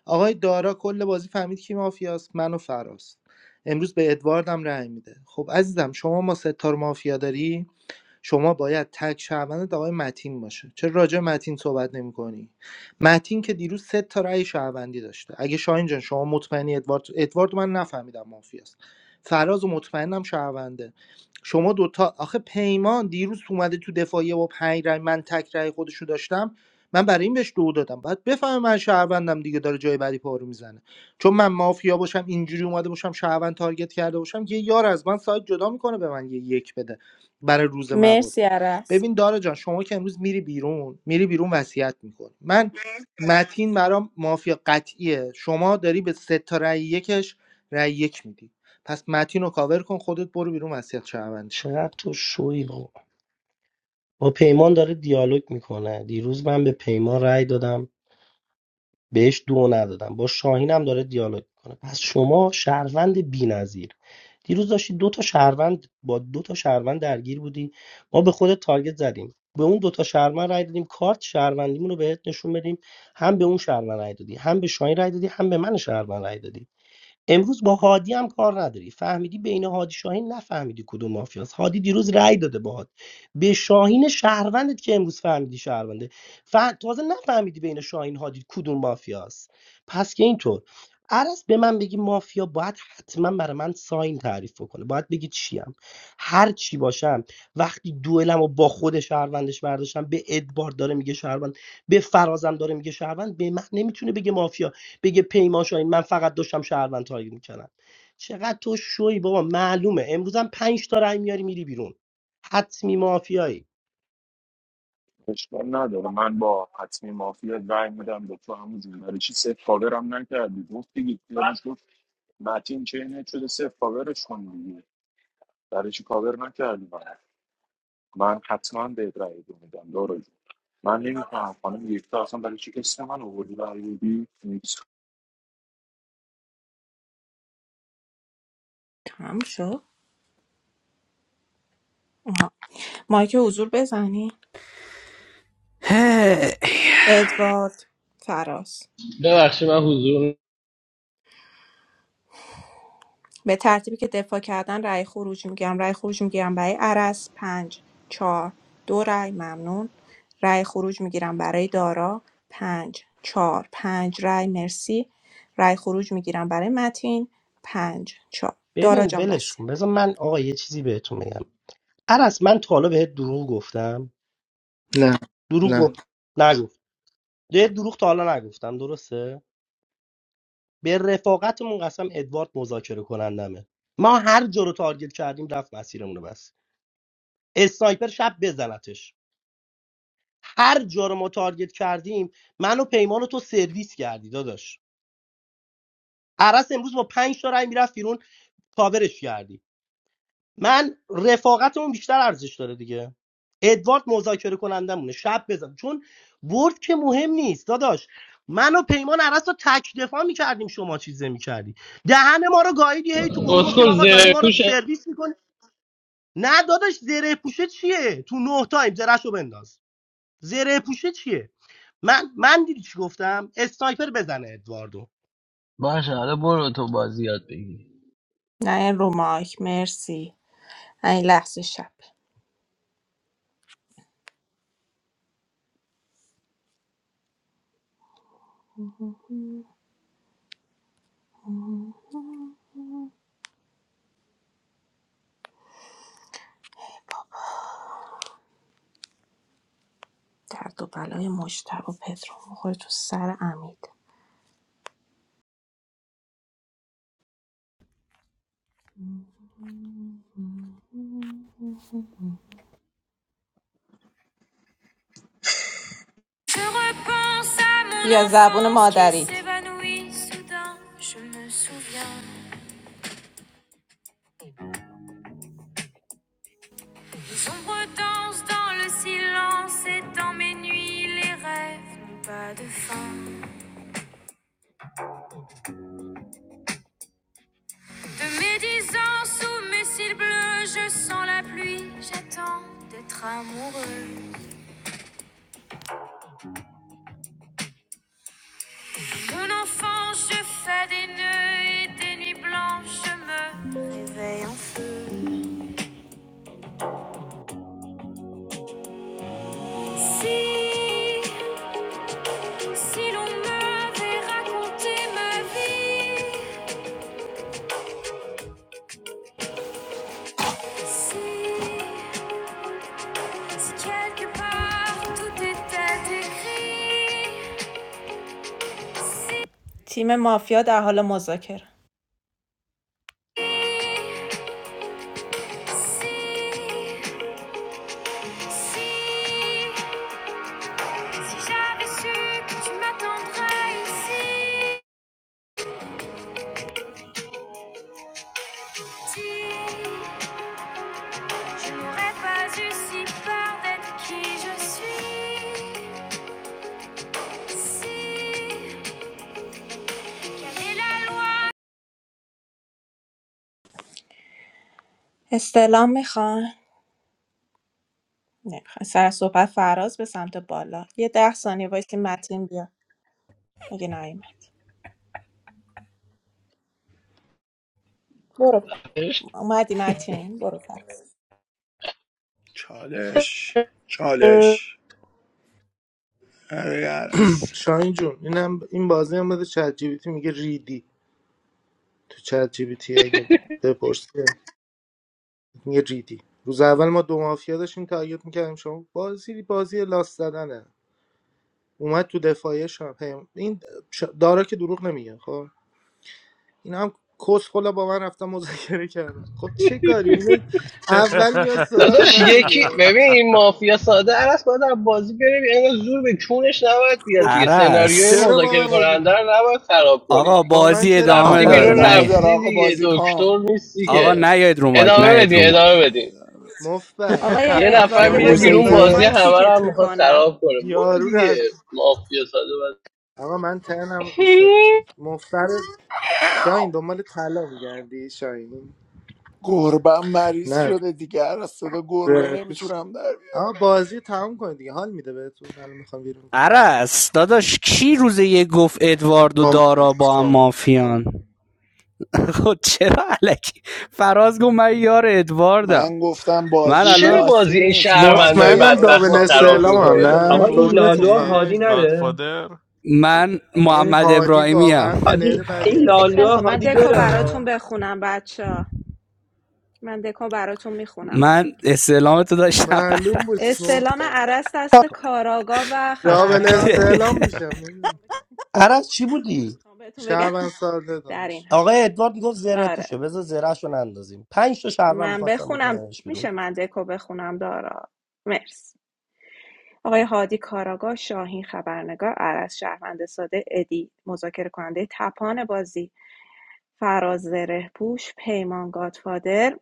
آقای دارا کل بازی فهمید کی مافیاست من و فراست امروز به ادواردم رأی میده خب عزیزم شما ما ستار مافیا داری شما باید تک شهروندت آقای متین باشه چرا راجع به متین صحبت نمی‌کنی متین که دیروز سه تا رأی شهروندی داشته اگه شاهین جان شما مطمئنی ادوارد ادوارد من نفهمیدم مافیاست فراز و مطمئنم شهرونده شما دوتا آخه پیمان دیروز اومده تو دفاعیه با پنج رأی من تک رأی خودشو داشتم من برای این بهش دو دادم بعد بفهمه من شهروندم دیگه داره جای بعدی پارو میزنه چون من مافیا باشم اینجوری اومده باشم شهروند تارگت کرده باشم یه یار از من سایت جدا میکنه به من یه یک بده برای روز مبادا مرسی عرس ببین دارا جان شما که امروز میری بیرون میری بیرون وصیت میکنی من متین برام مافیا قطعیه شما داری به سه تا رأی یکش رأی یک میدی پس متین رو کاور کن خودت برو بیرون وصیت شهروندش کن چقدر تو شوی بابا با پیمان داره دیالوگ میکنه دیروز من به پیمان رأی دادم بهش دو ندادم با شاهین هم داره دیالوگ میکنه پس شما شهروند بی‌نظیر دیروز داشتی دو تا شهروند با دو تا شهروند درگیر بودی ما به خود تارگت زدیم به اون دو تا شهروند رای دادیم کارت شهروندیمون رو بهت نشون بدیم هم به اون شهروند رای دادی هم به شاهین رای دادی هم به من شهروند رای دادی امروز با هادی هم کار نداری فهمیدی بین هادی شاهین نفهمیدی کدوم مافیاست هادی دیروز رأی داده باهات به شاهین شهروندت که امروز فهمیدی شهرونده ف... تازه نفهمیدی بین شاهین هادی کدوم مافیاست پس که اینطور عرض به من بگی مافیا باید حتما برای من ساین تعریف کنه باید بگی چیم هر چی باشم وقتی دوئلم و با خود شهروندش برداشتم به ادبار داره میگه شهروند به فرازم داره میگه شهروند به من نمیتونه بگه مافیا بگه پیمان شاهین من فقط داشتم شهروند تارگت میکردم چقدر تو شوی بابا معلومه امروزم پنج تا رای میاری میری بیرون حتمی مافیایی اشکال نداره من با حتمی مافیا رای میدم به تو همون برای چی صفر کاورم نکردی گفت دیگه پیرانش گفت متین چینه شده صفر کاورش کن دیگه برای چی کاور نکردی من من حتما به رای دو میدم من نمیفهم خانم یکتا اصلا برای چی کسی من آوردی برای بی تمام شد مایک حضور بزنی ادوارد فراس ببخشید من حضور به ترتیبی که دفاع کردن رأی خروج میگیرم رأی خروج میگیرم برای عرس پنج چهار دو رأی ممنون رأی خروج میگیرم برای دارا پنج چهار پنج رأی مرسی رأی خروج میگیرم برای متین پنج چهار دارا ببین جان ولش وسیعت کن بذار من آقا یه چیزی بهتون بگم عرس من تا حالا بهت دروغ گفتم نه دروغ نه گفت نگفت ده دروغ تا حالا نگفتم درسته به رفاقتمون قسم ادوارد مذاکره کنندمه ما هر جا رو تارگت کردیم رفت مسیرمون رو بس اسنایپر شب بزنتش هر جا رو ما تارگت کردیم من و پیمان رو تو سرویس کردی داداش عرس امروز با 5 تا رای میرفت بیرون کاورش کردی من رفاقتمون بیشتر ارزش داره دیگه ادوارد مذاکره کنندمونه شب بزن چون من اسکل زره پوش نه چیه؟ من من باشه حالا برو تو بازی یاد بگیر نه این رو مایک مرسی نه این لحظه شب درد و بلای مجتبی و پدرو میخوره تو سر امید Je repense à mon یا زبون مادری enfin. Si Si l'on m'avait raconté ma vie ici, si quelque part tout était écrit. تیم مافیا در حال مذاکره است. اسلامی خان نمیخوای سر صحبت فراز به سمت بالا یه ده ثانیه وایسی متین بیا اگه نیومد برو ف- اومدی متین برو فراز چالش چالش اگر است شاهین جون اینم این بازی هم بده چت جی پی تی، میگه ریدی تو چت جی پی تی، اگه بپرسی میگه ریدی روز اول ما دو مافیا داشتیم تارگت میکردیم شما بازی بازی لاست زدنه اومد تو دفاعیه شب این ش- دارا که دروغ نمیگه خب این هم کس خلا با من رفتم مذاکره کردن خب چه کاری اینه اول میاد سراغ داداش من یکی میاد ببین این مافیا ساده عرص باید از بازی بریم یعنی زور به چونش نباید خب بیاد دیگه سناریوی عرس چرا با مذاکره من کننده مذاکره رو نباید خراب کنی آقا دیگه با من بازی چرا من ادامه رفتی آقا داره بیرون ادامه نه در رفتی آقا دیگه بازی کن دکتر نیستی آقا که چیه نیاید رو مایک ادامه مف... نیاید بدین رو مایک ادامه بدین مفبر آقای یه نفر ادوارد یه شاهین بار میره روز دیگه بیرون بیای مفبر رو بازی مایک همه یک رو کیکت هم میخواد میکنم خراب کنه برو یارو دیگه رفت مافیا ساده آقا من تنم ریست باید میشه. مفبر شاهین دنبال طلا میگردی شاهین گربه مریض نه شده دیگر از صدا گربه زرخیش. نمیتونم در بیارم. آقا بازی تمام کنید دیگه حال میده بهتون الان میخوام بیرون عرس داداش کی روز یک گفت ادوارد و دارا با هم کنم مافیان خود چرا علکی فراز گفت من یار ادواردم من گفتم من بازی چرا الان لاسی بازی این نیست شهروندای فاکیه مطمئنم بدبخت دابل رو ادواردو بیا خراب استعلام میکنی هم بکنیم گادفادر خب کی آقا نه بیرون این بود کدومتون لالو خواهم ادی هادی نره گادفادر من آقا این محمد هادی ابراهیمی واقعا هم. حاجی پلیر بدی این خیلی لالو خب هستم من هادی دکو بره براتون ها. بخونم بچه من دکو براتون میخونم من استعلام تو داشتم معلوم بود عرس استعلام مفتم عرض دست کاراگا و دابل خبرنگار بود استعلام میشم نمی‌دونم. عرس چی بودی میخوام بهتون بگم شهروند ساده در این داداش حد آقای ادوارد میگفت زره آره پوشه بذار زرهشو نندازیم 5 تا شهروند من میخواستم بخونم بکننش بیرون میشه من دکو بخونم دارا مرسی آقای هادی کاراگاه، شاهین خبرنگار، عرض شهروند ساده، ادی مذاکره کننده تپان بازی، فراز زره پوش، پیمان گادفادر،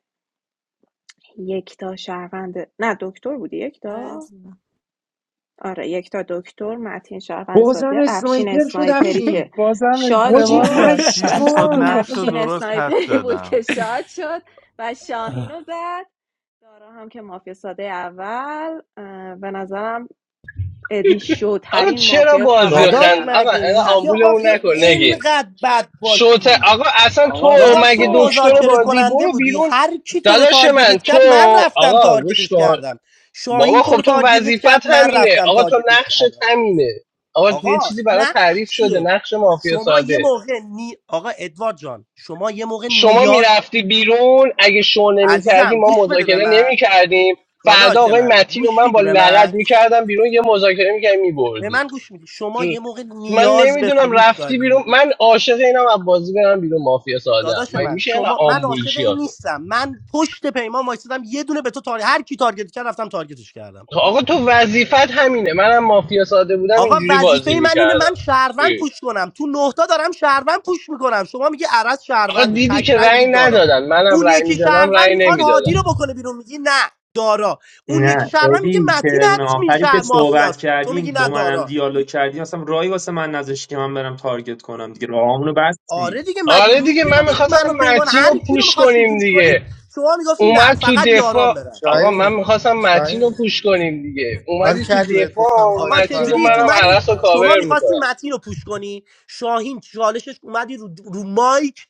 یکتا شهروند نه دکتر بودی یکتا آره یکتا دکتر متین شهروند بازم ساده افشین اسنایپر شد اسنایپری که افشین بازم شاد حاجی اشتباه شد بابا زد شیش تا پشمام نقش افشین رو افشین درست حد اسنایپری بود که زدم شاد شد و شاهین رو زد دارا هم که مافیا ساده اول اه، به نظرم ادی آقا شوترین چرا مافیای بازی رو خن داداش خاورمیانه آقا است اینا میشه خسته آمبولمون نباشید آخه نکن نگین انقدر شوت آقا اصلا تو آقا داداش من مگه صحبت دکتر بازی کنم برو بیرون داداش من تو آقا گوش کن کردم شاهین بابا تو خب رو تو تارگتت وظیفت کرد من همینه رفتم آقا تو تارگتش نقشت کردم همینه آقا یه آقا چیزی برای نقش تعریف شده چیه نقش مافیا شما یه ساده موقع نی... آقا ادوارد جان شما یه موقع شما نیاز میرفتی بیرون اگه شو نمیکردی عزیزم ما گوش بده به مذاکره من نمیکردیم فردا داداش آقای من متین و گوش من با میدی به لغت من میکردم بیرون یه مذاکره میکردیم به میبردیم من گوش میدی شما یه موقع من نیاز به نمیدونم فروش رفتی بیرون داری من عاشق اینم از بازی برم بیرون مافیا ساده ام. داداش من من میشه اینقدر شما من آمبول عاشق شی این آخه؟ نیستم من آقا تو وظیفت همینه منم مافیا ساده بودم اینجوری بازی میکردم آقا دیدی که رأی ندادن منم رأی میدادم رأی نمیدادن نه ادی ترن آخری که صحبت کردیم با منم دیالوگ کردیم اصلا رای واسه من نذاشتی که من برم تارگت کنم دیگه راهامونو بستی آره دیگه من داداش من میخواستم و پیمان متین رو هر کی رو پوش میخواستیم کنیم فروش کنیم دیگه شما میگفتی نه اومد تو فقط یاران دفاع برن آقا من شاهین میخواستم متین رو شاهین پوش کنیم دیگه حال اومدی تو کردی بهت گفتم دفاع آقا هادی چه متین گفت جوری کارگاه منم اومدی عرس استعلام رو هستی شما کاور میخواستی میکنم متین رو پوش کنی شاهین چالشش اومدی رو, رو مایک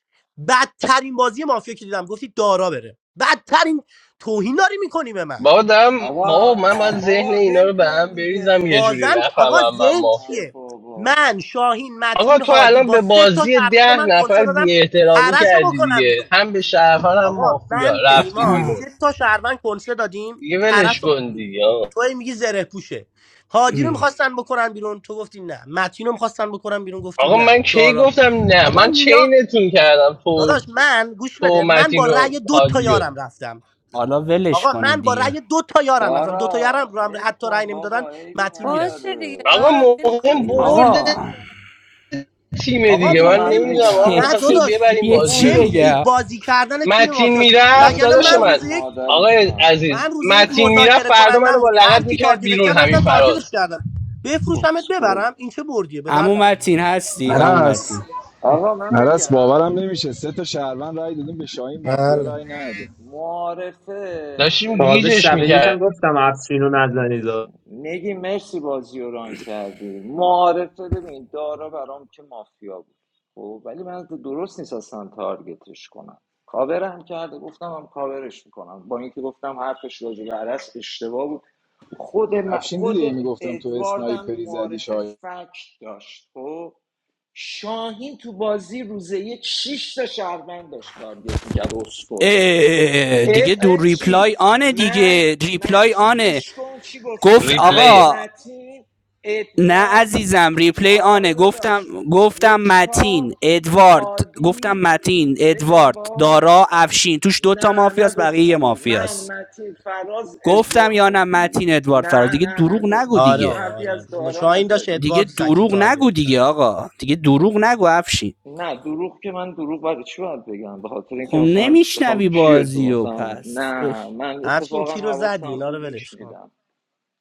بدترین بازی مافیا که دیدم گفتی دارا بره بدترین توهین داری میکنی به من بابا دارم بابا من آقا باید ذهن بابا اینا رو ول به کن هم بریزم دیگه یه جوری بازم که- آقا نفهمم من ذهن ای مافیا چیه بابا من شاهین آقا متین تو هادی الان با به سه تا بازی شهروند ده من کنسول نفر دادم بی احترامی عرس رو کردی بکنم بیرون دیگه هم به شهرفن هم آقا مافیا من رفتی پیمان بیرون سه تا شهروند کنسه دادیم دیگه ولش عرس رو کن بکنیم دیگه بیرون. آقا تو هی میگی زره پوشه هادی رو میخواستن بکنن بیرون تو گفتی نه متین رو میخواستن بکنن بیرون گفتی آقا نه من کی دارابه گفتم نه شما من نیا چینتون کردم تو داداش من گوش تو بده من با متین و رأی دو تا هادیو یارم رفتم حالا ولش آقا کنید من با دیگه رأی دو تا یارم رفتم دو تا یارم دارا رو هم ول حتی رأی کن نمیدادن بابا عیبی متین میرفت باشه نداره دیگه آقا دارا ول کن مهم دیگه ولش بازی هم برد که خیلی کن آقا تیمه آقا دیگه بذار من من مهم ب... نمیدونم ما نه بگم میخواستیم جدی داداش ببریم یه بازی چی رو مهم دیگه خوب بگم بازی کردن تیم متین مافیاست تو میرفت مگر نه داداش من خار روز من یک آقای مادریشم من عزیز روز یک متین میرفت مذاکره فردا منو کنندم با بودی لغت هر کی میکرد تارگتت بیرون کرد همین رفتم تارگتش فراز کردم بفروشمت اسکل ببرم این چه بردیه به امو دردم نمی‌خوره. متین هستی امو عرس متین آقا من عرس بگم باورم نمیشه سه تا شهروند رای دادیم به شاهین مافیا بله رای نده معارفه داشتیم ببین تازه گوش گیجش شب کن یکم میکرد گفتم افشینو نه نزنید نگی مرسی بازی رو ران کردی معارفه ببین دارا برام که مافیا بود خب ولی من درست نیست اصلا تارگتش کنم کاورم کرده گفتم هم کاورش میکنم با اینکه گفتم حرفش راجع به عرس اشتباه بود خود من- افشین خود دیدی ای میگفتم تو ادواردم اسنایپری زدی معارفه شاهین فکت داشت خب شاهین تو بازی روزه یک شش تا شهروند داشت تارگت میکرد اسکل اه دیگه دو اه ریپلای چی آنه من دیگه ریپلای متین آنه گوش کن چی گفتی گفت من ریپلیه آقا متین نه ادوارد عزیزم ریپلی آره آنه داداش گفتم گفتم یکتا متین ادوارد گفتم هادی متین بگم ادوارد باز دارا افشین توش دوتا نه مافیاست بقیه یه نگفتی من مافیاست متین فراز ادوارد گفتم یا نه گفتی متین ادوارد فرار نه دیگه نه دروغ نگو نگفتی آره اصلا دیگه آقا حرفی آره از دارا شاهین داشت نزدی دیگه ادوارد سکی دروغ تارگت نگو دیگه کرد آقا دیگه دروغ نگو افشین نه دروغ که من دروغ برای چی باید بگم به خاطر خب اینکه مثلا بخوام نمیشنوی چیه تو بازی و مثلا پس اه. نه من همچین اتفاقا کی رو زدی حواسم اینا رو بود ولش کن میشنیدم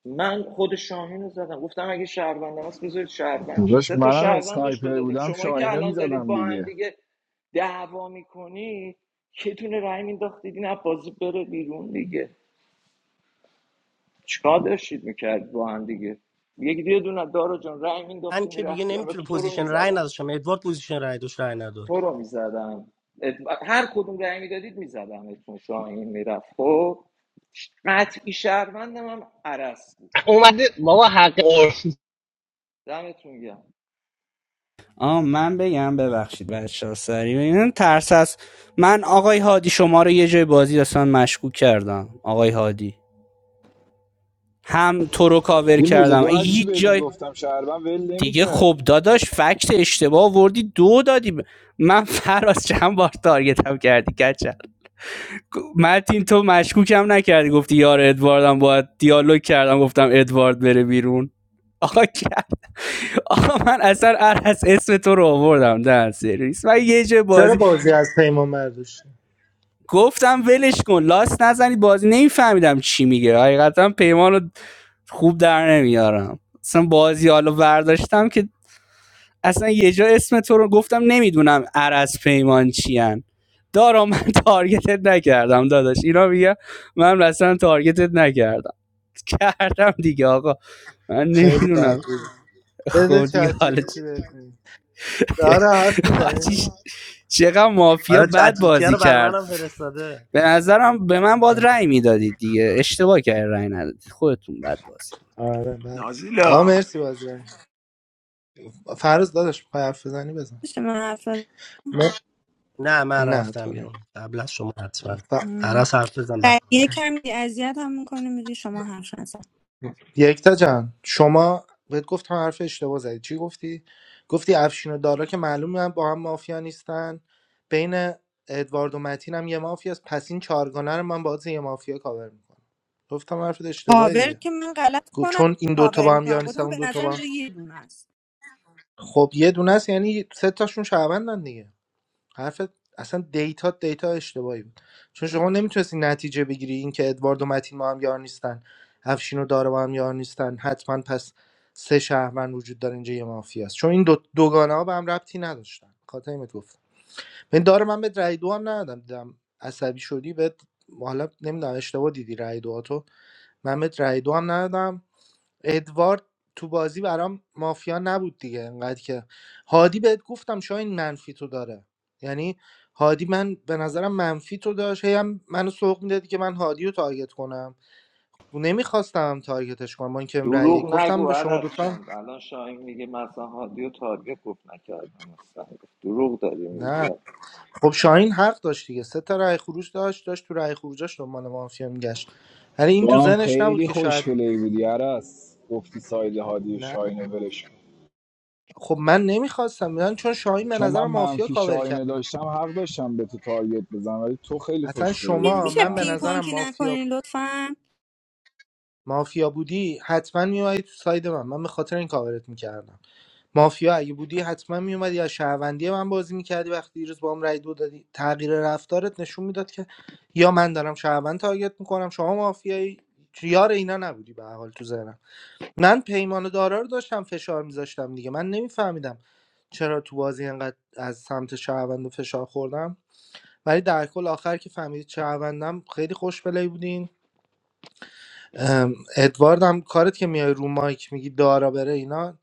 من خود شاهین رو زدم گفتم اگه شهروند هست بذارید شهروند چی داداش سه تا منم شهروند بهش دو اسنایپر دادیم بودم شمایی که شاهینو الان دارید میزدم با هم دیگه دیگه دعوا میکنید یه دونه رای مینداختید این بازی بره بیرون دیگه چیکار داشتید میکرد با هم دیگه یک دیگه دونه دارو جان رای من مینداختی که دیگه میرفتی نمیتونه البته تو رو پوزیشن رای میزدم نداشتم ادوارد پوزیشن رای داشت رای نداد تو رو میزدم هر کدوم رای میدادید میزدم اتون شاهین میرفت خب قطعی شهروندم هم عرس بود اومده بابا حق عرف دمتون گرم آ من بگم ببخشید بچه ها سریع بگم ترس از من آقای هادی شما رو یه جای بازی اصلا مشکوک کردم آقای هادی هم تو رو کاور این روز کردم دو هر چی هیچ بهت جای میگفتم شهروند ول دیگه خب نمیکردی داداش فکت اشتباه آوردی دو دادی ب- من فراز چند بار تارگتم کردی کچل متین تو مشکوکم نکردی گفتی یار ادواردم باید دیالوگ کردم گفتم ادوارد بره بیرون آقا کرد آقا من اصلا هر اسم تو رو آوردم در سرویس من یه جای چرا بازی بازی از پیمان برداشتی گفتم ولش کن لاست نزنید بازی نمیفهمیدم چی میگه حقیقتا پیمان رو خوب در نمیارم اصلا بازی حالا برداشتم که اصلا یه جا اسم تو رو گفتم نمیدونم عرز پیمان چیان دارا من تارگتت نکردم داداش اینا میگه من اصلا تارگتت نکردم کردم دیگه آقا من خیلی بد نمیدونم بود خب بده دیگه چت جی پی حالا تی بهت می‌دم. آره حرف میزنیم چقدر مافیا آره بد چتیتیا بازی رو برای کرد منم فرستاده به نظرم به من باید رأی میدادید دیگه اشتباه کرد رأی ندادید خودتون بد بازی آره بد آقا نازیلا مرسی بازی فرض داداش میخوای حرف بزنی بزن میشه من حرف نه نه من نه تا رفتم نه بیرون قبل از شما حتما ف... پرس حرف بزن و بعد. یه کمی اذیت هم میکنه میگه شما حرف نزن یکتا جان شما بهت گفتم حرف اشتباه زدی چی گفتی گفتی افشین و دارا که معلومه با هم مافیا نیستن بین ادوارد و متین هم یه مافیا است پس این چهارگانه رو من باز یه مافیا کاور میکنم گفتم حرفت اشتباه کاور دیگه که من غلط گفت کنم چون این دوتا کاور با هم میکنم یار نیستن گفتم اون به دوتا نظرم با هم اینجا یه دونه است خب یه دونه است یعنی سه تاشون شهروندن دیگه حرف اصلا دیتا دیتا اشتباهی بود چون شما نمیتونستی نتیجه بگیری اینکه ادوارد و متین با هم یار نیستن افشین و داره با هم یار نیستن حتما پس سه شهروند وجود داره اینجا یه مافیاست چون این دو دوگانه ها به هم ربطی نداشتن خاطر اینت گفتم من داره من به رای دو هم ندادم دیدم عصبی شدی به حالا نمیدونم اشتباه دیدی رای دو تو من به رای دو هم ندادم ادوارد تو بازی برام مافیا نبود دیگه انقدر که هادی بهت گفتم شاین منفی تو داره یعنی هادی من به نظرم منفی تو داشت هی هم منو سوق میدادی که من هادی رو تارگت کنم نمیخواستم تارگتش کنم من اینکه رأی دروغ گفتم نگو به شما عدس دوتا هم- الان شاهین میگه مثلا هادی و تارگت گفت نکردم اصلا دروغ داری میگی نه خب شاهین حق داشت دیگه سه تا رأی خروج داشت داشت تو رأی خروجاش دنبال مافیا میگشت ولی این تو تو هم زنش نبود خیلی که شاید خوش پلی بودی عرس گفتی ساید هادی و نه شاهینو ولش کن. خب من نمیخواستم من چون شاهین به چون من نظر مافیا منفی کاور کرد شاهینو داشتم حق داشتم به تو تارگت بزنم ولی تو خیلی اصلا خوش پلی می- شما بودی میشه من به پینگ فهمیدی نظرم پونگی مافیا نکنین لطفا مافیا بودی حتما میومدی تو ساید من من به خاطر این کاورت میکردم مافیا اگه بودی حتما میومدی از شهروندی من بازی میکردی وقتی دیروز با هم رای دو دادی تغییر رفتارت نشون میداد که یا من دارم شهروند تارگت میکنم شما مافیایی یار اینا نبودی به هر حال تو ذهنم من پیمان و دارا رو داشتم فشار میذاشتم دیگه من نمیفهمیدم چرا تو بازی انقدر از سمت شهروند فشار خوردم ولی در کل آخر که فهمیدید شهروندم خیلی خوش بودین ام، ادوارد هم کارت که میای رو مایک میگی دارا بره اینا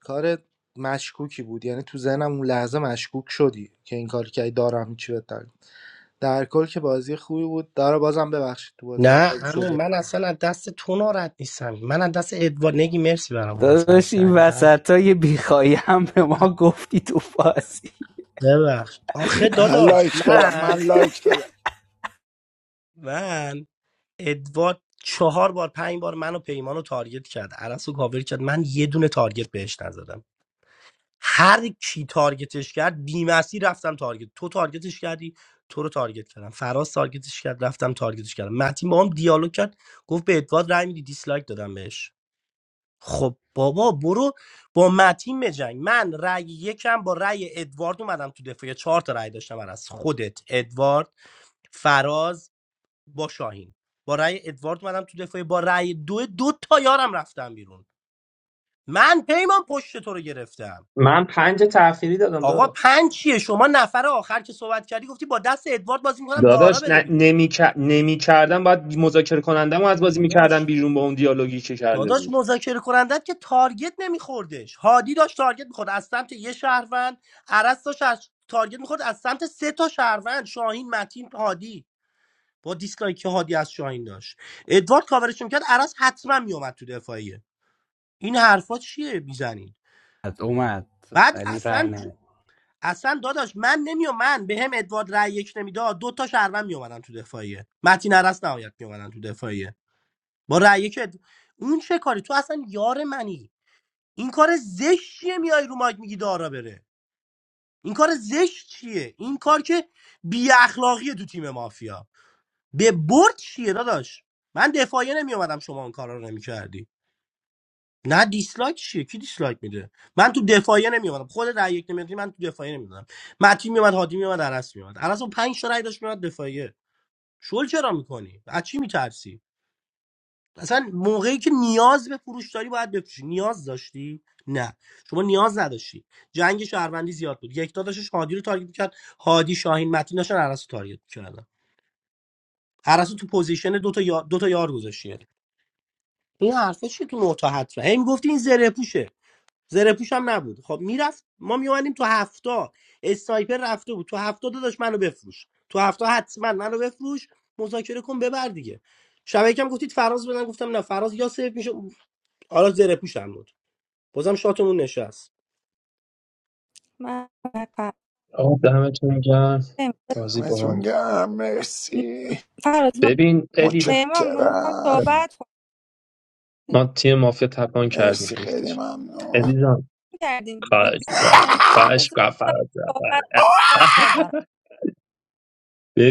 کار مشکوکی بود یعنی تو ذهنم اون لحظه مشکوک شدی که این کار که دارا هم چی بهتر در کل که بازی خوبی بود دارا بازم ببخشید تو بازی نه افتاد اما شده من اصلا از دست تو ناراحت نیستم من از دست ادوارد نگی مرسی برام گفت داداش این کردی وسط های بیخایی هم به ما گفتی تو بازی ببخش آخه من داداش لایک دادم من من لایک دادم من ادوارد چهار بار پنج بار منو پیمانو رو تارگت کرد عرس رو کاور کرد من یه دونه تارگت بهش نزدم هر کی تارگتش کرد بیمسی رفتم تارگت تو تارگتش کردی تو رو تارگت کردم فراز تارگتش کرد رفتم تارگتش کردم متین با هم دیالوگ کرد گفت به ادوارد رای میدی دیسلایک دادم بهش خب بابا برو با متین بجنگ من رأی یکم با رأی ادوارد اومدم تو دفاع چهار تا رأی داشتم از خودت ادوارد فراز با شاهین با رأی ادوارد منم تو دفاعی با رأی دو دو تا یارم رفتم بیرون من پیمان پشت تو رو گرفتم من پنج تأخیری دادم آقا دارا پنج چیه شما نفر آخر که صحبت کردی گفتی با دست ادوارد بازی میکنم دارا داداش بره بیرون نمی, نمی کردم باید مذاکره کنندم و از بازی میکردم داداش بیرون با اون دیالوگی که کرده داداش بود مذاکره کنندت که تارگت نمیخوردش هادی داشت تارگت میخورد از سمت یه شهروند عرس داشت از تارگت میخورد از سمت سه تا شهروند شاهین متین هادی با دیسلایک که هادی از شاهین داشت ادوارد کاورش میکرد عرس حتما میومد تو دفاعیه این حرفا چیه میزنین اومد بعد ولی رأی اصلا ج- نداد اصلا داداش من نمیام من به هم ادوارد رای یک نمیداد دو تا شهروند میومدن تو دفاعیه متین عرس نهایت میومدن تو دفاعیه با رای یک اد- اون چه کاری تو اصلا یار منی این کار زشتیه میای رو مایک میگی دارا بره این کار این کار که بی اخلاقیه تو به برد چیه داداش من دفاع رو نمیدی نه لایک میده من تو دفاعیه نمیومدم خود رای یک نمیدی من تو دفاعیه نمیدادم متین میومد هادی میومد عرس میومد عرس اون پنج تا رای داشت میومد دفاعیه شل چرا میکنی از چی میترسی اصلا موقعی که نیاز به فروش داری باید بفروشی نیاز داشتی نه شما نیاز نداشتی جنگ شهروندی زیاد بود یکتا داشتش هادی رو تارگت کرد هادی شاهین متین داشتن عرسو تارگت کردن عرسو تو پوزیشن دو تا یار, دو تا یار گذاشتی این حرفا چیه تو نوتا حتما هی میگفتی این زره پوشه زره پوش هم نبود خب میرفت ما میومدیم تو هفتا اسنایپر رفته بود تو هفتا داداش منو بفروش تو هفتا حتما منو بفروش مذاکره کن ببر دیگه شب یکم گفتید فراز بدن گفتم نه فراز یا سیف میشه حالا زره پوش هم بود بازم شاتمون نشست من آقا دمتون گرم بازی همتون باحال گرم مرسی فراز من ببین ادی پیمان من میخوام متشکرم صحبت کنم ما تیم مافیا تپان کردیم مرسی یک خیلی چون ممنون تاشو کردیم به خواهش بیشتر کنم می‌گیم. خواهش بذار کنم فراد صحبت جان. کنم سر کار دارم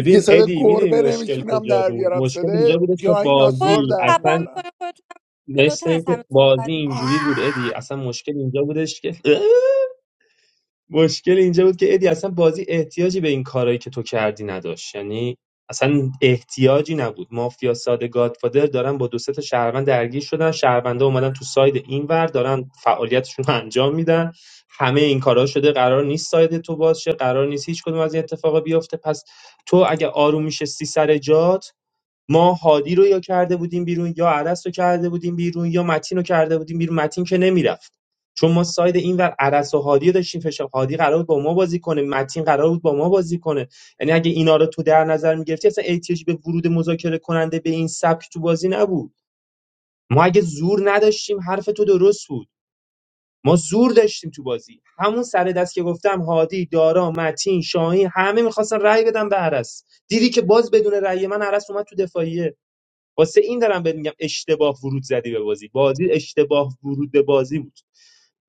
دیگه صدا ادی میدونی گربه مشکل نمیتونم کجا در بود بیارم مشکل صدا اینجا بودش که خودت دایناسور بازی در تپا اصلا میارم میکنی خودتون هم جلوتر مثل از اینکه همه بازی صحبت میکنی اینجوری بود ادی اصلا مشکل اینجا بودش که مشکل اینجا بود که ادی اصلا بازی احتیاجی به این کارایی که تو کردی نداشت یعنی اصلا احتیاجی نبود مافیا ساده گادفادر دارن با دو سه تا شهروند درگیر شدن شهروندا اومدن تو ساید اینور دارن فعالیتشون رو انجام میدن همه این کارا شده قرار نیست ساید تو باز شه قرار نیست هیچ کدوم از این اتفاقا بیفته پس تو اگه آروم میشه سی سر جات ما هادی رو یا کرده بودیم بیرون یا عرس رو کرده بودیم بیرون یا متین رو کرده بودیم بیرون متین که نمیرفت چون ما ساید اینور عرس و هادی رو داشتیم فشار هادی قرار بود با ما بازی کنه متین قرار بود با ما بازی کنه یعنی اگه اینا رو تو در نظر میگرفتی اصلا احتیاج به ورود مذاکره کننده به این سبک تو بازی نبود ما اگه زور نداشتیم حرف تو درست بود ما زور داشتیم تو بازی همون سر دست که گفتم هادی دارا متین شاهین همه میخواستن رأی بدن به عرس دیدی که باز بدون رأی من عرس اومد تو دفاعیه واسه این دارم بهت میگم اشتباه ورود زدی به بازی بازی اشتباه ورود به بازی بود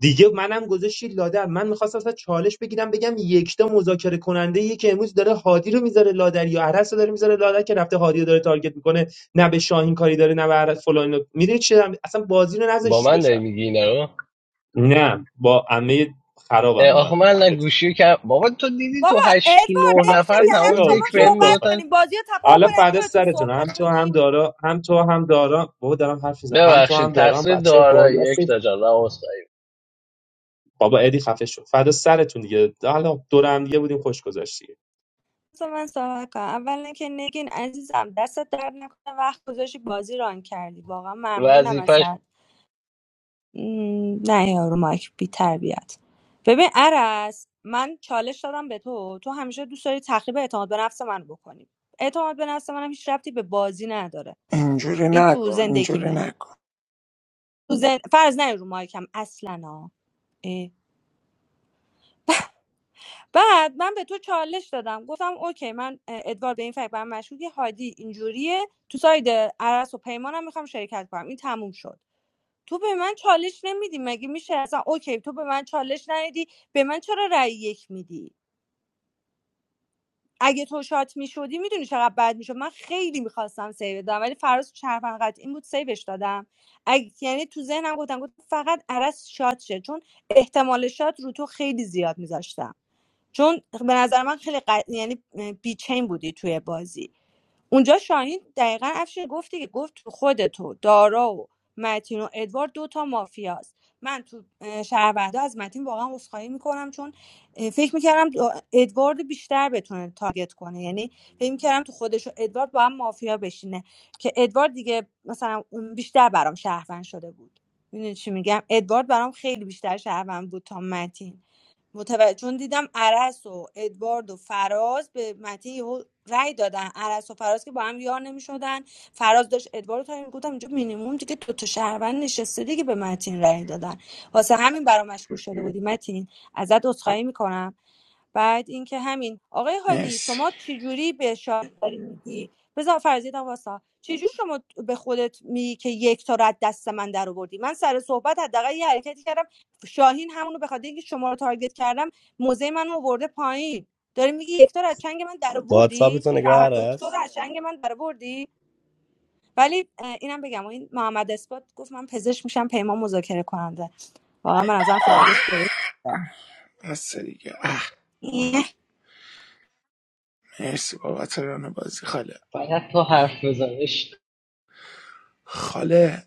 دیگه منم گذاشتی لادر من میخواستم اصلا چالش بگیرم بگم یکتا مذاکره کننده یه که امروز داره هادی رو میذاره لادر یا عرس رو داره میذاره لادر که رفته هادی رو داره تارگت میکنه نه به شاهین کاری داره نه به عرس فلان میدونی چی دارم- اصلا بازی رو با نذاشتی من داری بشه میگی اینا رو نه با عمه اه، خرابم آخه دارم من میگم گوشی کم بابا تو دیدی بابا تو هشت ادوارد تو نه نمیشه نفر که خفه هم تمام شو شما دک بهم صحبت کثافت میگفتن کنیم بازی رو تپا حالا کنیم هم فردا خودتون سرتون صحبت هم تو کنیم هم دارا هم تو هم دارا بابا دارم حرف میزنم هم تو ببخشید هم دارا هم تقصیر بچه دارا باحالی هستین. یک تا جان من عذرخواهی بابا ادی خفه شد فدا سرتون دیگه حالا دور هم دیگه بودیم خوش گذشت دیگه. بذار من صحبت کنم اولا که نگین عزیزم دستت درد نکنه وقت گذاشتی بازی ران کردی واقعا ممنونم ازت م، نه یارو مایک بی تربیت ببین عرس من چالش دادم به تو تو همیشه دوست داری تخریب اعتماد به نفس من بکنی اعتماد به نفس منم هیچ ربطی به بازی نداره اینجوری این تو نکن اینجوری زندگیمه نکن تو زن... فرض نه رو مایکم اصلا ها اه. بعد من به تو چالش دادم گفتم اوکی من اه، ادوارد به این فکر برم مشکوکی هادی اینجوریه تو ساید عرس و پیمانم میخوام شرکت کنم این تموم شد تو به من چالش نمیدی مگه میشه اصلا اوکی تو به من چالش ندی به من چرا رأی یک میدی اگه تو شات میشدی میدونی چقدر بد میشد من خیلی میخواستم سیو بدم ولی فراز چرفن قطعی این بود سیوش دادم اگه یعنی تو ذهنم گفتم گفت فقط عرض شات شه چون احتمال شات رو تو خیلی زیاد میذاشتم چون به نظر من خیلی قد... یعنی بیچین بودی توی بازی اونجا شاهین دقیقا افشین گفتی که گفت تو خودتو تو دارا و متین و ادوارد دوتا مافیاست من تو اه، شهروندا از متین واقعا عذرخواهی میکنم چون فکر میکردم ادوارد بیشتر بتونه تارگت کنه یعنی فکر میکردم تو خودش و ادوارد با هم مافیا بشینه که ادوارد دیگه مثلا اون بیشتر برام شهروند شده بود میدونی چی میگم ادوارد برام خیلی بیشتر شهروند بود تا متین متوجه چون دیدم عرس و ادوارد و فراز به متی یهو رأی دادن عرس و فراز که با هم یار نمیشدن فراز داشت ادوارد رو گفتم اینجا مینیمم دیگه دو تا شهروند نشسته دیگه به متین رأی دادن واسه همین برام مشکوک شده بودی متین ازت عذرخواهی میکنم بعد اینکه همین آقای هادی مرسی شما چجوری به شاعری میگی بذار فرضیدم واسا چجوری شما به خودت میگی که یک تا رو دست من در آوردی من سر صحبت حداقل یه حرکتی کردم شاهین همونو به خاطر اینکه شما رو تارگت کردم موزه منو آورده پایین داری میگی یک تا از چنگ من در واتسا آوردی نگاه شهر دکتر رو عرس از چنگ من در آوردی ولی اینم بگم این محمد اثبات گفت من پزشک میشم پیمان مذاکره کننده واقعا من ازم فیلینگش درست بس دیگه اه مرسی بابت ران بازی خاله فقط تو حرف بزنش خاله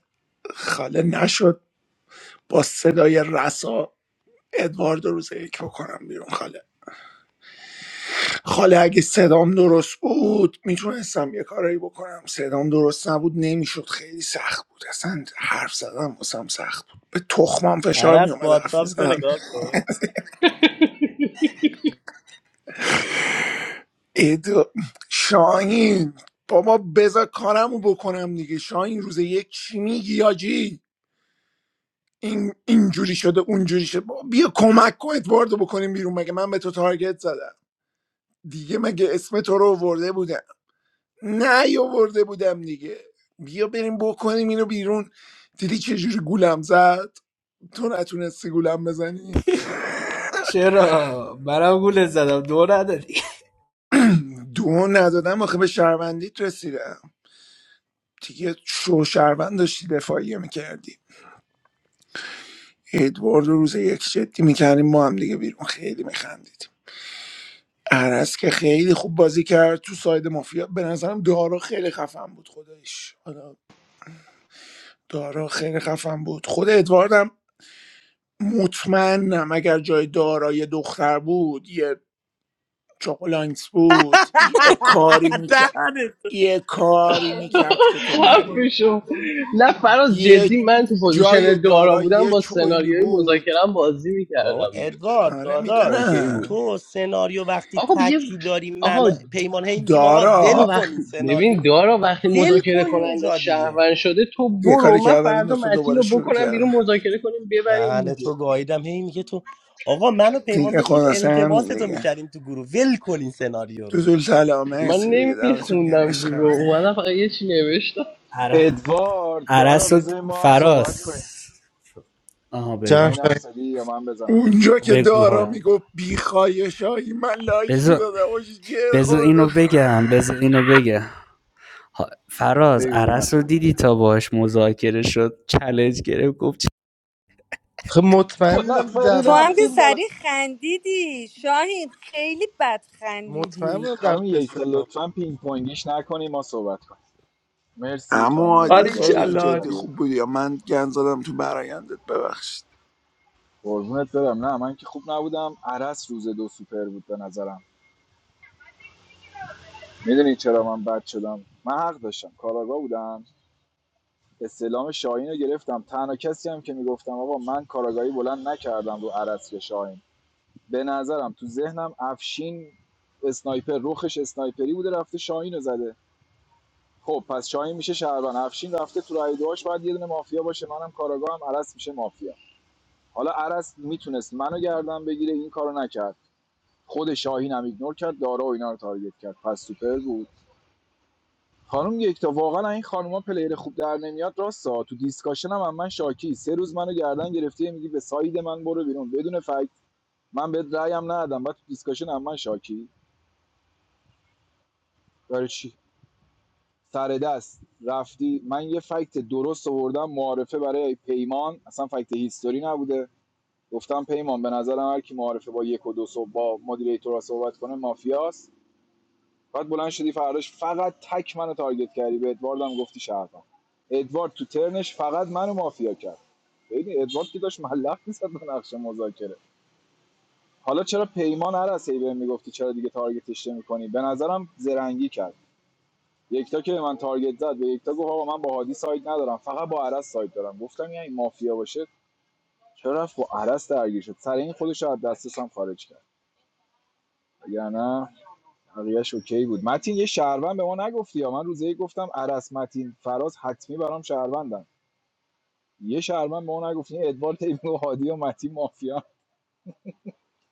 خاله نشد با صدای رسا ادوارد رو روز یک بکنم بیرون خاله خاله اگه صدام درست بود میتونستم یه کارایی بکنم صدام درست نبود نمیشد خیلی سخت بود اصلا حرف زدم واسم سخت بود به تخمم فشار عرس میومد حرف واتساپ تو میزدم نگاه کن ادو... شاهین بابا بذار کارمو بکنم دیگه شاهین روز یک چی میگی آجی این اینجوری شده اونجوری شده بابا بیا کمک کن ادواردو بکنیم بیرون مگه من به تو تارگت زدم دیگه مگه اسم تو رو ورده بودم نه ورده بودم دیگه بیا بریم بکنیم اینو بیرون دیدی چجوری گولم زد تو نتونستی گولم بزنی چرا برام گول زدم دو نداری دو ندادم آخه به شهروندیت رسیدم دیگه شو شهروند داشتی دفاعیه میکردی ادوارد رو روز یک جدی میکردیم ما هم دیگه بیرون خیلی میخندیدیم عرس که خیلی خوب بازی کرد تو ساید مافیا به نظرم دارا خیلی خفن بود خودش حالا دارا خیلی خفن بود خود ادواردم مطمئنم اگر جای دارا یه دختر بود یه چوکولانکس بود یه کاری میکرد دهنت یه کاری میکرد که تو نری حرفشو نه فراز یه جدی من تو جای پوزیشن دارا دارا بودم یه با چویلی سناریوی بود مذاکرم بازی بابا میکردم دیگه ادوارد آره داداش اوکی بود میدونم تو سناریو وقتی آقا خب یه تکی داری من و آقا پیمان هی میگیم آقا ول دارا آقا کن این وقتی سناریو ببین دارا وقتی ول مذاکره کن یه کننده جا دیگه شهروند شده تو یه کاری برو من کردم این فردا دوستا متین دوباره رو شروع بکنم بیرون کردم مذاکره کنیم ببریم دهن دیگه تو گاییدم هی میگه تو آقا من و پیمان دیگه داشتیم خلاصه التباس همین تو دیگه میکردیم تو گروه ول کن این سناریو تو رو دل سلام من مرسی دیگه دمتون گرم عشق نمیخوندم رو منه. اومدم فقط یه چی نوشتم عر- ادوارد دارا عرس و بذار ما هم صحبت فراس کنیم آها جان بگو شاهین حرف شاهین. زدی یا من بزنم اونجا که بگو دارا بگم حال میگفت بی خواهشایی من لایک بذار میدادم و جر بذار خورده اینو بگم بذار اینو بگم ها- فراز بگو عرس رو مطلب دیدی میشم تا باش مذاکره شد چالش گرفت گفت خب مطمئن دو بودم نفری تو دبل هم که رفتیم بالا سریع خندیدی شاهین خیلی بد مطمئن بودم خندیدی دبل خانم یکتا استعلام لطفا پینگ پونگیش نکنی ما صحبت کنیم مرسی اما خانم عادی نگین گاد خیلی بود باریکلا جدی حاجی. ولی خوب بودی یا من گند زدم تو برایندت ببخشید قربونت برم نه من که خوب نبودم عرس روز دو سوپر بود به نظرم میدونی چرا من بد شدم من حق داشتم کاراگاه بودم استعلام شاهین رو گرفتم تنها کسی هم که میگفتم آقا من کاراگاهی بلند نکردم رو عرس یا شاهین به نظرم تو ذهنم افشین اسنایپر روخش اسنایپری بوده رفته شاهین رو زده خب پس شاهین میشه شهروند افشین رفته تو رای دوهاش باید یه دونه مافیا باشه منم کاراگاهم عرس میشه مافیا حالا عرس میتونست منو گردن بگیره این کارو نکرد خود شاهین هم ایگنور کرد دارا و اینا رو تارگت کرد پس سوپر بود خانم یکتا واقعا این خانوما پلیر خوب در نمیاد راستا تو دیسکاشن هم, هم من شاکی سه روز منو گردن گرفتی میگی به ساید من برو بیرون بدون فکت من بهت رأیم ندادم بعد تو دیسکاشن هم من شاکی برای چی سر دست رفتی من یه فکت درست آوردم معارفه برای پیمان اصلا فکت هیستوری نبوده گفتم پیمان به نظرم هر کی معارفه با یک و دو صبح با مدیریتورا صحبت کنه مافیاست بعد بلند شدی فرداش فقط تک منو تارگت کردی به ادواردم گفتی شهروند ادوارد تو ترنش فقط منو مافیا کرد ببین ادوارد که داشت ملق میزد به نقش مذاکره حالا چرا پیمان هر از هی بهم میگفتی چرا دیگه تارگتش نمی‌کنی به نظرم زرنگی کرد یکتا که به من تارگت زد به یکتا گفت آقا من با هادی ساید ندارم فقط با عرس ساید دارم گفتم یعنی مافیا باشه چرا رفت با عرس درگیر شد سر این خودش رو از دستش هم خارج کرد اگر نه بقیه‌اش اوکی بود متین یه شهروند به ما نگفتی یا من روزه گفتم عرس متین فراز حتمی برام شهروندن یه شهروند به ما نگفتی این ادوارد تیمی و هادی و متین مافیا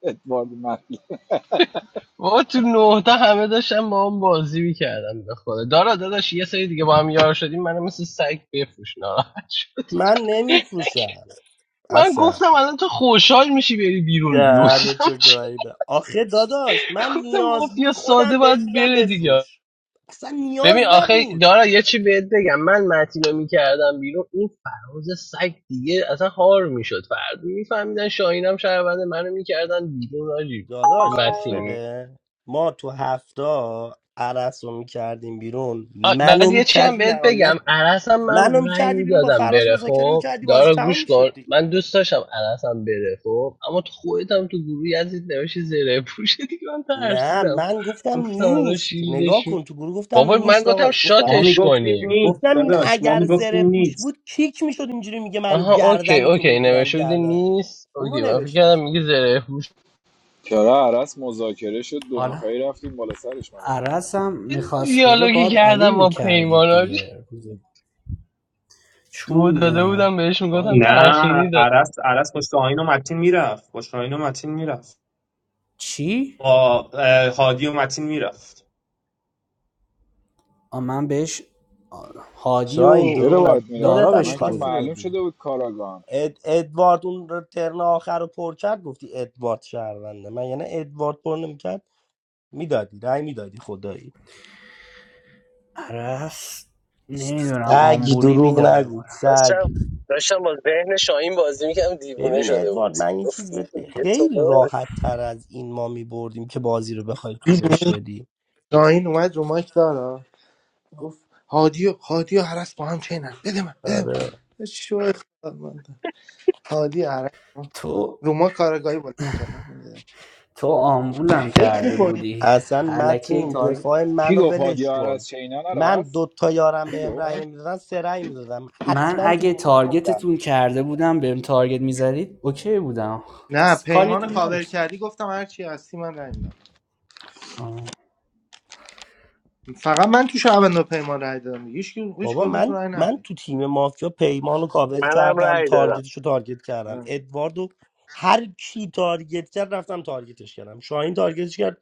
ادوارد متین بابا تو نهتا همه داشتم با هم بازی میکردم به خدا دارا داداش یه سری دیگه با هم یار شدیم منو مثل سگ بفروش ناراحت شدم. من نمیفروشم من اصلا گفتم الان تو خوشحال میشی بری بیرون دهن گفتم تو چی گاییدم آخه داداش من گفتم نیاز مافیا بود ساده خودم بهت باید میگم بره دیگه بفروش اصلا نیاز ببین آخه نبود دارا یه چی بهت بگم من متینو میکردم بیرون این فراز سگ دیگه اصلا هار میشد فرد میفهمیدن شاهینم شهروند منو میکردن بیرون آجی داداش گوش متینی بده ما تو هفته عرس رو میکردیم بیرون آ، بعد منو یه چی هم میکردی بهت بگم نهایت عرس هم من منو رأی میکردی بیرون با میدادم فراز بره مذاکره خب میکردی بازی دارا تمام گوش کن میشد من دوست داشتم عرس هم بره خب اما تو خودت هم تو گروه یزید نوشی زره پوشه دیگه من نه ترسیدم من گفتم گفتم الان نیست نگاه شیلدش می- کن تو گروه گفتم بابا من نیست آقا گفتم گفتم ما شاتش میگفتیم کنیم نیست گفتم این داداش ما اگر زره میگفتیم پوش نیست بود کیک میشد اینجوری میگه من آها اوکی گردنتون اوکی میگیرم نوشته بودی گردن نیست اونو اوکی من فکر نوشتم کردم میگه زره پوش چرا عرس مذاکره شد دو حالا نفری رفتیم بالا سرش من جان. عرضم میخواست بره دیالوگی باد آلین کردم با پیمان میکردید حاجی. دیگه دو چون داده اه، بودم بهش میگفتم نه تأخیری عرس عرس پشت آین و متین میرفت پشت آین و متین میرفت چی؟ با اه، هادی و متین میرفت آ، من بهش آ، هادی شاین و چرا دروغ نگو باید دارا خودت میرفتیم هم من بهش که دو میخواستی دادم معلوم بدی شده بود کاراگام اد... ادوارد اون رو ترن آخر رو پر کرد گفتی ادوارد شهرونده من یعنی ادوارد پر نمیکرد میدادی رای میدادی خدایی عرص نمیدونم سگ آمبولی دروغ نگو میدادم سگ داشتم داشتم با ذهن شاهین بازی میکردم دیوونه ببین شده بود ادوارد من یه گفت چیز این بهت که بگم. دیگه تو خیلی برو. راحت تر از این ما می بردیم که بازی رو بخوای طولش بدی شاهین اومد رو مایک دارا گفت هادی و هادی و حرس با هم چینن بده من بده آره من شو اخبار من هادی عرس تو رو ما کارگاهی بلند کردن تو آمبولم کرده فکر بودی اصلا علکی متین تارگت دفاع کی منو گفت هادی ولش و کن عرس چینن من عرس دو تا یارم Here You بهم go. رأی نمیدادن سه رأی میدادم من حتما تو اگه نقطه تو تارگتتون میرفتی کرده بودم بهم تارگت میزدید اوکی بودم نه پیمان کاریتون کاور نداشت کردی گفتم هر چی هستی من رای میدم آه. فقط من تو شعبان پیمان رای دادم دیگه. هیچ کی- هیچ بابا کدومتون من رای من ندادی تو تیم مافیا پیمان رو کاور منم کردم رأی دادم تارگتش رو تارگت کردم اه. ادواردو هر کی تارگت کرد رفتم تارگتش کردم شاهین تارگتش کرد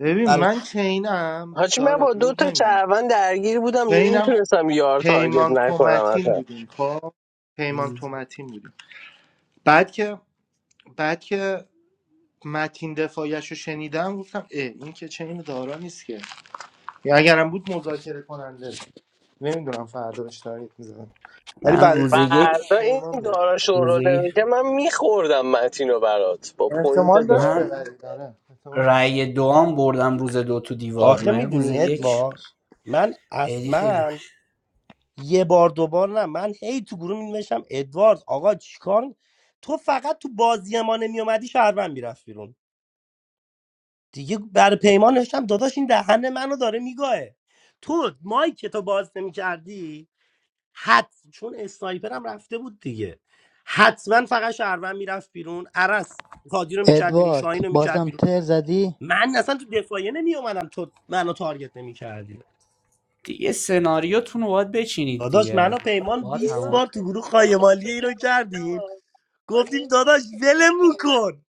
ببین برای من چینم حاجی من داره با دو دروغ تا نمیاد شهروند درگیر بودم چینم نمیتونستم یار تارگت پیمان نکنم تومتین اصلا بودیم خب پیمان تومتین بودیم بعد که بعد که متین دفاعیش رو شنیدم گفتم اه این که چین دارا نیست که یا اگرم بود مذاکره کننده نمیدونم فردا بهش تارگت می‌زدم. ولی من بعد روز تو یک فردا این پیمان میره دارا شروع روزی که من میخوردم متینو برات با پوینت احتمال دارا داشت من ببرید آره احتمال رأی دوام بردم روز دو تو دیوار آخه من روز میدونی یک ادوارد من خیلی خیلی من. اصلا یه بار دوبار نه من هی تو گروه می نوشتم ادوارد آقا چیکار می- تو فقط تو بازی ما نمی اومدی شهروند میرفت بیرون دیگه بر پیمان نوشتم داداش این دهن منو داره میگاهه تو مایک که تو باز نمی کردی ادوارد بازم بیرون تر زدی تو دفاع می اومدم تو منو دیگه سناریوتون رو باید بچینید داداش دیگه منو پیمان باید 20 همه آه، بار تو گروه من خایمالی فکر اینو کردیم کردم، من گفتیم داداش ولمون نمیتونستم کن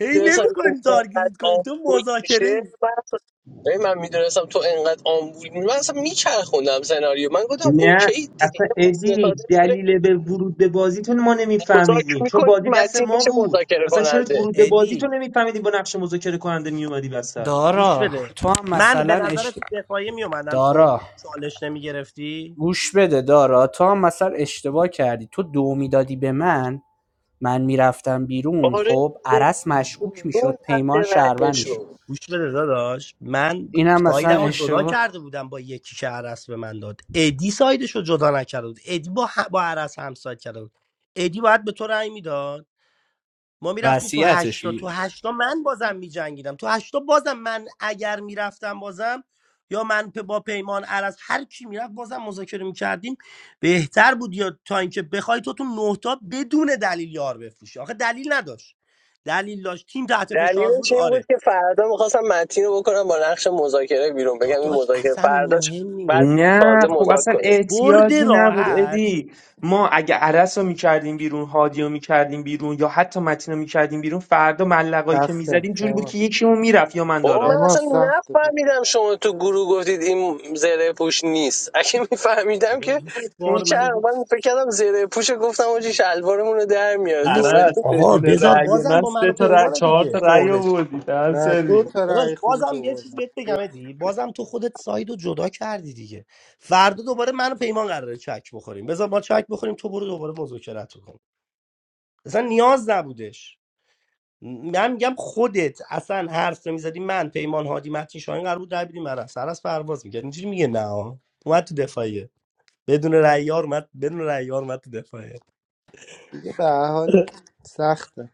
هی میدونستم که نمیکنیم اینقدر تارگت کنیم تو آمبول میشه مذاکره ای من اصلا- ببین من میدونستم تو انقدر آمبول میشه من اصلا میچرخوندم سناریو من گفتم نه اوکی دیگه اصلا یه مافیا ادی ساده میگیره دلیل به ورود به بازیتون ما مذاکره نمیفهمیدیم چون میکنی بازی دست متین ما میشه بود مذاکره اصلا چرا کننده ورود به بازی ادی تو نمیفهمیدیم با نقش مذاکره کننده میومدی وسط گوش دارا بده تو هم من مثلا به نظر اش... تو دفاعی میومدم تو دارا چالش نمیگرفتی گوش بده دارا تو هم مثلا اشتباه کردی تو دو میدادی به من من میرفتم بیرون آره خب عرس مشکوک میشد زیون حد پیمان رنده شهروند میشد شد. گوش بده داداش من اینم مثلا سایدم رو جدا اشتباه کرده بودم با یکی که عرس به من داد ادی سایدش رو جدا نکرده بود ادی با, ه... با عرس همساید کرده بود ادی باید به تو رأی میداد ما میرفتیم تو وصیتش هشتا تو میاد هشتا من بازم میجنگیدم تو هشتا بازم من اگر میرفتم بازم یا من پ- با پیمان عرض هر کی میرفت بازم مذاکره میکردیم بهتر بود یا تا اینکه بخوای تو تو نه تا بدون دلیل یار بفروشی آخه دلیل نداشت دلیل داشت تیم تحت فشار بود دلیلش این بود آره که فردا میخواستم متین رو بکنم با نقش مذاکره بیرون بگم این داداش مذاکره اصلا فرداش مهم بعد نیست تازه نه خب مذاکره اصلا کنیم برد احتیاجی نبود راحت ادی ما اگه عرس رو میکردیم بیرون هادی رو میکردیم بیرون یا حتی متین رو میکردیم بیرون فردا ملقایی که سخته میزدیم جوری بود پیمان که یکیمون میرفت یا من بابا من دارا پیمان اصلا سخته پیمان. نفهمیدم شما تو گروه گفتید این زره پوش نیست اگه میفهمیدم بابا که 20 بار من میچرم گفت من فکر کردم زره پوشه گفتم آجی شلوارمون رو در میاره 20 دوبه عرس آقا بدون بذار رأی بازم من با منو سه تا رأی پیمان چهار دیگه تا رأی فوقش آوردی دهن نه دو سرویس تا داداش رای خروج بازم یه چیز آوردن بهت بگم دو- ادی بازم تو خودت ساید رو جدا کردی دیگه فردا دوباره من و پیمان قراره چک بخوریم بذار ما چک بخوریم تو برو دوباره مذاکرت کن اصلا نیاز نبودش من میگم خودت اصلا متی قبلی من سر از پرواز میگه اینجوری میگه نه ها. اومد تو دفاعیه بدون رأیار اومد بدون رأیار اومد تو دفاعیه دیگه به هر حال سخته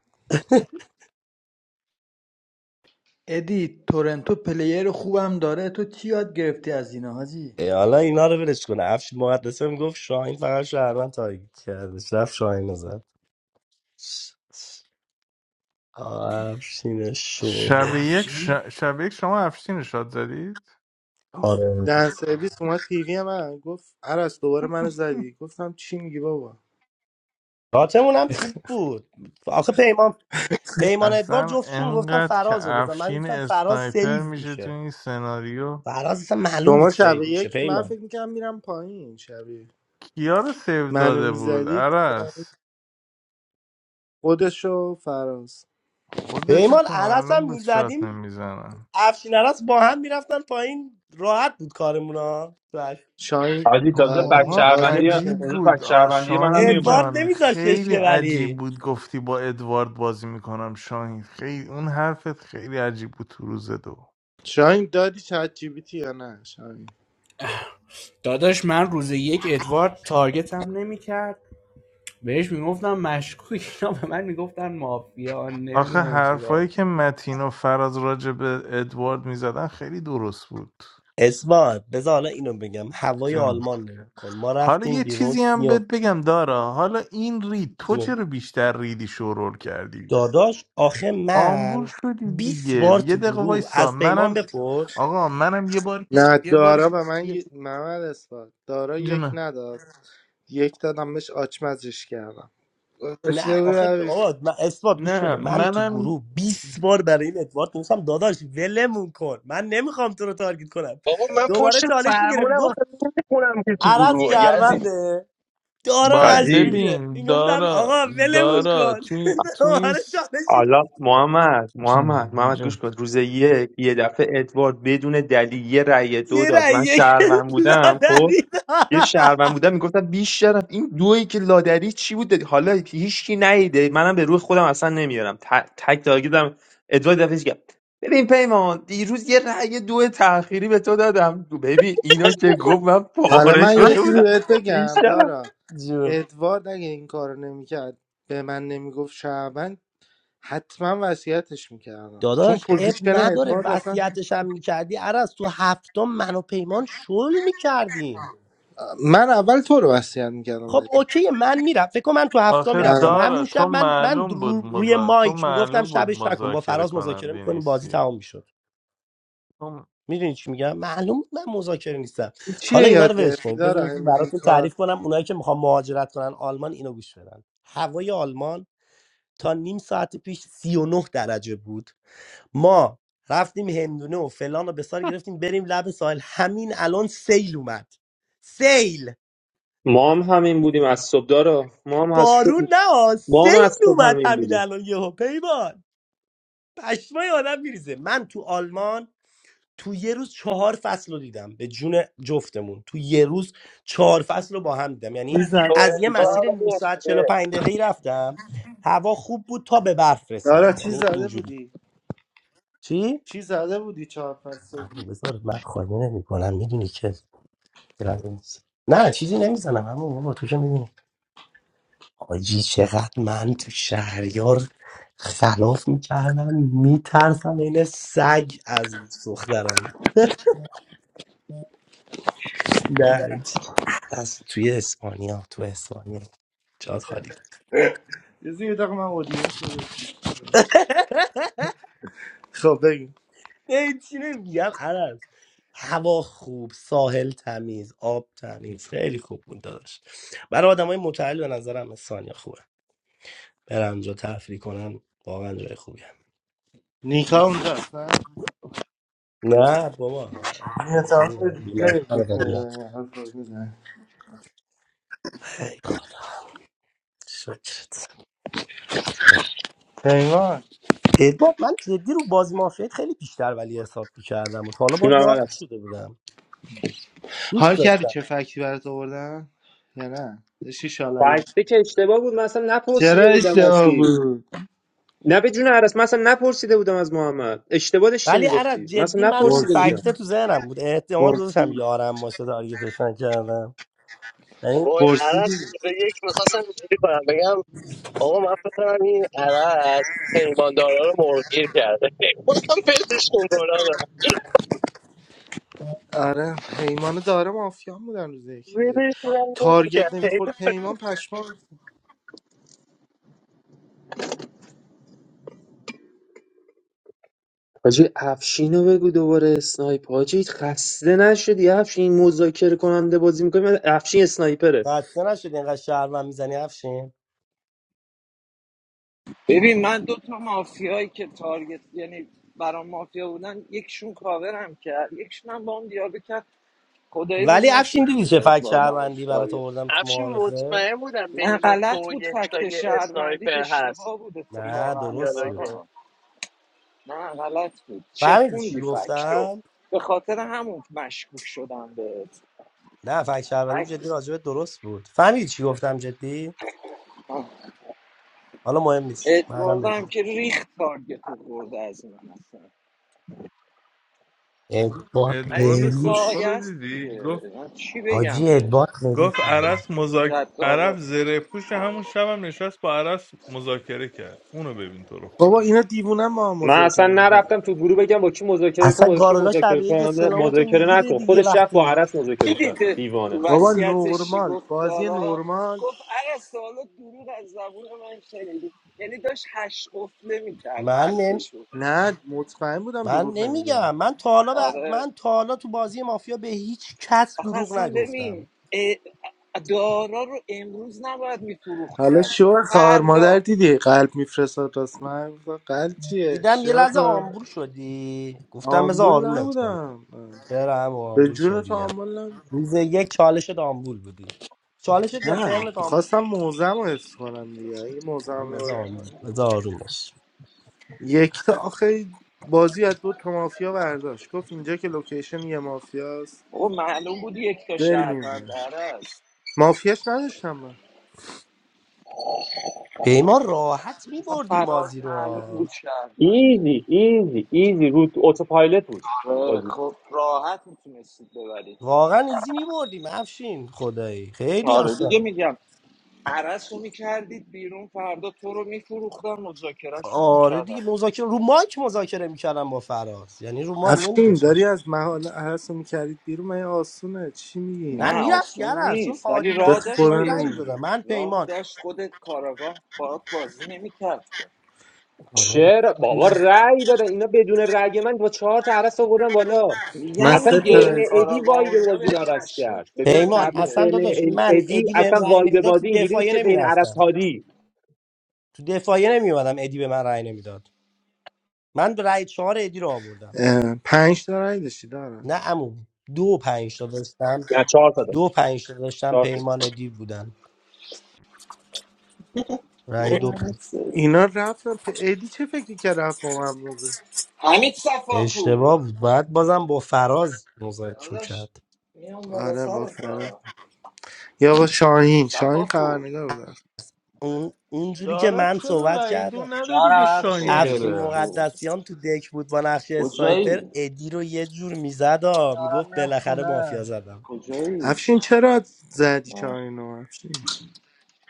ادی تورنتو پلیر خوبم داره تو چی یاد گرفتی از اینا حاجی ای حالا اینا رو ولش کنه افش مقدسه میگفت شاهین فقط شهرمن تارگت کردش رفت شاهین رو زد آفشین شب شور یک, ش- افشین شب یک شما افشین رو شاد زدید دن سرویس اومد تیوی من گفت عرص دوباره منو زدی گفتم چی میگی بابا شاتمون هم خوب بود آخه پیمان پیمان ادوار اصلا جفتشون گفتم انقدر که فراز رو بزن من افشین گفتم فراز اسنایپر سیو میشه تو میشه این سناریو فراز اصلا معلوم بود شما شب سیو میشه یک من پیمان فکر میکنم میرم پایین شب یک. کیا رو سیو منو داده بود میزدید عرس خودشو فراز خودشو پیمان که عرص معلوم هم بود شاد میزدیم نمیزنم افشین عرص با هم میرفتن پایین راحت بود کارمون ها بش. شاین حاجی تازه آره فک دیگه شماها هادی شهروندی میکنه عجیب تازه فک بود آ، شهروندی منم شاهین میومد ادوارد جان نمیذاشتش خیلی که عجیب ولی بود گفتی با ادوارد بازی میکنم شاهین خیلی اون حرفت خیلی عجیب بود تو روز دو شاین دادی چت جی بی تی یا نه شاین داداش من روز یک ادوارد تارگتم نمیکرد بهش میگفتم مشکوک اینا به من میگفتن مافیا آخه نمیدونم چیکار حرفایی که متین و فراز راجع به ادوارد میزدن خیلی درست بود اسمت بذار حالا اینو بگم هوای جون آلمان نگاه کن ما حالا رفتیم یه بیرون چیزی هم بهت سیاه بگم دارا حالا این رید تو جون. چرا بیشتر ریدی شورول کردی داداش آخه آمبول من شدی بیست دیگه بار یه تو دقیقه گروه وایسا از پیمان منم بپرس آقا منم یه بار یه, نه یه بار دارا به من یه- ی- محمد اثبات دارا یک جونه نداد یک دادم بهش آچمزش کردم نه داشته آخه بودمش. آقا من اثبات گوش نه بده من تو منم گروه 20 بار برای این ادوارد نوشتم داداش ولمون کن من نمیخوام تو رو تارگت کنم بابا من پشت دوباره چالش میگرفت فرمونم گفت آخه نمیخونم که تو عرض گروه یزید شهرونده دارم باید حاجی مشکوکه ببین این گفتم دارا آقا ولمون دارا کن تو این- تو این دوباره س- چالش حالا محمد جون، محمد محمد گوش جون. کن روز یک یه دفعه ادوارد بدون دلیل یه رأی دو یه داد رای من یک شهروند بودم خب لادری داد. یه شهروند بودم میگفتم بیشتر این دویی که لادری چی بود دادی؟ حالا هیچکی نیده منم به روح خودم اصلا نمیارم ت- تک تارگت دارم ادوارد دفعه کرد ببین پیمان دیروز یه رأی دو تأخیری به تو دادم ببین اینو که گفت من حالا پاره من یه من شده چیزی بودم بهت بگم بیشترم دارا جون ادوارد اگه این کارو نمیکرد به من نمیگفت شعبن حتما وصیتش میکردم چون داداش اب پوزیشن نداره ادوارد اصلا وصیتش هم میکردی عرض تو هفتم من و پیمان شل میکردیم من اول تو رو وصیت میکردم خب اوکی من میرم فکر کنم من تو هفته آخه میرفتم آره دارا همون شب تو من من معلوم بود رو- روی مذا... تو مایک میگفتم معلوم بود شبش نکن با مذاکره فراز مذاکره کننده میکنیم بازی نیستی تمام میشد اون میدونی چی میگم معلوم بود من مذاکره نیستم حالا چیه اینا رو یاد ولش گرفتی کنید بذارید دارا یه هی چیز میگی براتون تعریف کار کنم اونایی که میخوان مهاجرت کنن آلمان اینو گوش بدن هوای آلمان تا نیم ساعت پیش 39 درجه بود ما رفتیم هندونه و فلان و بسار گرفتیم بریم لب سیل ما هم همین بودیم از صبح دارا ما هم از صبح بارون نه ما هم از سیل صبح اومد همین همین بودیم الان یهو پیمان چشمای آن. روز یعنی چی زده از بودی تورنتو هم این دارا همین اینطوریه. میگم- دارا چی زده بودی چی زده بودی چهار پس صبح؟ نه یه زیر دقیقه من اودیو شده. خب بگیم نه، چی نمیگم عرض هوا خوب ساحل تمیز آب تمیز خیلی خوب بود داداش برای آدم های متعهل به نظرم اسپانیا خوبه برن اونجا تفریح کنن واقعا جای خوبیه نیکا اونجاست نه نه بابا احتمال ریپلی رو بیمارستان گوش دنیا. میدن حرف رو میزنن خیلی خدا پیمان چون اول است حال کردی چه فکتی برات آوردن یا نه داشتی شالله فکته می‌کردی. که اشتباه بود من اصلا چرا نپرسیده بودم اشتباه هستی بود نه به جون عرس من اصلا نپرسیده بودم از محمد اشتباه داشتی میگفتی من اصلا نپرسیده پرسید بودم پرسید یعنی با پرسیدی عرص روز یک میخواستم اینجوری کنم بگم آقا من فکر کنم این عرص پیماندارا رو مرگیر کرده بازم پلشون کنم آره پیمان و داره مافیان بودن روز یک دیگه ولش کنم تارگت نمی‌کرد. نمیخورد پیمان پشمان حاجی افشین رو بگو دوباره اسنایپ حاجی خسته نشدی افشین مذاکره کننده بازی میکنی من افشین اسنایپره خسته نشد اینقدر شهروند میزنی افشین ببین من دو تا مافیایی که تارگت یعنی برام مافیا بودن یکشون کاورم کرد یکشون هم با هم دیالوگ کرد خدایی ولی روم افشین نشد دیدی دیگه چه به فک ادواردم اون شهروندی برات تارگت آوردم تو افشین معارفه مطمئن بودم نه بین تو غلط و بود یک تا فکت یه شهروندی اسنایپر هست اشتباه بود نه اینجوری اتفاقا درست بود دیالوگه دارا نه غلط بود فهمیدی چی چپوندی فکتو گفتم به خاطر همون مشکوک شدم بهت نه فکر شهروندیم جدی فکت راجبه درست بود فهمیدی چی گفتم جدی حالا مهم نیست ادوارد هم که ریخت تارگت رو خورد از من اصلا اه، ولی ادوارد دیگه کسخل زایه رو است دیدی دیگه من چی حاجی بگم بهش بگم گفت تو عرس مذاک... جد عرف آباد زره پوش همون شبم نشست با عرس مذاکره کرد اونو ببین تو رو بابا خدا اینا دیوونه ما هم من اصلا مذاکره میکنن نرفتم تو گروه بگم با کی مذاکره کن اصلا با کی گارولا مذاکره شبیه که کننده سلامتو مذاکره میگیره نکن دیگه خودش رفت با وقتی عرس کی مذاکره کرد دیده تو دیوانه بابا وصیتش چی نورمال گفت بازی دارا نورمال گفت ارسته حالا دروغ از زبون من شنیدی یعنی داشت هش قفله میکرد من نم... حرفشو نه مطمئن بودم من دروغ نمیگه نمیگم من تا حالا ب- آره من تا حالا تو بازی مافیا به هیچ کس آخه دروغ اصلا نگفتم ببین اه، دارا رو امروز نباید میفروخت که حالا اصلا شوهر خواهر مادر فردا دیدی قلب میفرستاد راست من گفتم قلب چیه دیدم یه شوهر لحظه آمبول خواهر- شدی گفتم بذار آمبول آرومت کنه نبودم چرا هم به آمبول جون شدی تو یه لحظه. آمبول نبودم روز یک چالشت آمبول بودی چالشت یا نه ترنت آمبول میخواستم موزم رو حفظ کنم دیگه اگه موزم هم رو بذار ببرم آروم- پایین. بذار آروم باش. یک تا آخه بازی از دو تا مافیا برداشت گفت اینجا که لوکیشن یه مافیاست آقا معلوم بود یک تا بریم این شهروند ور. داره است مافیاش نداشتم من پیمان راحت اصلا میبردیم فراز بازی معلوم رو بود شهرمنده ایزی ایزی ایزی رو اتوپایلوت بود آره بازی خب راحت میتونستید ببرید واقعا ایزی میبردیم افشین خدایی خیلی آره دیگه اصلا میگم عرس رو میکردید بیرون فردا تو رو میفروختن مذاکرهشون رو آره دیگه میکردن مذاکره رو مایک مذاکره میکردم با فراز یعنی رو مایک افشین نمیذاشتن داری از محال هرس میکردید بیرون من یه آسونه چی میگی نه نه میرفت آسون یاره چون نیست ولی عادی به راه متین داشت خدا شاهین رنگ نمی‌دونم. میدادم بری من راه پیمان داشت خودت کاراگاه باید بازی نمیکرد که آره چرا بابا رأی دادن اینا بدون رأی من با چهار تا عرس آوردن بالا من میگم اصلا سه تا ترن دیگه رأی ادی کاراگاه و وایب اینا بازی رو بهت عوض کرد مشکوک ببین بودن پیمان قبل دیگه اصلا ترن داداش من ادی ادی بهم اصلا رأی وایب نمیداد تو بازی اینجوری بود دفاعیه که بین عرس نمیرفتم هادی تو دفاعیه نمیومدم ادی به من رأی نمیداد من به رای چهار ادی رو آوردم اه، پنج تا رای داشتی دارم نه عمو دو و پنج تا داشتم نه چهار تا دو و داشت پنج تا داشتم چهار تا پیمان ادی بودن رای دو دهنت سرویس. اینا رفتن پ... ایدی چه فکری که رفت با من بازه حمید صفاپور اشتباه بود بعد بازم با فراز داداش میام بالا آره با فراد سرتا یا با شاهین شاهین صفاپور خبرنگار بود اون اونجوری که دارد من چرا صحبت رأی دو کردم ندادی جانم به صفا شاهین افشین افشین پور بره شو مقدسیان تو دک بود با نقش اسنایپر کجایی ادی رو یه جور میزد ها، دارم میگفت میرم بالاخره خونه مافیا زدم کجایی افشین چرا زدی آه. شاهین رو افشین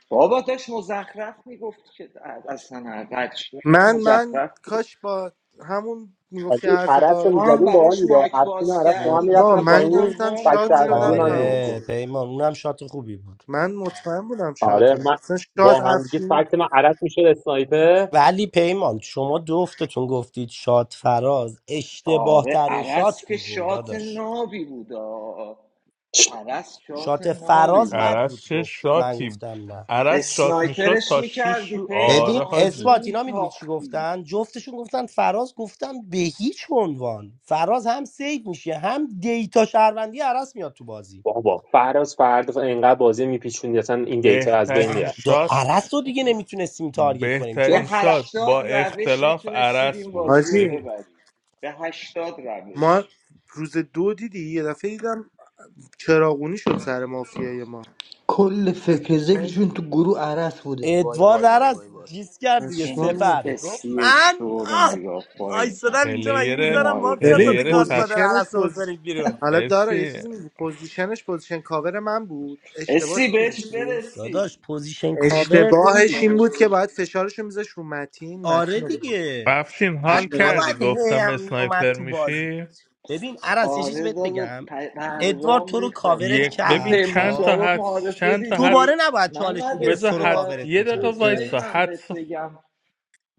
بابا داشت مزخرف میگفت که اصلا قدش میگفت من من مزخرف بود کاش با همون از میگفتی این حرف عرس رو تو دار هم میزدیم با آن براش میدا مایک افشین و باز عرس با آره هم کردی که بابا، میرفتن دیگه من پایین گفتم گفتم وا فکت شاد میکنم سروندی شدم من بره تموم بابا آره میمتون شد پیمان اونم شات خوبی بود من مطمئن بودم شاد آره هم من اصلا شاد با هم دیگه افشین فکت من عرس میشد اسنایپر آره عرس که شات نابی بود آه. عرس شات نابی بود عرس چه شاتی عرس شات میشد اسنایپرش تا شیش میکردی رو آره پیمان حاجی میتاختی بابا فراز فرد اینقدر بازی میپیچوند اصلا این دیتا از بین بهترین میره دا- شات عرس رو دیگه نمیتونستیم تارگت کنیم به چون بهترین ف... شات با هشتاد روش اختلاف میتونستید عرس این بود بازی رو حاجی ببین ببرید به هشتاد ما روش روز دو دیدی یه دفعه دیدم چراغونی شد سر مافیای ما کل فکر ذکرشون تو گروه عرس بوده وای ادوارد وای وای عرس وای وای جیس کرد دیگه این پشمام ریخت. سفر گفت اسی من شو رو آه نگاه پایین کن آیستادم اینجا مگه پلیر میذارم موهای مافیا ببین ساده پلیر فرفری گادفادر سطح پوزیشنش عرس رو پوزیشن بکنید بیرون حالا داره یه مرسی. چیزی میگی پوزیشنش پوزیشن کاور من بود اشتباهش اسی می‌دونی چی بهش بود داداش برسی پوزیشن کاورت اشتباهش این بود که فرسی باید فشارش رو میذاش رو متین آره متین رو بود دیگه افشین بعد حال اشتباهش کردی نباید هی گفتم هم میومد اسنایپر تو بازی میشی ببین عرص یه چیز آره بهت داده بگم ادوارد پرگام تو رو ریخت کاورت یک هستم این ببین کرد پیمان چند خب تا شاروخ حدس معارفه چند تا دوباره حدس دیدی نباید چالش محمد میگرفت بذار تو رو حدس اثبات کاورت یه دقیقه میکرد آره کجایی وایسا من بهت حدس بگم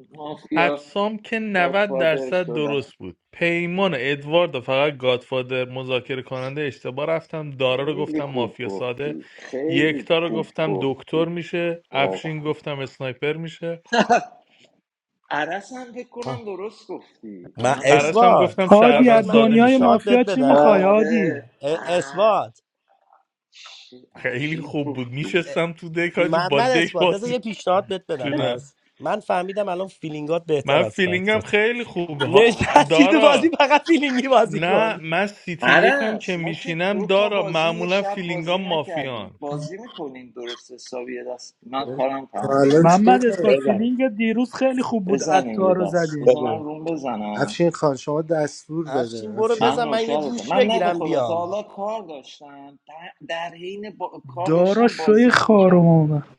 مافیا حدسام که 90 گادفادر درصد شدم درست بود پیمان ادوارد و فقط گادفادر مذاکره کننده اشتباه رفتم دارا رو خیلی گفتم خوب مافیا ساده گفتی خیلی یکتا رو خوب گفتم دکتر گفتی میشه افشین واقعا گفتم اسنایپر میشه عرص هم فکر کنم آه. درست گفتی محمد عرس هم گفتم هادی شهروند از ساده دنیای میشن بدم مافیا چی میخوای هادی آره اعتماد. اه، چه خیلی عجیب خوب بود گفتی اه، میشستم تو دک حاجی با محمد دک اثبات بذار یه بازی پیشنهاد بهت بدم جونم پس من فهمیدم الان فیلینگات بهتر من از فیلینگم فکتات خیلی خوبه ها- نشستی تو دارا بازی نه من سیتی یکم که عرس ما که میشینم دو تا دارا بازی یه معمولا شب فیلینگام بازی نکردیم مافیان بازی میکنیم درست حسابی یه دست من کارم تا تمام الان چی شدم محمد کردی؟ اثبات بزن فیلینگ دیروز خیلی خوب بود بزنیم یه عطار رو دست زدی بزن من بزن روم بزنم افشین خان شما دستور بده افشین من نوکرتم من نه به خدا تا حالا کار داشتم در, در حین با... کار دارا داشتم بازی شوی هم خارم میکردم اومد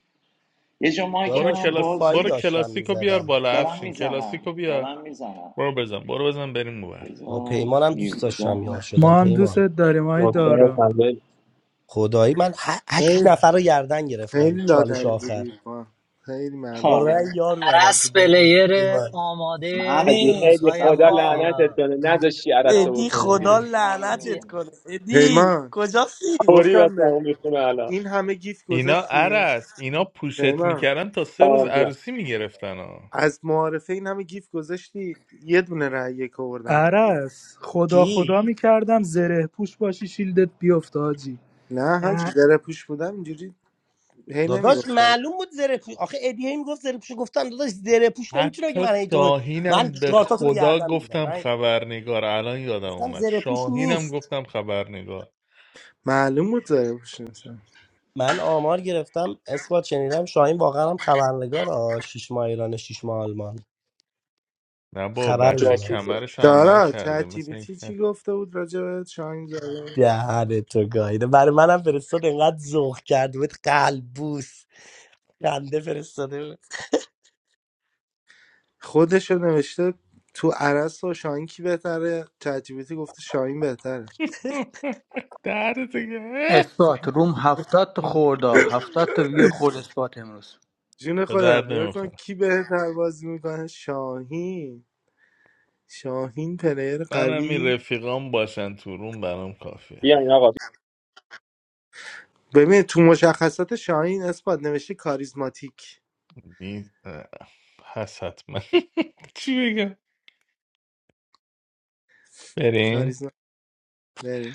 یه جا مایکم برو هم کلاس باز برو بود کلاسیکو بیار بالا دارم افشین کلاسیکو میزنم بیار دارم میزنم برو بزن برو بزن بریم بور خب بزن پیمانم دوست یه داشتم یار ده شدم ما هم پیمان دوستت داریم های نکته پنج دارا خنده خدایی من ه- هشت خیلی نفر رو گردن گرفتم خیلی چالش لادری آخر بودی با خیلی معلوم بود آره عرس پلیر آماده از این این همین عید روزهای خدا صفا لعنتت مافیا کنه نداشتی بیا عرصه پیش بکنیم بیرون ما حاجی ببینیم پیمان طوری گفتم واسه به اون میخونه الان این همه گیف اینا گذاشتی عرس اینا پوشت پیمان میکردن تا سه روز آه، دیدم. عروسی میگرفتن ها از معارفه این همه گیف گذاشتی یه دونه رأی یک آوردم عرس خدا کی خدا میکردم زره پوش باشی شیلدت بیفت حاجی نه حاجی زره پوش بودم اینجوری هی داداش نمیگفتم معلوم بود زره پوش آخه ادیه این گفت زره پوش گفتم داداش زره پوش نمیتونه بگه حتی من هی تو رو من شاهینم به چارتاتون رو خدا گردن میگیرم گفتم من خبرنگار الان یادم گفتم اومد زره پوش شاهینم نیست گفتم خبرنگار معلوم بود زره پوش نیستم من آمار گرفتم اثبات شنیدم شاهین واقعا هم خبرنگار آ شش ماه ایران شش ماه آلمان نه با خبر بچه میگم جاسوسه کمرش عمل دارا کرده چت جی مثل پی این تی چی که گفته بود راجع به شاهین زاده دهن تو گایده برای منم فرستاد انقدر ذوق کرد بود قلبوس خنده فرستاده بود. خودش رو نوشته تو عرس و شاهین کی بهتره چت جی پی تی گفته شاهین بهتره درد دیگه اثبات روم هفتاد تا خورده هفتاد تا ویو خورد اثبات امروز جون به خودم درد یا نمی‌خوره. کن کی بهتر بازی میکنه شاهین شاهین پلیر من همین قوی رفیقام باشن تو روم برام کافیه بیاین آقا ببین تو مشخصات شاهین اثبات نوشته کاریزماتیک این اه، هست حتما چی بگم بریم کاریزما بریم